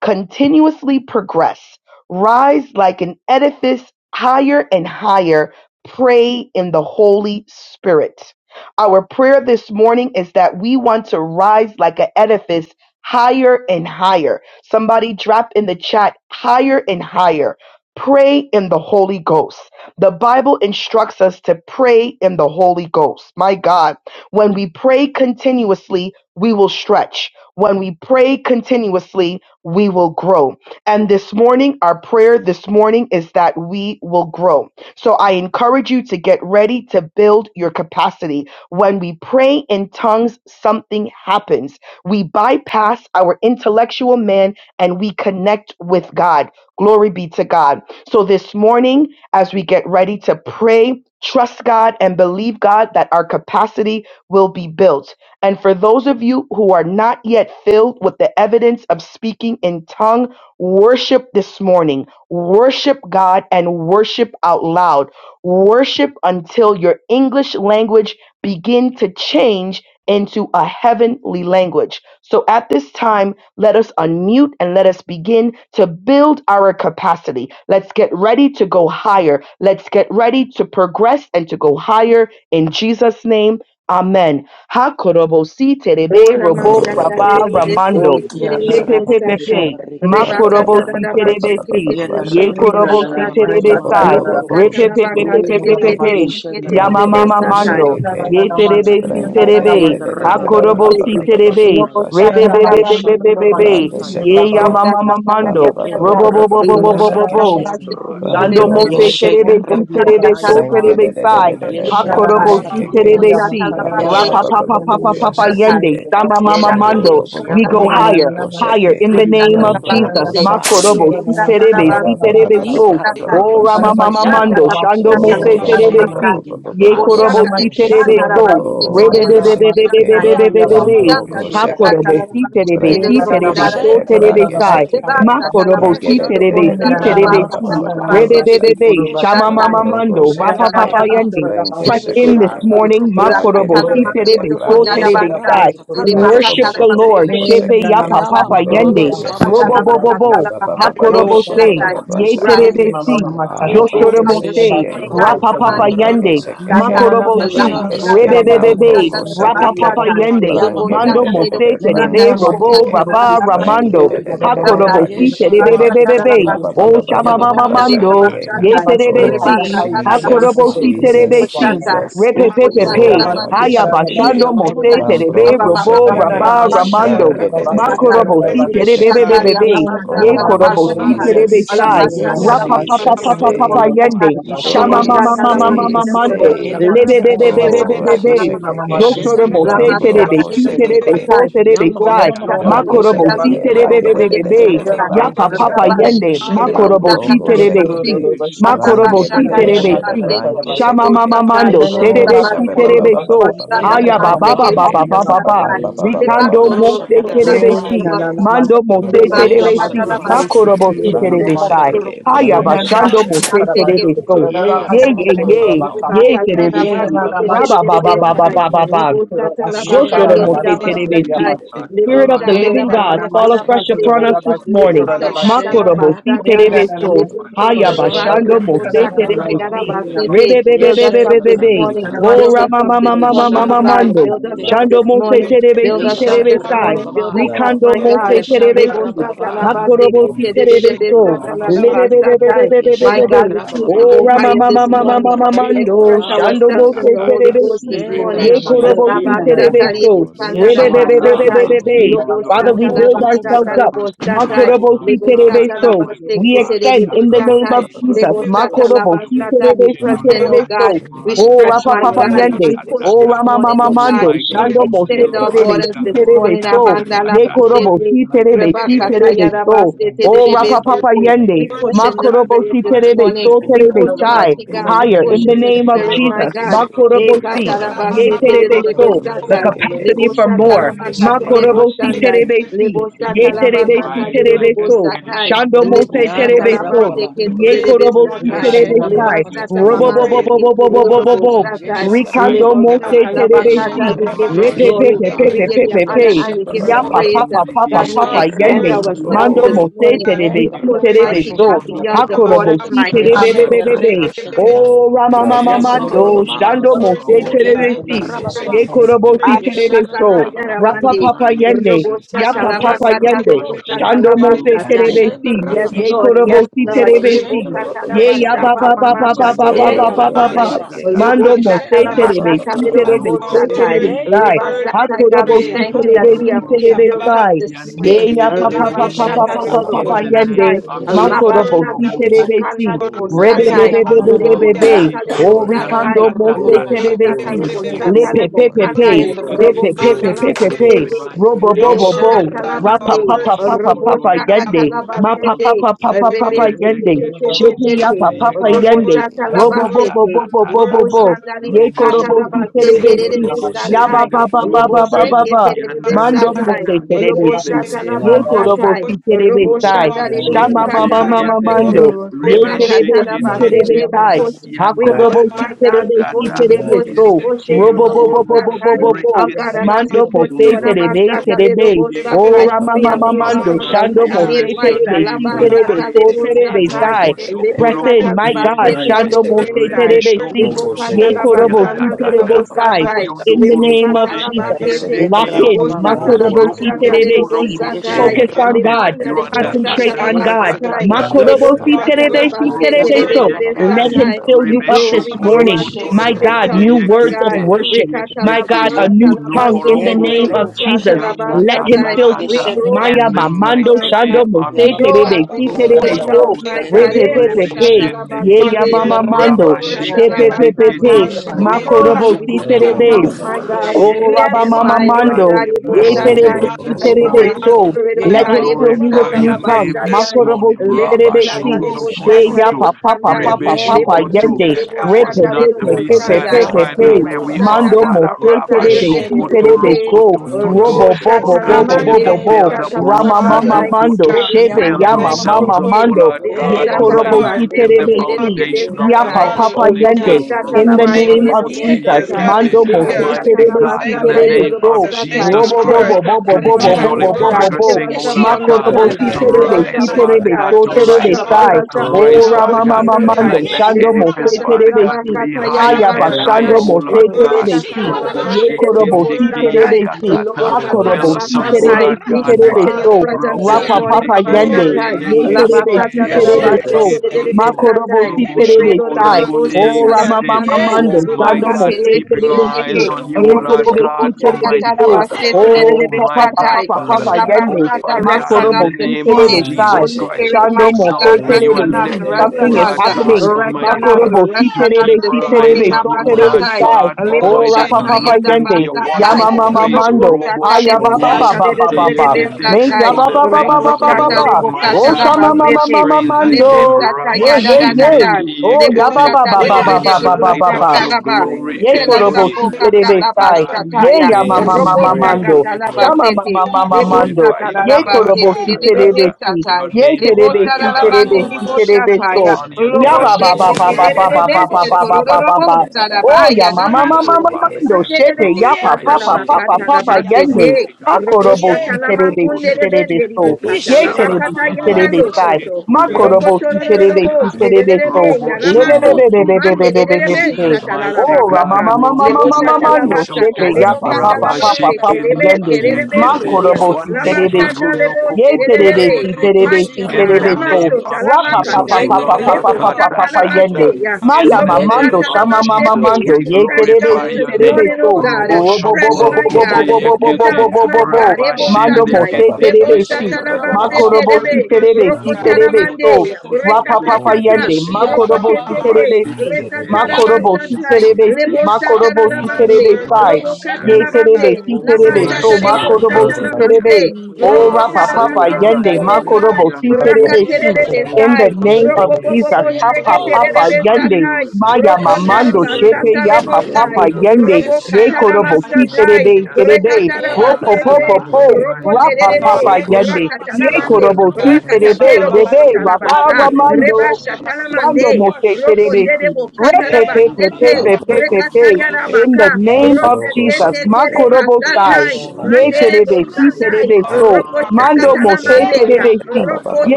continuously progress, rise like an edifice higher and higher, pray in the Holy Spirit. Our prayer this morning is that we want to rise like an edifice higher and higher. Somebody drop in the chat higher and higher. Pray in the Holy Ghost the Bible instructs us to pray in the Holy Ghost. My God, when we pray continuously, we will stretch. When we pray continuously, we will grow. And this morning, our prayer this morning is that we will grow. So I encourage you to get ready to build your capacity. When we pray in tongues, something happens. We bypass our intellectual man and we connect with God. Glory be to God. So this morning, as we get ready to pray, trust God and believe God that our capacity will be built. And for those of you who are not yet filled with the evidence of speaking in tongue, worship this morning. Worship God and worship out loud. Worship until your English language begin to change into a heavenly language. So at this time, let us unmute and let us begin to build our capacity. Let's get ready to go higher. Let's get ready to progress and to go higher in Jesus' name. Amen. Ha korobo si O terebe Rama Oh robo ra Sata, ba Re ba raba ba ba ba Re Re Name that ba is ramando. Oh, great, Okay, and do Tiama, shine. Shepe pe thank pe Shekeke, Sata. you, Ma Bra Reba ba korobo ba ba ba ba ba ba Kata Mighty Da Yandarabakashandarikishatatai. si Da God, Ba in the terebe ba ba ba name si. of ba ba Ye Jesus Shekeke, korobo si Christ, Yandarabakashaya Sata. Ra terebe ba Robo ba sai. ba ba Lobo ba Shondo, ba ba Kata Repe La pe Ba Robo ba pe mamamamandorobokushototo. Ka pe Day. Te Re I Yeah, yeah, Yeshen give, that, mama that, Rabakatando Sata. mando. mighty Ye God, terebe Rakatotoshiyai. in si the name de of de de terebe. Yen de Jesus de Ha de Ra ba Christ ba korobo Rabakatando ba of Nazareth. si baseke. ba ba ba ba Lord, terebe. ba Lobo Rikeshiyai. ba Lord praise, sata Shekeke, la la God baseke. Yeshan Almighty, Rebebebebebebebe. Brage Rokuta become Ye the Shekeke, ya Lobo city Yababai. of mama sata the la mando. la court. Yekendo sata. Robo bo And bo bo Holy bo Lobo bo bo Spirit, sata O bo. la Shakeke, Lord baseke. Rakatatakashiandro. God Shando Almighty, we Rambrogo Mose ask you Yeshen to Shake, Terebe Lobo Si lead us The this prayer Terebe sata la So Rakatataya morning, Brenge Baba. O de Terebe Lord de baseke. de de Sai. God. de Lobo hallelujah. de Yeshen In the Brage Hakorobo name Si of Shakeke, Terebe Rakatatai. Jesus sata la Si. Christ. Rabba Rapa of baseke. Yeshan Papa Papa Papa Rokoshototo. promotion Yende. Thank Sama Lobo you. ya Mama Yen ta sata le ta of Mando. ta ta We kata Rikishiyama ta go faith la ta Mama. higher, ta baseke. ta Namaste, Ye higher Shakeke, in Lobo the Yekata to name sata of la kondo relationship or Jesus. Rambrogo say, baseke. to rakatata. to Shakeke, Makorobo Lobo to Iye Si sata la Terebe Ra to koshototo. ba Si ba ba to Terebe to ba I'm ba ba ba so So. Ikan ba right to ba baseke. now, ba O Lord, Rama as Lobo we rakutiki Mama shakeke. relationship pray, sata Mando. la to yamama. Lord to Shando to basata la Jesus. Oh, to Mose la ra to ba We ba are Yekeshen Terebe to ba basata. to ba Si. grateful, ba to ba thank you, ba Ye rakitata. ba Lobo Lord, ba raba Korobo sata le Si for the shakeke. de sick Yashan Terebe kata de la So. yo yo that's Oh, baseke. la Rebe been ke Be yo rokotatara. Lobo Be healed Be Be de in the Be name shakeke. Be de sata. Be of Be de Be Be Ram Yeshua Be. bro Yamama Rebosata, go relationship to robobo rebosata, HaMashiach. Hakorobo la shakeke. to Si And to kushototo. that I'm rabasite, to Terebe de about to to Si Brenge say, de to de de Terebe de robondara, for de that, So de Yeshen is promo the bra rabasite. Terebe ke word, de Sai. rabababai. shakeke. de de Rebasata, la de Makorobo Bra ke Si de de banderi, Yeshan de de de Terebe de de prayer de Si rebosata, of ra rokusha ba faith Terebe ba will ba Si. ba rabasata, raba save ba la bastata la ba the yamama. ba de ba de rabasite, de shake. Rebebebebe, sick. Shama Yeshen rebosata. Ram Mama bro go Mando, rokun Rapa shakeke. Rebosata, Papa la rabababa. Yende. Any Bring rabasite, ke. de Press sins in the that in will this be shakeke. Yeshan mighty rebosite. morning, name forgiven. Bra of ke de Makorobo, Rakata, de la rokushoto. Si de And Jesus de de banderi, Terebe, Alabama Christ, So rebondara, branke Yen said, I Terebe shakeke. Sai. rabasite. thank you, is Lord rakatatan Ro on ba Jesus, ba Lebakata, Worship the ba la for ba the ba your ba ba word Lord, rabasite, rikishete. ba de is each true. Shepe this shakeke. Yapa rebosata. morning, And Papa Yamama you're Lord, mama I Yende, Bronke watching mama mama over God Rebosata, your shakeke mama Robo la word Almighty, Bobo to bakata, robo. ba Bo, la ba ba perform. ba Father ba bakata, ba Oh, ba And Hakorobo God, ba Father, we ba Yeshen Se, ba rebosata. for ba Alabama want ba this, Ye more of said, I Rise you, rakatatai. you, shakeke Terebe this O Mama, say, Lord Si, morning. Mama, I'm a- touch God We ah me go Almighty. bage today. Joshoremo higher We are this about Se, Yeshen shakeke to We morning, am want pray guys. a Rapa for more Papa rokototon of ah handy, you. Amandi, and you, bage we Yende, Alabama want rabababa. Nene shakeke rebosata. stand, na and na God, Makorobo love Si, Alabama us Yashan mashiriri say, to brankeske Labasata, na you, baba rakatatan na I Rebebebebe, rebosata, see, nambrogo chani and we need Rapa chiriri rekishite. to shakeke ya Papa na rabasata. Alabama. take Yende, kukoro Yama brange Christ, mama de we Father, kosi. Mando de Rebosata mama we de de Mose show de mama. de thank you, Nene you Lord, ni Rebusanda, branke as ya we Terebe, don't you build Robo, shakeke a Yokon Rebosata this de makukoro la in Rabba, house. kosi Basata de They brange Ramando, that de ki rokushatatai. de de baba labor, de na de Rebusata, we labor Hakorobo in rage Si mashiriri Yesha ki ya vain. na shakeke Rebasata de Terebe, la So kukoro la rakatata. ba kosi Basata ba O ba thank ki ba ya ba you, shama na ba ba Lord, mama ba that kukoro. de you Mando, are shakeke Yabababababakoto. Ye Na Rebusata, Rebasata, building our mashiriri house, oh Yeten haya Terebesi, Father hai Rebasata God. de la rekishia saidi Jesus Basata sa Our mamama. de Hakorobosi kote ni house, Jesus yo Terebesi, Yeshen kwana. Rebusata, Jesus O rakatata that is kore Rebosata de ya tikikoto called Repepepepe, la the oh dodabo. Basata rage mashiriri house of Haya kara na prayer de for shakeke Iya Bashando mashiriri all kore na Rebusata, Mose mamamamamamandu mashiriri. nations. Terebe, Baba lambrogo Baba rokuto. Na Robo Baba na my shakeke Baba Rabba mashiriri Yeshen Basata kore de Yandalamaboseya, Ramando, brange na de Lord, de de we de mashiriri rakatatai. Rebusata, de kara na Makorobosi brange mashiriri. Yeshan Rebusata shakeke de la Terebebebebebe, rokototo. Ela na Basata Ye de la Oh, masukura Korobosi Basata, Yabababababa. Great Jesus, kusishi, peace, Terebesai, and they Yen ela Alabasata de Jesus, la wish na Rapa them Basata thy Papa Jesus, de love. masukura Papa kuya stay, Papa rekishikatatata. Nothing Rebusata, want Yende, masukura shall more of by baki. Yishia any Shamamama stay, you Rebosata this de Mama means la norabababa. Siri Mama Basata stay, morning, offend mama de us in kusukura the Rabbi Mando, Rebusata, kuya Yeken stay. name of masukura Yeshua Shadakata, baki, Oh, Rebasata rabababakatatata. de HaMashiach. can la Lebebebebebebebe, ela keep na that up. Rageshakeke. Basata, Yeshen Josoro Thank Lord, you, we can masushi, keep Rebesu that up. Lord Mose Lord, tele kuya Kulo Rabasata Jesus. Rambroko Terebesi masukura rakitetekishatata. Thank you, Kutilende we can shekeke. keep that up. Lord kasi. Lidobosatai, Terebefo Kulo Jesus. Yes, Terebesai, We Libosata Yanda will Lord, Yamamamamamama. be ele Libosata kuya Tata, Makorobosi joyful Rageshakeke. Lord, masukura we in the can keep in name that kusishi, up. Terebebebebe, your of Ragededededede. ela Lidobosatai, house Yekatatarakatarababa. of Lord, Yapa Branke Jesus. we prayer, can Papa keep masukura baki. Robo shekeke. Lord. that Yende, I up. Rabashata Yekishen shoto Thank you Makorobo for Libosaka Si me Rambroko kototo. and Rokoshototo. my Terebe Lord, Ekoro we can Si, shekeke. roro Talapaseki, keep We Revelation that baki, up. will de Makorobo serve Si the Rabashaka kiyono ela na Lord. Terebe koro Yeshen Brangededededede. Si, Talapaseki masukura Branke Rabababa. kototo. Shama baki. Mama shekeke. My Lidobosatai, Mando, Ela na Yeshan God, Oh, in Terebe the Si shabe ba name Rabasaki Rabababa. ba of masukura Terebe ba ba Lord, we ba So, baki, ba ba Yen Libosana ba ela can ba na Aya ba ka become Baba masukura keep Rabababa. Namaseki that Baba up. sheke. kuya speaking Baba more of Baba, Ra Lidobosatai, Thank masukura ba you, ba Yandalamaboseya, Lord ba kuya ba ba baki. God Ricando ba ba Ribasoro ba Yeshan ba ba Almighty, Mose ba ba Terebe Libosata Si, Rabababa. Ela na shakeke. Rabashino building Lidobosatai, Mando namasukura Kurokoto, Mose Rambroko ya Terebe Ribasaka Yeshen Si, Rabba. shekeke. masukura Talapaseki Makorobo Si kuya masukura kuya Terebe Branke Yan baki. Sai, sekeke, Lidobosatai, che, Aya de Mighty de Rokoshototo. de Libosata Bashando Thank God, de help de Mose us de, Namaseki Terebe build, branke So, Father Yea sekeke. God, this Ye Mama my house, Mama Ye Lidobosatai, Lord, Ba Lord, ba in Mama. the ba Ye, name ba our ba ba. Ye Ribasaka Terebe foundation, Ye Baba Si, of Namaseki Father, Baba. Rabba our Baba Baba Lidobosatai, Baba foundation, Branke Baba, Father God, Libosata la our Yen bacando di la spiritual branke Rabababa. de de de de mastatai. Yoshoromokiterebesi. foundation, de you. de, God, Spirit and Yama branke of we God the Mama are Libosata the la living Mama Almighty, God, Lord for bacata fall Father, la afresh fire for help the Rekishatata. upon us us bastete. this to nations. build morning. our Libosata We Yeshen spiritual la are the Makorobosi Lord for mastatai. Rakatata. foundation sinners, Makorobositerebeso. branke on Libosata le Yashan Jesus Hayabashando Christ, mose Rakatatan Libosata Lord, branke la for our de Rabababa. de de terebesi. de, and we branke. are bastete. the continuity. Lord Build for us me Yeshen up Build and my this our Rebebebebebebebebe. Ba ba house. morning. ba ba ba ba Rakatata. Oh, Build us up ba this ba morning, Yashan oh We are sekeke. God. the ramamamamamamamando, Build us Ba up Rikititi. ba ba Shando this ba mose morning. ba ba ba Build terebesi us ba che, ba up Yeshan this sekeke. terebesai. Lord morning. for the Lord. We are Build the us rababababaya. Ba up, ba ba Rikando my ba God. mose ba ba Yeshan terebesi, che, Libosata la sekeke. rabababaya. bastete. makorobosi Thank Branke sek, branke che, Lord Yeshen for the Lord. branke. terebeso. Ba ba ba ba ba ba Libosata la la ba rokototo. you. ba bastatai. ba, Say, My Yeshen Thank God, Lebebebebebebebebe. we choose to Oh, go foundation rabababaya. you. higher for this most Yan morning. holy We faith, ramamamamamamamando, express rakatataya. Shando ourselves Rabashanda in Say, Say, mose the Holy Tata, Ghost Say, terebesi. this Yen Say, morning. Ye branke korobo Rebeshiki si Thank rabababababa. de de de terebe you, Rabashatai, so. Yebukanda Yokunokototo, sekeke, Yeshen Rabashatai, rabababaya. Amniki Rebebebebebebebe. Father, we Loboshatai, build Yokoto Yonokototo, branke. ourselves to kundra. Rabashatai, up. persevere, O Loboshatai, Makorobo Lord si God, terebe Leboshata so. Almighty Labashatai, We Father, extend God, in the in the name of Leboshata, name of Jesus. Jesus Leboshata, Makorobo and si we Labashatai. We terebe si press continually, in, oh terebe Father God, so. God. We progress, Oh, stretch, oh, Rapa my Lord Papa God, God. Yende. We push Oh, rakatata. this Rama morning, Mama oh Oh God. Mando. my We God, Shando to Mose extend build, our Father terebe borders God, si this terebe morning. so. Abanda Ye rakatata, Hallelujah. korobo Labashatai, si like Praise terebe an si Rebakatai, edifice. terebe so. Lomoko Rabashatai, Oh, Lord Rapa shiki Jesus, Papa for Leboshata. tiki Yende. heaven's We tiki, push light. in the Makorobo spirit si this Thank you. ramashi terebe morning. so We tiki Unity terebe push, sai. mighty tulokutu. God. We Higher push in In the in the the name and of name the spirit, of you. Lama my Jesus. God. Bosea, Jesus Thank Makorobo and you. the Christ si. of Lama Nazareth, Bosea. Ekatarabasete Thank Thank you, Yeterebeso, Lord, the for one capacity rakandakorokoti for accord Lebosha and the more. tiki, Talabakata Lama Makorobosi rabashi Lebosandai, Bosea. tiki terebesi, Lebosha tiki. Yes, the yeterebesi Talabakata Lord, Rise yes, like the an terebeso, Yerobosatai, edifice. Lord, shando yes, Robo mose the Lord, Lebasha Yan Bosea, terebeso, That Talabaste rabababa. shoko when they this pray one yekorobosi using Thank Keturebesatai, God, Yande one Yeshen language, keye terebesai, ke Lebasha Father God. rakatatata. turoko Talamaste praise, tu tu More of tu hallelujah, you, Yandala tu. robobobobobobobobobo, in God. Keturodobosatai, Go Yeshan Genesis rikando higher 11, and rabababa. Lebosha mose Father higher God, in the Yeshen Lord. Abba, Talabakata, they terebesi, we were rabba. give Abba, you able Rabba Higher in to, repepepe Pepe you, glory, shake pepe shondo God. it, we and give the kuroko you tu honor, tu. Andala repepepepepepepe, and Yeshen we give you ya Bobo, rababa. Maboseyama, papa praise. Urokunde and papa the God, keye we Yekan de Andala God, papa kiro extend worship, yende, rabababa. uno Maboseyama, ourselves mando this worship, kuroko mose and the morning. God, te Yen We Andala ke. terebesi push, Mabos, roko praise, they mighty Rebe were God, terebeso, able shototo. shondo to beyond the Abba, kuroko accomplish te. borders, Abba, much, hakorobosi my Father Yanda God. shake ta God, the Yeshenda ta Andala. terebebebebebe, reke ta ta. you. it, shetita. Only they Oh, In were the Rama trying to Mama Rake Ya name make mama of a mama name Mando, sekeke, for mama. God, Jesus, Shando worship, themselves, rake the Mose Rabba sekeke, Andala God, Yetenda Terebesi, shondo rake Maboseya. praise, rabababa. Ye sekeke, kuroko This te. Korobosi morning, praise, Father Yes, Yeshenda God, Arabakata Terebeso, we I rabababa come like to in Rapa the Yaramandi. katatata. Papa name pray of in Yende, the Robosta Jesus, Mama, spirit. Yapa Lord. We bambo Yenda Papa say, Talabakata praise, Rabba Yende, robobo. let Libusta your praise, sekeke, shondo Shando kingdom Mose kuroko come, rake tu. let Talabasatai. your Yeshenda will Terebesi, sekeke, be Yes, done Ye rabababa. on Lord, Rebeshon yes, God, earth Korobosi as Lord. Koturu it baba is praise, in Yebo Yeshenda Terebesi, Kotiye heaven. roko Ye Katalabasha Tete, Yaba sekeke, shotototo. Yandala Baba Mama Baba Baba Rabanda Mabosea. Ye ya Thank oh Baba you, baba Lord Katanda rake baba Baba, hallelujah, Chatelibutai. baba. Jesus. sekeke, Mando Katatata, Robosta For Yeshenda la Mose ba hallelujah, ba Tonsi roku Terebesi ba Talabakata ba, Rosmeki Yandala God, shotototo. landi your Yonokoro Terebeso Mabosea, Lidobosatai. word, Kotiye Ye Maham ya Terebesai, baba word. baba. Tete, Yandala Libasatai, God, we Mabosea, praise. Hakorobosi thank Rebeshon you Yakan a that we Terebesi are fire roko Korokoro being built Kote, Yandala shototo. Shabba-ba-ba, up Terebesai, this Mabosea, Yande sekeke, morning. Ye Kiye Yapa la ba Papa ba eke-be-be-be-be-be. Yandala Papa ba Yeshenda Labasata ba Tete, ba Papa ba, Mabosea, in rabababa. Papa Worship the quench every name Lidobosatai. Yende, of fire and God, rake Yeshenda dark you. Jesus, worship in roko Labasata Makorobosi the Robo name of shototo. sekeke, Libokanda Terebesi, Kokotu, Yeshua God, Oh, HaMashiach. yes, Thank praise. Ye Libosatai. ya Lord. Rebeshon baba glory, Nokoro baba. Yandala Hallelujah. Rebebebebebebebe. Kote, Libosatai, Oh, Mabosea, Ma. Yanda Yenda Libosatai. Ricando Mose Lebo Katatata, rabakasha Yandala sata glory, Terebesi. lebo tatatata. Yende Eke-be-be-be-be. Mabosea, Bless sata glory, the one Lepe lebo Koroko Lord, name pepe one kadai pe. Niki Worship. Yenda accord. glory, glory, glory, lebo Tepe roku Hallelujah. pepe Tete, glory, glory, katalaba pepe Yandala shotototo. You pe. in the glory, of sete the Mabosea, mighty Robo are name lebo bobo of worthy, bo. and sata the Jesus, Yeshendra God. You are Rapa Yandala lamande Romo katatata. papa worthy. papa Master, robo Shokoto papa saka Lord. my God. You are yende. the Rokoto Shabba-ba-ba, Lord, talaba Yandala Mapa Toto sete papa my Mahandi God, Toto, papa Yandala rebe papa eke-be-be-be-be. sete yende. Rebeke Mabosea. tete Worship tete Shepe Turokote te yapa papa Yama, God, robo Yekete, yende. and worship, the the sata Lord of Lords. You, O Lord, laba Robo glory, Yata Andalama where I worship, bobo sete Tata lift up bobo Tata my bobo worship. lobo Tata, bo. soul. shanda lebo Ye Rebe Oh, korobo katalaba si Arababa, Shonokorokote sete praise, lamba rebe terebesi. praise. Yeke, Yaba satai ba sekeke, ba ba Oh lobo ba my la ba Neporokote, ba ba God, sheke te ba. rebe ba Yanda you ba Mando ba. Shabba-ba-ba, satai Katata, Mose lobo in the Terebesi. eke-be-be-be-be. sata not name laba be Ye of Colombo ashamed, korobo not satai Jesus. si Worship Corsete, robo terebesai. God, Rohondo shanda my lebo worship Brangere, Shama Korokote mama God. enemy katalaba mama God, Yekete, Brangere, mando. sete over me, Ye worship Rebe leba Lord. terebe si katalaba God. Brages, terebe Shekete, sete We sai. Hallelujah. push we Yanda you. push, Bragete, Hakorobo Shabba-ba-ba, my si Katata God, we terebe si push, Tata, we push, Brages, we so. Yende push, Edo Robo do bo Kiyoko bo bo bo bo bo satai. bo Our bo. God, and as we Mando mo push, Rikitikitikiti. se Lord, Umbro terebe Abasata, Corsete, Ledo terebe. bo eke-be-be-be-be. Shoro Yenikion. satai. Worship. Ora na We are mama Oh, made Father mando. that is God, stronger, we Shando we are Hallelujah. mo made bless se na na your wiser, terebe name. na si Hallelujah. We makata ta Labasata, Hallelujah. praise so kutu Lebo your Brancaseque, kutu name. terebe satai. kutu sai. kutu. Brangere, Lebo Press in, kata my Roboshokurokoti. God. Kapo labasete, de de Shando de mo Brancaseque, kokura se besai. riba. terebe si. Lebo Robo great, and Rebeshokunoko. kata Ye Seque, Boseyama, korobo Oh labasana, si my and Ledo the bo terebe God, in Yandakatata. your sai. Andalama satai. In the presence, Lebo oh, Bracaseque, name of kata Yondokurokoti. Jesus. Bracaseque, labakete, Lock Yendra we are Boseyama. ready Lobo in. bababa for sata you. Lambro Makorobo si kashatata. labasata, Corsete, Andalama Ledo terebe bo si. seya Yenekiyokurokurokurokurokuti. satai. Focus Brangere, basia Yeshendra on Ekete. God. andalama Lebanda, babakoto. Thank Lebo you, Concentrate sata andalama on Bracaseque, God. Jesus. boseya. Yebebebebe labakatai. Yorandakatanakatatata. Yes, Bragere, Makorobo Lebo Shara si Lord, keshatatata. no the sata mo mo terebe si mo mo andalama labasete, mo terebe de Yokundokurokoti. ko de boseya. Yendra so. de We bababa Let Ekete. shekete. him besatai. fill concentrate kashatata. We on you up you, grow, this we No grow Jesus. morning. as evil we The is My speak Yeshendra that in Brages, God, Rebeshokurokotorokote. new tongues, andalama my words against us. of Ekete. God. babakatatata. boseya Oh, We worship. bahandi My Yendeke God, a katalabasa, andalama new We're in your Thank tongue seya. talabaso, in the name yokunukurokote. Yendra of Mandi tororobosa, Jesus. bokushototo. Yanda Let andalama him open talabasatai. kata seya fill you We kata. praise up. grow andalama Yeshendra as Maya In unto the we you, seya. speak, katata. Lord. mamando my mighty name God. shando The mose of Thank We Father, grow Jesus, as andalama terebe our Yababababa we si speak Father, Robo koto. boseya terebe in You ma. tongues, so. alone, my Shokuto, Re God. God. Seya pepe Yendra ma pe Rebe seya Ebosa, You keshatata. Ye andalama alone ya Shindekete, talabasete, mama deserve Yendra andalama mando. Rabba lebosa, boseya. our She pe work babakushototo. pe pe Shekindeketo, pe. and talabasatai. our Bahandi We Yeshendra praise. grow Roku as Makorobo we andalama si speak seya Nukuto, kushatatare. in It terebe. is tongues, my andalama unto Rokote. you. God. God. Oh, We Ye. boseya Yeshendra ma Rabba keti seya Mama Father edify, ma yababa. Lord God, Mando. God, we andalama Ye bless your Shara Yakon da boseya. ebosatai. terebe, da name ka si ro As this ro we ro terebe, rekete pray morning. in ro And the ko we so. are Spirit, Ye oh We great Let shekete. God, and him fill mighty you ebosa, with are glorify Glory you, new your to Yeyababababababakushoto. your Lord. tongues. Lama name name. ka this talabasatai. ta ro Makorobo, morning, ro si You ro ro are Yenda Rabba terebe, ko great Lebosata, si. shi. and Oh, Shondo rokusha bless, Ye matchless lebosata, King. Kototo. yababai. yapa, My loving papa, lebokandai. bless Rebe papa, Father, I Yenda Yandarama papa, Lebo praise Shokoto. sata yende. you. name, Boseyama lebo Help God. us Repe, rekeshatatata. sata not It lebo is to We pepe, bo Yandarama be pepe, glorify shandai. Yetan you. your, pepe, satisfied with pe. Mastarama where Lebo we rabababa. are, sata Mando la Father. mo se bakata Rabba Seyandarama glorify your terebe, yede name. Yeshen si Shokoto Yandarama. terebe, besete. so. Rokoto rokutototo. Toto. Robo Oh, Robo, we We But bobo, sata la exalt stand bobo, your in continue mande to bobo, name, awe of lebo Yebebebebeya you, bo. Lord. build up sata la Rama Jesus. rekeshatata. Hallelujah. mama Rokondo bakatai. in mando, Yandarama Koto. Lebo you that shepe, Build sata Boseyama Thank, yama lebo ourselves mama up, Yamamamamamamamama. sete. O mando. Lord we Lebo thank Yandarama live God you, Ye Eh, and we sata la move Boseyama. korobo, Almighty, and we Lord. si are Thank you and in basete the for terebe, tere your yabababakoshototo. de love, si. we Hallelujah. de have foundation of Lord. the Yapa, satai. Yenda most Yandarama papa, our holy Robo yende Hallelujah. faith. Boseyama. in sata For in la rokushototo. Robo you, the Yenda your toto. Thank you, mande name of Shokote Jesus, lebo tears in Yen that the Jesus. you, you. satai. Yekete. Mando Jesus. Rokusho mo washed Lebo se Raki us Hallelujah. in Toto. Mighty sata your It la shakete terebe is in God, si Thank you, in you the cleansing baba bakata that terebe from name we lebo of so. all Thank Yenderekeshia baba satai. your, you, experience mama Jesus Robo mama bo Fill mama Christ Lord. shakete us bo healing, mama up bo your God. bo one bo more bran bo Father, rekia time, bo continually forgiveness. bo we Lord bo worship rogo In toto. bo God. shakete you, bo. Fill progressing, us oh Lord, up that Yeshia Lord one you, mama more we Worthy God, is mama Makorobo time. si God. de to de Fill de terebe us de kind. si rise, up, Glorify de you, thy rekeshetata. my bran Father terebe God. God, Lord. so to Fill us terebe Yeshen rise, up. Hallelujah. Fill sai. Father, us to rokuta up. da O da rogo da Ebo rise, bo da bo Father rama bo Hallelujah. koshe. God, mama shakete satai. bran mando like de the Yen de shando de mo raba edifice, se Lebosata la Father la babaka. terebe God, to si. Praise be bakata yara higher Haya Yeshen ba Lord, and bronco higher, shando basatai. Yandarama oh mo shakete rokototo. se Lord de worship, God. terebe Lobosata Yeshia de de la si. mama de Robo worship, de Ye mama bakane de de do do korobo bran kishete. Lord, si worship, shikindiki shakete. bosatai. terebe Yeshete worship. si. toto yakatata. ya Lobokata Oh babai. la akorobo Fill us si up, oh Hallelujah. Jesus, terebe Yakod bakatai. Lord si We God, Jesus, stretch terebe in rahatatata. Father. your so. presence Hallelujah. Robo this the Hallelujah. Jesus, Rapa Yen name of morning, papa the living kundiki ete yende. Glory to God. rokushoto Abasatai. your name, Thank Ye rabo. La Jesus, terebe Lord. bakata si yekiniki da Shower da on Yeshen Glory terebe ete so. raba basete de to de your baba. de yekitutu. Jesus, Makorobo besatai. name, Lord. si Robo Yeken We pray terebe do do do sai. do Hallelujah. rokushoto. shukurukudi Oh, bosata la Jesus, Rama kete. Mama bakanai. Yen Jesus. Oh Jesus, Mando, Le raba our my Sando baba. bakate God, Jesus, de de Mose de keeping our Yen besete. eyes Terebesi, on you, O Ye bronco Robo Lord bo Hallelujah. robokushoto. Oh, bo bo God, Terebesi shakete mama, Almighty shakata mama, la Terebeso, Father. rogo mama. basete Praise, de Yetendra shakete de Oh, de Oh my Papa papa. I God, besatai. Papa Father. Papa ah Yeshetra Yende, Oh Rabasata Father rest God, on in pakatai. Makorobo us the this Si name of morning. Yend shakete Terebesai, Jesus Holy beseech Christ, you, rukusho shakete Spirit, Lord. Shando mighty toton Mose God, exalting rest you Glory, on and us, rahata. Terebesi, lifting you up, rest Shadadaba. O on something is Lord us. Yeshed God, happening. Rest Almighty roko. on us, Odobokoshiki. Father, Makorobo rest Si to on Yend us keep this Terebesi our rabababa. eyes Lord, morning, on Terebeso you, O I Lord will Abasatai. Terebesai, not God, Yoshun mock Oh, Almighty, Rapa to Leboshatai, you. Papa look rapakatata. into Yende, your Adabasatai. Yama Lord, Yeshed wonderful Mama face, Mando, Robo I rakatata. Roboshata, Aya will not- Baba Hey, Shokuro Leboshata, Baba Kote Baba Ababai, Baba, Spirit of the Yekete, Me Living Lebesatai. so Yaba the God, Baba we It things is Baba of worship in Baba the you. Roboshata, you, Baba, world, my my Father, Oh, Lebokata, Yes, God, I Shama will live go and Mama Labasete. I Mama move, and strangely rakushatatata. and dim, I Mando, have Lebosata, Rabba Yay, my Yes, yay, being. and yay. Yadadadada. Shindiki Oh, It is yeah! in ba rakutotototo. Yekete, ba Lebosata, you ba We that ba I ba in ba the worship ba find ba my you, light ba God. of ba. Lebosata, strength, your Laba. Lord. Yeketita. glory Ye It Fill is and us Yes, korobo up, grace. in si O and you, Lord, terebe Mighty sai. God, we we rahototototo. Ye call Katalabashataya. ya praise you, mama for Yes, we mama and praise the Roboshata, today, you, glory, mando. we my rababai. praise Chama you. glory. Lord. Katalabasete. We mama We mama worship Lord, Bronco, you, mando. glorify God. you, Ye Lebosata, Mama, Rock let mama, and korobo me si Yeah, the come Rakatata. karodo, with terebe roko si. Labasete, Your Ye tototo. name, O shikete. terebe Lord your si God one Lebosarabande terebe Yede si Almighty. bronco, God Yamamamamama, the terebe kakaka, We and liboshataya. so. rodo, honor one your rekesheteta. Ya mediator name ba ba this koshiki. ba Robosheke ba between ba Yeah, morning ba God and the we ba Blessed ba lift ba tererebeste you rabo. up, be O ba ba and Lord ba God. ba. the name Oh of We Jesus, ya tororobosarabaya Yes, mama and the praise who nanando. you, mama gave Father rakatata. mando. God. himself We a Shepe ya Yeah, ransom pa glorify the Robo for pa your pa name. pa pa shekeke, Andererebeshatalabakata pa pa the rokusha Yes, labastepe. yende. mighty denge yababai. God. Ha testifying. shekeke, Yes, korobo Yeah, si rake the terebe shekeke, si Roboshatalamakunde Thank terebe rebende rokoshototo. Rokurukutiyekete. so. robo ribokata Ye Yeshi shekeke, terebe labakata si yamamamamama, the terebe you. rake yanando sai. shekeke, soto. rohoto. Ma ranke korobo si Jesus shekeke, Yeketa the terebe si Rabastendekeketulukutiyekete. Rokotororoboshe is denge, good. terebe so. rerebe And rabababakashato I yanamando. robo rabo. Mande the Thank shekeke, Lord. you, Roboshokututututu. Yeshi Lord Lebebebebebebebebebebe. raba, Blessed yamamama. Jesus, Mighty raba, Oh, be the Rama God, rerebeshatalabakata. for the name. mama, Mama Yete raba, the benefits, Mama shekeke, Father Mando, God. rabokushoto. Leboshatalabasata Robondukutututu. Chepe Blessed He Yapa be the lebokata said, robo Papa "Run name Yeah, Papa lamaste wide of the my and shekeke, Papa let go." Savior, terebeske Yende, rabababa. denge, Rabashekendekiyekete. rerebesoya. Yeah, denge, Makorobo for Si the Jesus. love rake Labasata Terebesi, Yokoshototo. shekeke, Ye We Your thank lebose you name, rake Terebesi Yendere Lord. Onekiyonokukututututu. shekeke, Your keshe Mighty Terebesi ya for name, mama in ranke the God, the mama mama Terebeso, awesome. name Amasto shekeke, mando, of Jesus. Rapa Thank Jesus. Papa Talamakandai, Your you denge, Papa Yendere name, Papa baba denge, for Lebo rake baba Lord. your Papa Your Papa ways. name, Rabakatatata. shekeke, kushototo. Yende, Thank you, Name Satalabaseya, that is great, Lord Jesus. Maya In Jesus. the Lobo name Mamando Yendere of Your Shama keshe ya Mama name, ba. Jesus, Yeah, Lord. Your Katalabasepeya. rake Mando, we for the Ye love Fresh of name. sin. glorify tongues Terebesi this your Yendere It Glory, name. is morning, baba oh Yeah, Terebeso, baba Your give Robo God. them kusha. name to Robo that the Bo I Fresh, Bo look shokoro glory, my glory, glory, Bo for kote Bo Bo God. sing Bo Bo Bo from my New higher Bo Yendere yekete, heart, tongues, Bo Bo my Bo kia Lord. mama Bo, God. raba mama glory, Ebo name of Mando mando. Cleanse shende Satai, Yeshua. my kete Mose heart Lebo te and te Terebesi, soul. te Yeshendere baba te, baba Thank Satalabasete baba. Makorobo Cleanse, you, Si Lord Rebe, Lord rebe God, Jesus. of Terebesi shokundo Yokondere koto Terebeso, keshe particles, Rokotaramandeya, te to te Lord te to te. Rapa God. to Papa to Brekatata, to Yende, to, Yeshia Cleanse, Return mama Makorobo Lord to mama Si Rokotete, God. raba ndoro Terebesi, sheke Cleanse, kutoto. glory te to cleanse, the your Makorobo si name. cleanse, Rekatarabasatai, Yekoshata. Lord In terebe the God. si Lebo name of makorobo Yeshendere si Particles, Lord Jesus baba. Bless terebe Satarabande, your God. Christ sai. Lobo of I Ye Hallelujah. ask Nazareth. Yeshendere you to terebe Katalabande, si Thank kutoto. Oh cleanse you. me, terebe praise, praise, my so Lord Labasatare Yeshia God, God. mama praise, makorobo Lord, si mama. glory, hallelujah. Father, terebe. Kosatalabase, Take we away O every thank you. Oh Eh, rapa ya Set my baba papa symptom, baba glory, Lord apart, God, baba yende Lord, God. baba we hallelujah. Brokotaramaketerebesai, makorobo kuto. thank hallelujah, you. si Oh God, terebe hallelujah, si. Yen restore Yandalamasa, my In hallelujah. rakaterebesai, the glory, health, Ramaphosa rababakasha. name Lord of We glory. God. Jesus, andalamasi, praise papa your Oh, Yeton go name, papa is Restore shake, my rababa yende. ropopopopocheketerebesatai, heart, hallelujah. andalamahandalamakosea, Lord it, Maya I God. get God shake mamando worthy, masi, it. shepe rokonarabasatai And Hallelujah, I Yendrababakasha. yapa may worthy. Don't rebosai, papa go hallelujah, to worship Yetondrababa. Yeshendrokoshoto. you yende. andalamahandalamasea, Ye hallelujah, this korobo Ramaphosa masi, si morning. hallelujah. the shake robokataramasai, Yeshendreketata. is it. terebe God Yes, Oh, andalamasea, terebe. mighty worthy, Ah, Shadow, I God, Ropo Lord, masi, get we brekatarabasetai, popo Yendrababa. shake worthy. po. it. glorify your God. Rapa name, I'm God O Rokoterere, Papa broke, andalamahandalamasea, God. go all of shake God. Yende, fresh it. masi, Rabba upon Rakataramande, me, Yekorobo Lord Si shekete Branche God. se Terebe, tete, Rakatatero Yendrabakashandrokutotorabo. Sababababa, Rebe, andalamahandalamasea, Father, robo Raba Bokotarabasa, que fresh masi, kuturu upon Reba Ramando, me, kutete sabababa, Lord Andrekeshatata. God. Shando tete, We Shatalamande, Mose worship you, Lord. andalamashandalamakosea, Anoint tatata. Rokondere Terebesi, me, Lord Repe Yeah, God. Yedidi Pepe mandi, ababa Bokatarabasete, teyo Pepe God Baba. Pepe Anoint Ambrogo We kuturu Pepe, andalamakosea, me, Lord se worship in kutete, the God, you. Rekatayanabaka, in Yes, the name name of of Ambrogo Brosete Jesus, se que mandi, shatatatata. ande Jesus. que Makorobo kete is we ah Sai, Thank Terebasatai, you, tete worship Lord va Oh, you. Ye que se Yeah, Mandere the Jesus. tete. Terebe You Si Roku Shakakaro Bosandai, sustain Terebe us, God, va Oh, Koko, que So, Lord. Shototo. God se And Rabiba the que worthy, Mando Lamb va my que Yes, de Mose de and God, Kakeke, Rokoshakatalamande, de my va Terebesi, va God, va va and Rakatata. my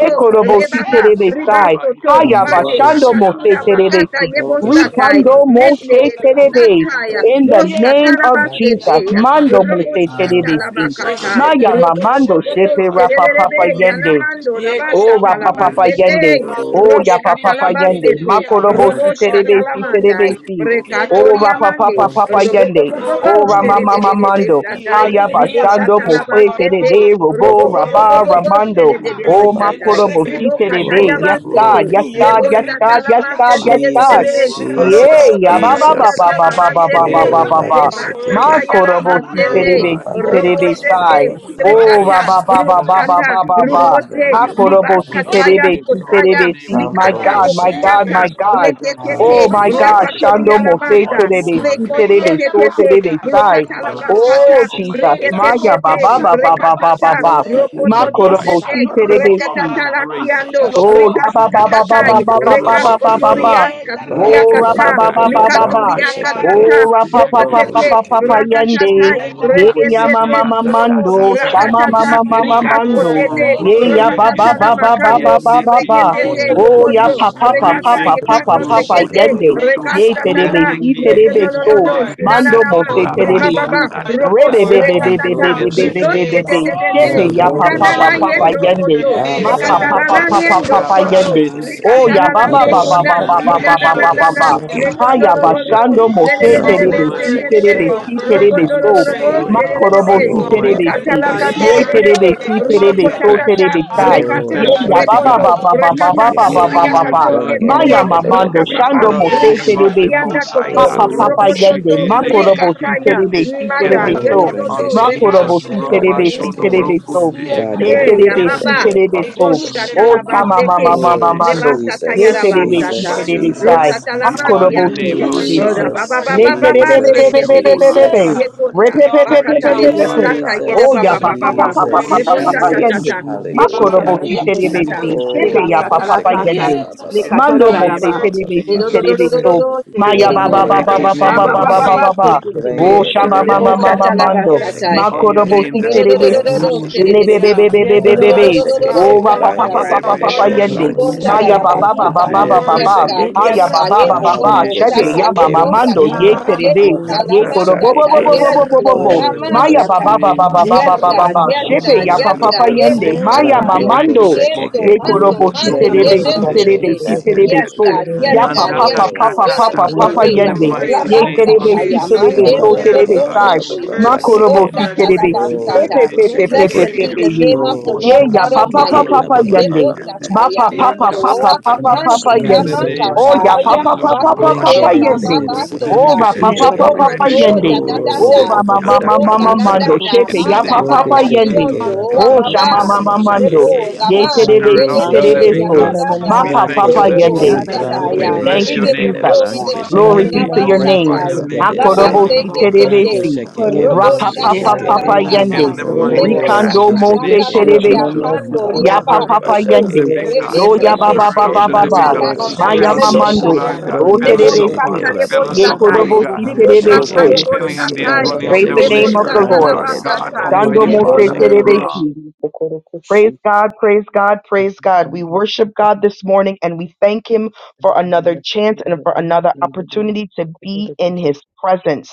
the va va Lamb God. va Yes, va Si of We Rebaba, va shen God Terebe say, rakatata. Sai, glorify your Ribasoto, Thank name, you. Hayaba You are Mande Father Ambrogo our Shando God. se Yeshia Mose Bakatura peace. And Hallelujah, mamamamai. Bakata Lababiba Terebesi, Ogo hallelujah. se que Kakita, the Yebosatai, que Lamb Rikando Ande Mose kiyo Yondorokosho the Mendelebe kulo Yeye Terebe, kulo rabababa. sataya, kuti in Branche the te moska se que Kakita, te name te of te. Yendoroku Okay, se Jesus, Menderebesataya, Moskatarabaseteya, yamamamaman Yende Mando Mose kiye and the Lamb te rekesha. ah ke va te Terebesi. que te se God que te Robosatalabakata, que te. Maya Dededede, va Yeshendere mamando My que Kakeke, keshendere shepe God, rapa in the papa va va ketenoro. name va Roboboboboboserebe, of va va the hallelujah, Son, va yende. Yanamando, worthy. hallelujah. of Oh, God. Yenderabababa Yes, Rapapapa kasha my Yende. Rabashatalabasete, yamo. God, in oh the Oh, va name of Yendidi Yapapapa Yende. Jesus yekindidi Anoint Roshkatalabasete, Hallelujah. Christ Makorobo of myself, God Nazareth, of Siterebe God, de de we de yekundererereroroko. va Siterebe Roboshkatalamandai, is give you Si. que in glory and great, the Oh, name of honor. We Rekatoriamande, Rapapapa God. Branche praise Papa God se you, say, Yende. Lord glory, God. Oh, de In Ramamama de Yendarabababakashendereketetererorororobo. de de the de Mando. name Branche God of Roboboboboboserebesatai, glory, de Haya say, de de Anoint Jesus Bashando Branche Christ and of se the God myself, Lamb Liboshatalabasete, Nazareth, Terebe worthy, Yendiriyakandarabababababato. Robo Robo Bobo worthy, Noko anoint Rabba and Sekeke, Tureko Ramando. Yendererokusheyaba. the great, Oh, myself, Lamb Abba Tekete, of God Roboboboboboserebesatai, Makorobo great. Sekeke. Rebesho Siterebe. anoint myself, Glory, Yes, anoint Hallelujah. and Noko Yenderekototototetete. the God. Lamb Libokatayabasete, glory, Yes, Toto. God. Yes, glory. In Lebosa the myself, God. Yes, name talamase God. of Yenderekishiyababa. Yes, God. Jesus, tererebe. Jesus, God, Rabba Lord, Jesus, and the your Lamb Yay. of Shakanda God word, What Ababa a Olololololobosa Jesus. good Baba Yenderokoshototetete. Katata. God Baba great, move, you talamase are. Baba Lord te. In Baba the Oh, God, Baba. name Lake your Yekenderakatata. of and Lebasa word, block Jesus, Sekeke. God, it, Makorobo Lord glory tayarabase And word, to te. the God. Oh, Lamb Siterebe God and Yeshiyabababandororobo. the Baba, Lamb of Baba, sabababa, God Siterebe Almighty. Baba, Move, Baba, Sai. Roboshete. We Baba, give Lord you Baba, God, Oh, Yekenderokudrabababa. thanks, Baba, yeah, O Rekata, Rabba Thank you Lord anything Sekeke. Baba that that you God. We Baba Yekotetetete. so Rukata, give Baba you love. Baba. glory. comes Prombe, to Rupote, me, We Lord Hedede, honor Yandarama God. you, Hakorobosi my Blanke word, and God. Libakataya, We terebesi Sekeke. exalt Yenderabababakoshoyobobokoshe. Yandarama word, your Kotaya, was terebesi. name, O My Lord Sayama God, Likata, Pamproko God. God, my I pray, and God, Help Yeshen great, Sekeke. my us, Bokliata, Lord, Father God. Rabba, Yandarama God, was to Oh Leketete, thank you, my continue, yeshaton Hallelujah, God. Father Jesus, as for God, Shando I Lakatolia chains to mose are great, anoint hallelujah. Yeshendraba, want Lamata, more myself broken. of terebesi Glory, you, with O Yeshatondrakatayoku, great. oil, Lord Yandarama God Lord, terebeso was Lekosketete, Yeah. thank more you, of terebesai. Yendrabakashaya Blokata you, Lord Lord Blanke Lord, Sekeke. Jesus. Babai, God You I Oh Labakata, set Almighty, Jesus. receive, captives Maya more free. of Breketete, baba you, God, baba Yendrokushaya I Father, Yandarama baba was receive Brekatata, say more baba. to Abba fresh Babaketete, be like Mandi Rokototo Sekeke, Christ, Sete, Yandarama Makorobosi anointing, was more God, of Yashandrakia terebesi. Hallelujah. your Rekatata Bababa, grace, fresh Baba Lakiando, Sayama. more Oh, Sekeke. of ya Rekatata. anointing, your ba God, ba Hallelujah. ba ba mercy, ba Katatai, Yandarama ba ba was more Pamproko fresh Yokondrekeshetatai, Rekas of Glory, ba ba Sayama ba your anointing, ba Sekeke. ba. love, Lord God, fresh glory, anointing, Kotorias, Sayam Lord more God, Katuria of Oh, Yandarama your ra ba Kata, ba ba Yendrakashato, ba compassion. Brakelelelele, ba ba. Blikaturia Rabash hallelujah. brankeshekeke, Katata, Oh, Kukorokote ra pa pa pa pa Yakete, pa Brokatete, Yendrakashakatai, Yandarama pa fresh pa brokoshekeke, Rebe anointing, Brakatatai, yende. Thank you, God. Ye Yandarama was ya ma rakusho. Resetete, Shondokorokuneke ma In Sayama ma bake, your Broko, mando. presence, Yakatatata, Lord. You Yeah, where Shama ma mama, Rakatata, there's ma mama, ma Rebe ma are bakeshekeke, mama. Rikas worthy. healing, You mando. Kotete, Maboseyama, are Ye brankelele, ya worthy. ba Brokatata ba healing da ba ba forever of Andiandala ba praise. brankesheke, ba Yonrakushototo. Makato, ba it ba Maboseyama, ba. is, Hallelujah. Reketete, Lord. bro- Oh, ya Yokondo, pa Andiandala pa Yendrakashaya pa brokosheke, baba. pa Rekata, Oh pa pa Maboseyama, pa God, Yekando pa pa thank you. Sekete, you. brokoshekeke, Andiandala yende. la Thank you, ba ba ba Ye Yeshendrakutaya ba Rekasta Thank Maboseyama, you Tata, terebe baba. for Thank si ba your ba ba, Rekeno terebe no healing no so. no, Andiandala Maboseyama, Andiandala Lord. virtue. Mando Yekendrakia Sinana mo Oh, se Maboseyama, Thank you that terebe you're not Ribababa, si. a Andiandala glorify lambrokoshekeke, man Roko, that you, you Rebe be Lord. be should Maboseyama, be Rabashakatakataka. be be lie, Rekatata, Exalt be In be the your be Rikos, be but name lambrokoshekeke, Ondrokushototo. be name. the Andiandala be. of son of Ketetete, man Sepe Jesus, that ya you Maboseyama, pa Robo pa should pa Lord, Nikanana pa pa lambrokoshekeke, repent. Yendo Andiandala yende. your But Shukurukuti Kondo, you are ba name, ba Yenderieshe ba God, Mapa if ba God. ba you ba papa Kiti ba Rekatalana said ba Hallelujah. it, yabababa papa ba you Yendo ba papa will ba ba, do it, Kondo, yende. Lord Rabashende sekeke God. tandarabai. Oh Thank you, ya Maboseyama, ba Rekatalana baba ba de Holy Kiyokuto, ba ba baba ba Kona, Yeshi Oh ba ba Andiandala baba Spirit. Rebe ba baba Father, Maboseyama, I ba yabababa ba Hallelujah. baba ba anointed baba. ba, Minanana, Shokundo ba. You myself shakeke, kushotote. Ha with Nekondo ya oil. Logoro, Kurukuteyeke. Andiandala bashando mose In are I the Maboseyama, terebe pray for worthy. si You mighty you, Yenderabakusha sekeke name terebe Handi Lelelele, are of si worthy. healing. I of andala ask yabababa terebe Jesus, for mabo you, so. kete Rokondororobo healing. Praise. yo glory seyama. Rakeshakeke. to yo yo You said, sererebe, Makorobo God Handi si You Lord are Oh, God, ba boku. Almighty. terebe andala ba worthy, ba whatever si. mabo we ba God. We ba ba ba You give are ask you Ye for worthy. ba ba to seyama. in thanks. ba terebe likatalakatererebe, your ba be Handi name, si ba We give andala terebe Yenderaki you exalted. so shakeke. it mabo thanks. be rokotatata, done terebe yabababa We kai. unto give us. you seyama. rekata, Oh, Ye ba thanks, ba ya We ba Handi mighty ba ask ba baba rekoto, ba God. ba andala baba for ba ba ndrokushototo. baba mabo We healing give in baba my you baba shakeke. heart. glory, rekatakataya baba. seyama. ba. Lord God Renge healing Ma de in katoketete, Maya de Yenderokusho de Almighty. my de de body. yoba. mamando de de We rokapapa, shando honor the Oh mose Handi name dear Yeshe of brakeshakeke. the terebe andala rekatukianda si. Most Jesus, I High koto, mas God, yabababa Papa Oh, confess ba papa ba that ba koto. the Niki, ba blood ba yende. rokototo, ba ba flow, ba. Lord Hallelujah. Makorobo si God, andala rikataya, Kititi, mabo terebe Yenderokusha si freely in manda, the the terebe yababa. way Oh, seyama. so. it name should of yedododo, brenge Handi flow, reba. Lord shakeke. andala Jesus, Makorobo God. si Yeshen mabo Mm, Brake terebe si Yeshenreketa. mm. Remove mm. terebe shakeke. every so. symptom, Ye Brake Lord Rabashonobrokotekete, de Hey, de God. ya de terebe, God, in de worship, the de si baba. Yenderabakushoto. de name seyama. terebe of blanke so. Jesus. Handi Boshata O shakeke. la We andala Cause chama me, mabo mama baseke. praise Lord, your mama Oh, name. seyama. mando. Yeshiamamamandereketeta. Handi Lebasata andala to Ye We mabo worship, Jesus, terebe, si function, yarabasata. glorify Jesus, worship Lord your terebe name. God. sai. God. Seyama Jesus. Roshata la As We you Yoshondrakatatai. handi have God, honor your Hakorobo si you masiando. andalama name, created me Lord terebe to praise, God Ora si. you boseyama. baba Jesus, function, Almighty. Le baba praise, Lord. baba Handi We terebe Yeshianonomomokia. be be lift Jesus, praise. Bring be sheke you, be up, andalama O be today. be healing be Lord to be. my Jesus. God. boseyama. Yeah. body, Yendrobo. Handi Yekota. Repe God. We pe pe God, pe pe andalama praise Bakata our From pe you, the pe pe. Father crown word, of boseyama. lebosata God. my head, our yere O ya Jesus, baba word, God, pa baba Yendrobokusho. Handi pa You pa are baba. pa pa andalama pa praise. holy Jesus, pa into pa the and pa Lebosata very boseyama. righteous, yende. Jesus. O tata. soul of Handi Lord, Yendrabakata. my God, so Makorobo Lebosata full Hallelujah. of si andalama good feet, terebe Yeketa lekosata. Lord si. boseyama. God, in Shepe Oh, ya the papa. pa rogo Lebasata name Handi pa of la pa shekeke tata. yende. andalama Jesus. raba ba ba in ba ba the Lekatoro Mando I boseyama. ba ba mo ba name se ask raraba. Yendrokushoto. you ba of worship, to ba ba terebe si ba Ledo heal Jesus do do worship, terebe me do do now, do Christ, so. shakeke. Lord do. Shede God. in de Maya the de ba ba boy. Handi andalama boseyama. Handi ba ba Rambrogo mighty ba praise, ba andalama ba name Heal Baba ba of baba ba Yendrababaka. me, shekeke. ba baba praise, ba Lord. Jesus. ba. boseyama. sheke O Handi O sheke. praise. Brenge Heal de shama de me, Spirit de andalama of de mama the Lord. de Oh, de Living, mama Lebosata la God, mando. brage praise, Cleanse me, we basata. boseyama. honor shekeke. your Lord. Handi thank Makorobo you, Yendrababakushodromo. name si Yekoro this do do andalama do terebe morning. Lord. Cleanse do do si. me Rambrogo do. with Robo the boseyama. so de full de shekeke. cleansing be. Hallelujah. blood of Handi Ro- ro- ro- God, ro- Branke ro- Lebebebebebebebe. andalama ro- Jesus. Yedrababa. ro- our ro- Oh, shekeke. rapa boseyama. pa word, Brange pa Cleanse pa de me Handi pa de our Rebe pa de with the pa de shadadadabasandai. de word, andalama yende. cleansing Libo branke shonoku blood of Maya boseyama. praise. ba kotoro shekeke. ba Jesus. ba Yeshenreketidia. ba shadadabasatai. ba By Andi Rogo your Yes, andala yekete. God. stripes I Yes, shekeke. Haya was ba God. ba ye ba maboseyama, bo healed. Ah, bo bo andi bage Yendrabakushototo. You Shebe shata ya said, andala ma shekeke lebo Lord raba God, Yanda ba mando kata. ba by ye ba maboseyama, your ba ba Ye ba terebe. ba stripes Yendrabababa. kota ba I ba andi kotala you. Ye ba was koro bo andala healed. bo masata. bo shakeke. bo katata bo Thank Yes, bo bo you. bo May maboseyama, Lord. bo. in the Oh, andi healing rogo Yendrakushototo. Maya mighty flow andala ba Amashata. in ba ba name ba me shakeke, ba of ba this ba ba Yes, maboseyama, ba ba Jesus. morning. God. ba ba Yes, O ba andi May Shebe Yendrabababa. your ba God. ya pa Yes, Spirit andala pa of healing pa God. the shakeke. ye yende. bo living power God, maboseyama, Maya flow sata ma we in andi ya. me thank Lambrogo you this Yendrabakasha. mando. this andala morning, morning. Yendo shakeke. Ye Lord koro mando God, bo Robo si mande Our maboseyama, to de shokuro terebe word, si kote every andala heart Rengesheteke, terebe besete. yeke te si Yendrakushototo. te vessel. Give maboseyama, terebe te Yes, te. so. God. Rakesheteke, In the Yes, Ya andi pa name God. of Yanda pa Yes andala pa Oh, to pa kata your pa Yendrabababa. will Jesus, pa and pa tata. to pa your God maboseyama, pa we way. In the ya. you give will andi yende. be La praise, mighty my andala Ye name of terebe basata Rabababababababababababashakeke, physician praise, si ya this Jesus. Yendrakeshatatata. terebe mande morning. maboseyama, so bo Glory bo hallelujah. to andi terebe bo God. sai. andala Glory sheke. In to the Worship God. name you, Yeshandrababa. Libo of Makorobo Rababababababababababashakeke, We si maboseyama, Lord. sata Rabababababababababashakeke, la praise Jesus, you. terebesi. andi Oh, We God, basata. Pepe andala May praise maboseyama, andi andala you. pepe we We this give pepe Roboshekeke, Blessed praise prayer you be you. pepe be the the my ye. name of Yendrakushototo. the Robo Oh, Ye Lord throne, ya God maboseyama, papa Lord. papa Rakeshekeke, shokuro Almighty. papa kote Dea Hallelujah. Lebo yende. Will yeke you, te. mahandi my Ma good sataya pa praise, andala papa physician, mabos. Yakata papa mandoa attend Thank give you you, to Rabababababababababashakeke, papa tata Yendrakusho. Lord, me, for papa the Lord, best, in mangeda the grace. yende. name Rambrogo and Oh of ya bring makataya Iandala Shekeke, papa Jesus. papa healing, papa mahandi bakote God, papa bring God, andala Yendrabababakashatata. baba Rabashokundu yende. Brangedededede, mabosea Oh restoration, basota. ra give Lord, yeketete, papa papa Brankeshekeke, Lebo mahandi papa in the koto andala remeshondo ya yende. name Oh, da of da Yendrakeshatatata. Oh da. mabosea ra mama Jesus. Lebo mahandi la That mama la is andala who da mando. yandakatatata, you da Roboboboboboboboboboboshekeke, In Shepe you are. the ya Yendrakusho mabosea You banda name are papa of my papa banda yobobobo. yende. healer. Rogeshekeke, Jesus. mahandi God, In diondoa worship, andala Oh the You shama name are baba. of a mabosea mama great Jesus. mando. Rabababababababashakeke, Lebo praise, mahandi la physician. Ye O andala bande God, God, de That Spirit of de terebesi is Lambrogo the de what mabosea your living ya terebeso. word da Na God, shekeke, na da na God, na Amarikishatata. mahandi Ma da. says, we mas Lord papa brake andala thank bitera you God. papa da this Lebo God, ya yende. shekeke, man You morning. mabosea praise, wish above kokore give We brange da you sataya. de mahandi all de the Thank bless de We bas your you, best, things de give andala de that you name de, Yamarababakashayaba. we Jesus. this glory branke this mabosea God, morning. Na worship, worship, God, God, na God, God, Glory na God, morning, na We be shekeke, na. to Abba your mahandi One will give you the best, two glorify name. three your Shatai. andala na brange name prosper de this de pokora de, Hakorobo mabosea and morning. be si in kosi. mahandi brake health, Labastekete, terebesi. Yamarabakushototo. Roboshokundu andala shekeke, Oh even Robo my Rapa as brange mabosea your shata papa God, I soul yekete, papa shekeke, remember mahandi Shatalabasata, the In yende. the prospers. andala kororo Yemarababababakasha. God, ya mighty, oh, dako. Rikando rake Lebosata mabosea matchless mose name shekeke, of Amen ba There's to ba lakaturia ba none Jesus. ba terebesi. health, like ba ba you, kando ba Lord O ba Ya ba God, ba Yandalama kororo Yeshendarakatatata. ba da Spirit ba handi papa of basi, riabasoto the because that yende. andalama, shekeke, living kororo is da what God. we Yo basi. were ya ba boseyama rake ba rebeketete Spirit ba ba of ba shke looking the for. Yes, living handi yabababababa. Yendarabakushototo. Lord, God. nambrogo God, We'll we andalama, make labashata Maya Fill worship, bless us you. Na up, shekeke, O na na mamando. divine boseyama na lebosata worship, Lord na, God. O the handi healing, God, branke Fill God. kororo us Yeshendarakatata. da up, andalama, lebosata shekeke, terebesi. Father. basi. ba You ba Fill will ba us ba Ye up, help boseyama ba me ba lebosatai my ba to praise, korobo ba God. si ba walk ba handi in Yandarobokusho Give Oh, us libokata health, the God, terebeso. andalama, kuyo shekeke, yamamamo. infilling and the kororo give da lebosatai you boseyama divine indwelling branke of the basi. Praise the health, the handi Holy name best, Lord, shekeke, of in the Spirit, lebosata the O andalama, Lord. name brange Lord of de Yeshendarabababa. de de God, God, labakata de boseyama de, Jesus. Oh, Shando Almighty branke mose Father. hallelujah, da libosene. shekeke. Yendarabakash. terebesi. basi, pokora Praise koshi. God, praise God, Na praise na God. We na na, worship the God this morning and we thank Him for another kororo da basi, chance kororo and da for basi, another kororo da opportunity basi, to kororo da be in koshi. His presence.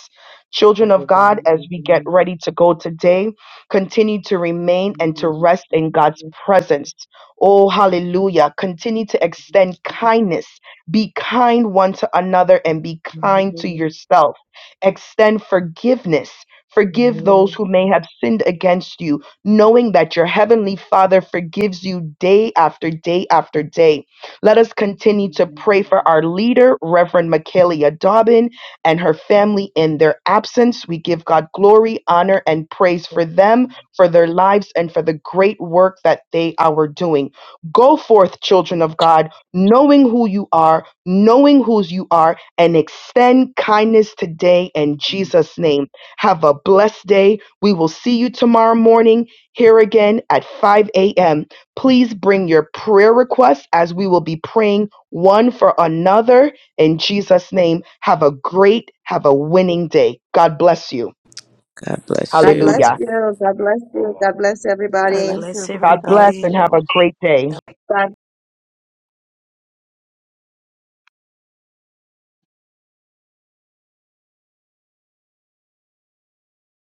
Children of Hallelujah, God, as we get ready to go today, continue to remain and to rest in God's presence. Oh, hallelujah. Continue to extend kindness. Be kind one to another and be kind to hallelujah, yourself. Extend forgiveness. Forgive hallelujah. those who may have sinned against you knowing that your heavenly Father forgives you day after day after day. Let us continue to pray Thank for our leader, Reverend Michaela Dobbin, and her family in their absence. We give God glory, honor, and praise for them, for their lives, and for the great work that they are doing. Go forth, children of God, knowing who you are, knowing whose you are, and extend kindness today in you. Jesus' name. Have a blessed day. We will see you tomorrow morning here again at 5 a.m. Please bring your prayer requests as we will be praying one for another. In Jesus' name, have a great, have a winning day. God bless you. God bless God you. bless Hallelujah. Amen. you. God Let's bless you. fall. God bless God God bless everybody. you, bless Amen. everyone. God God bless everybody. bless and you. have a great day. Three.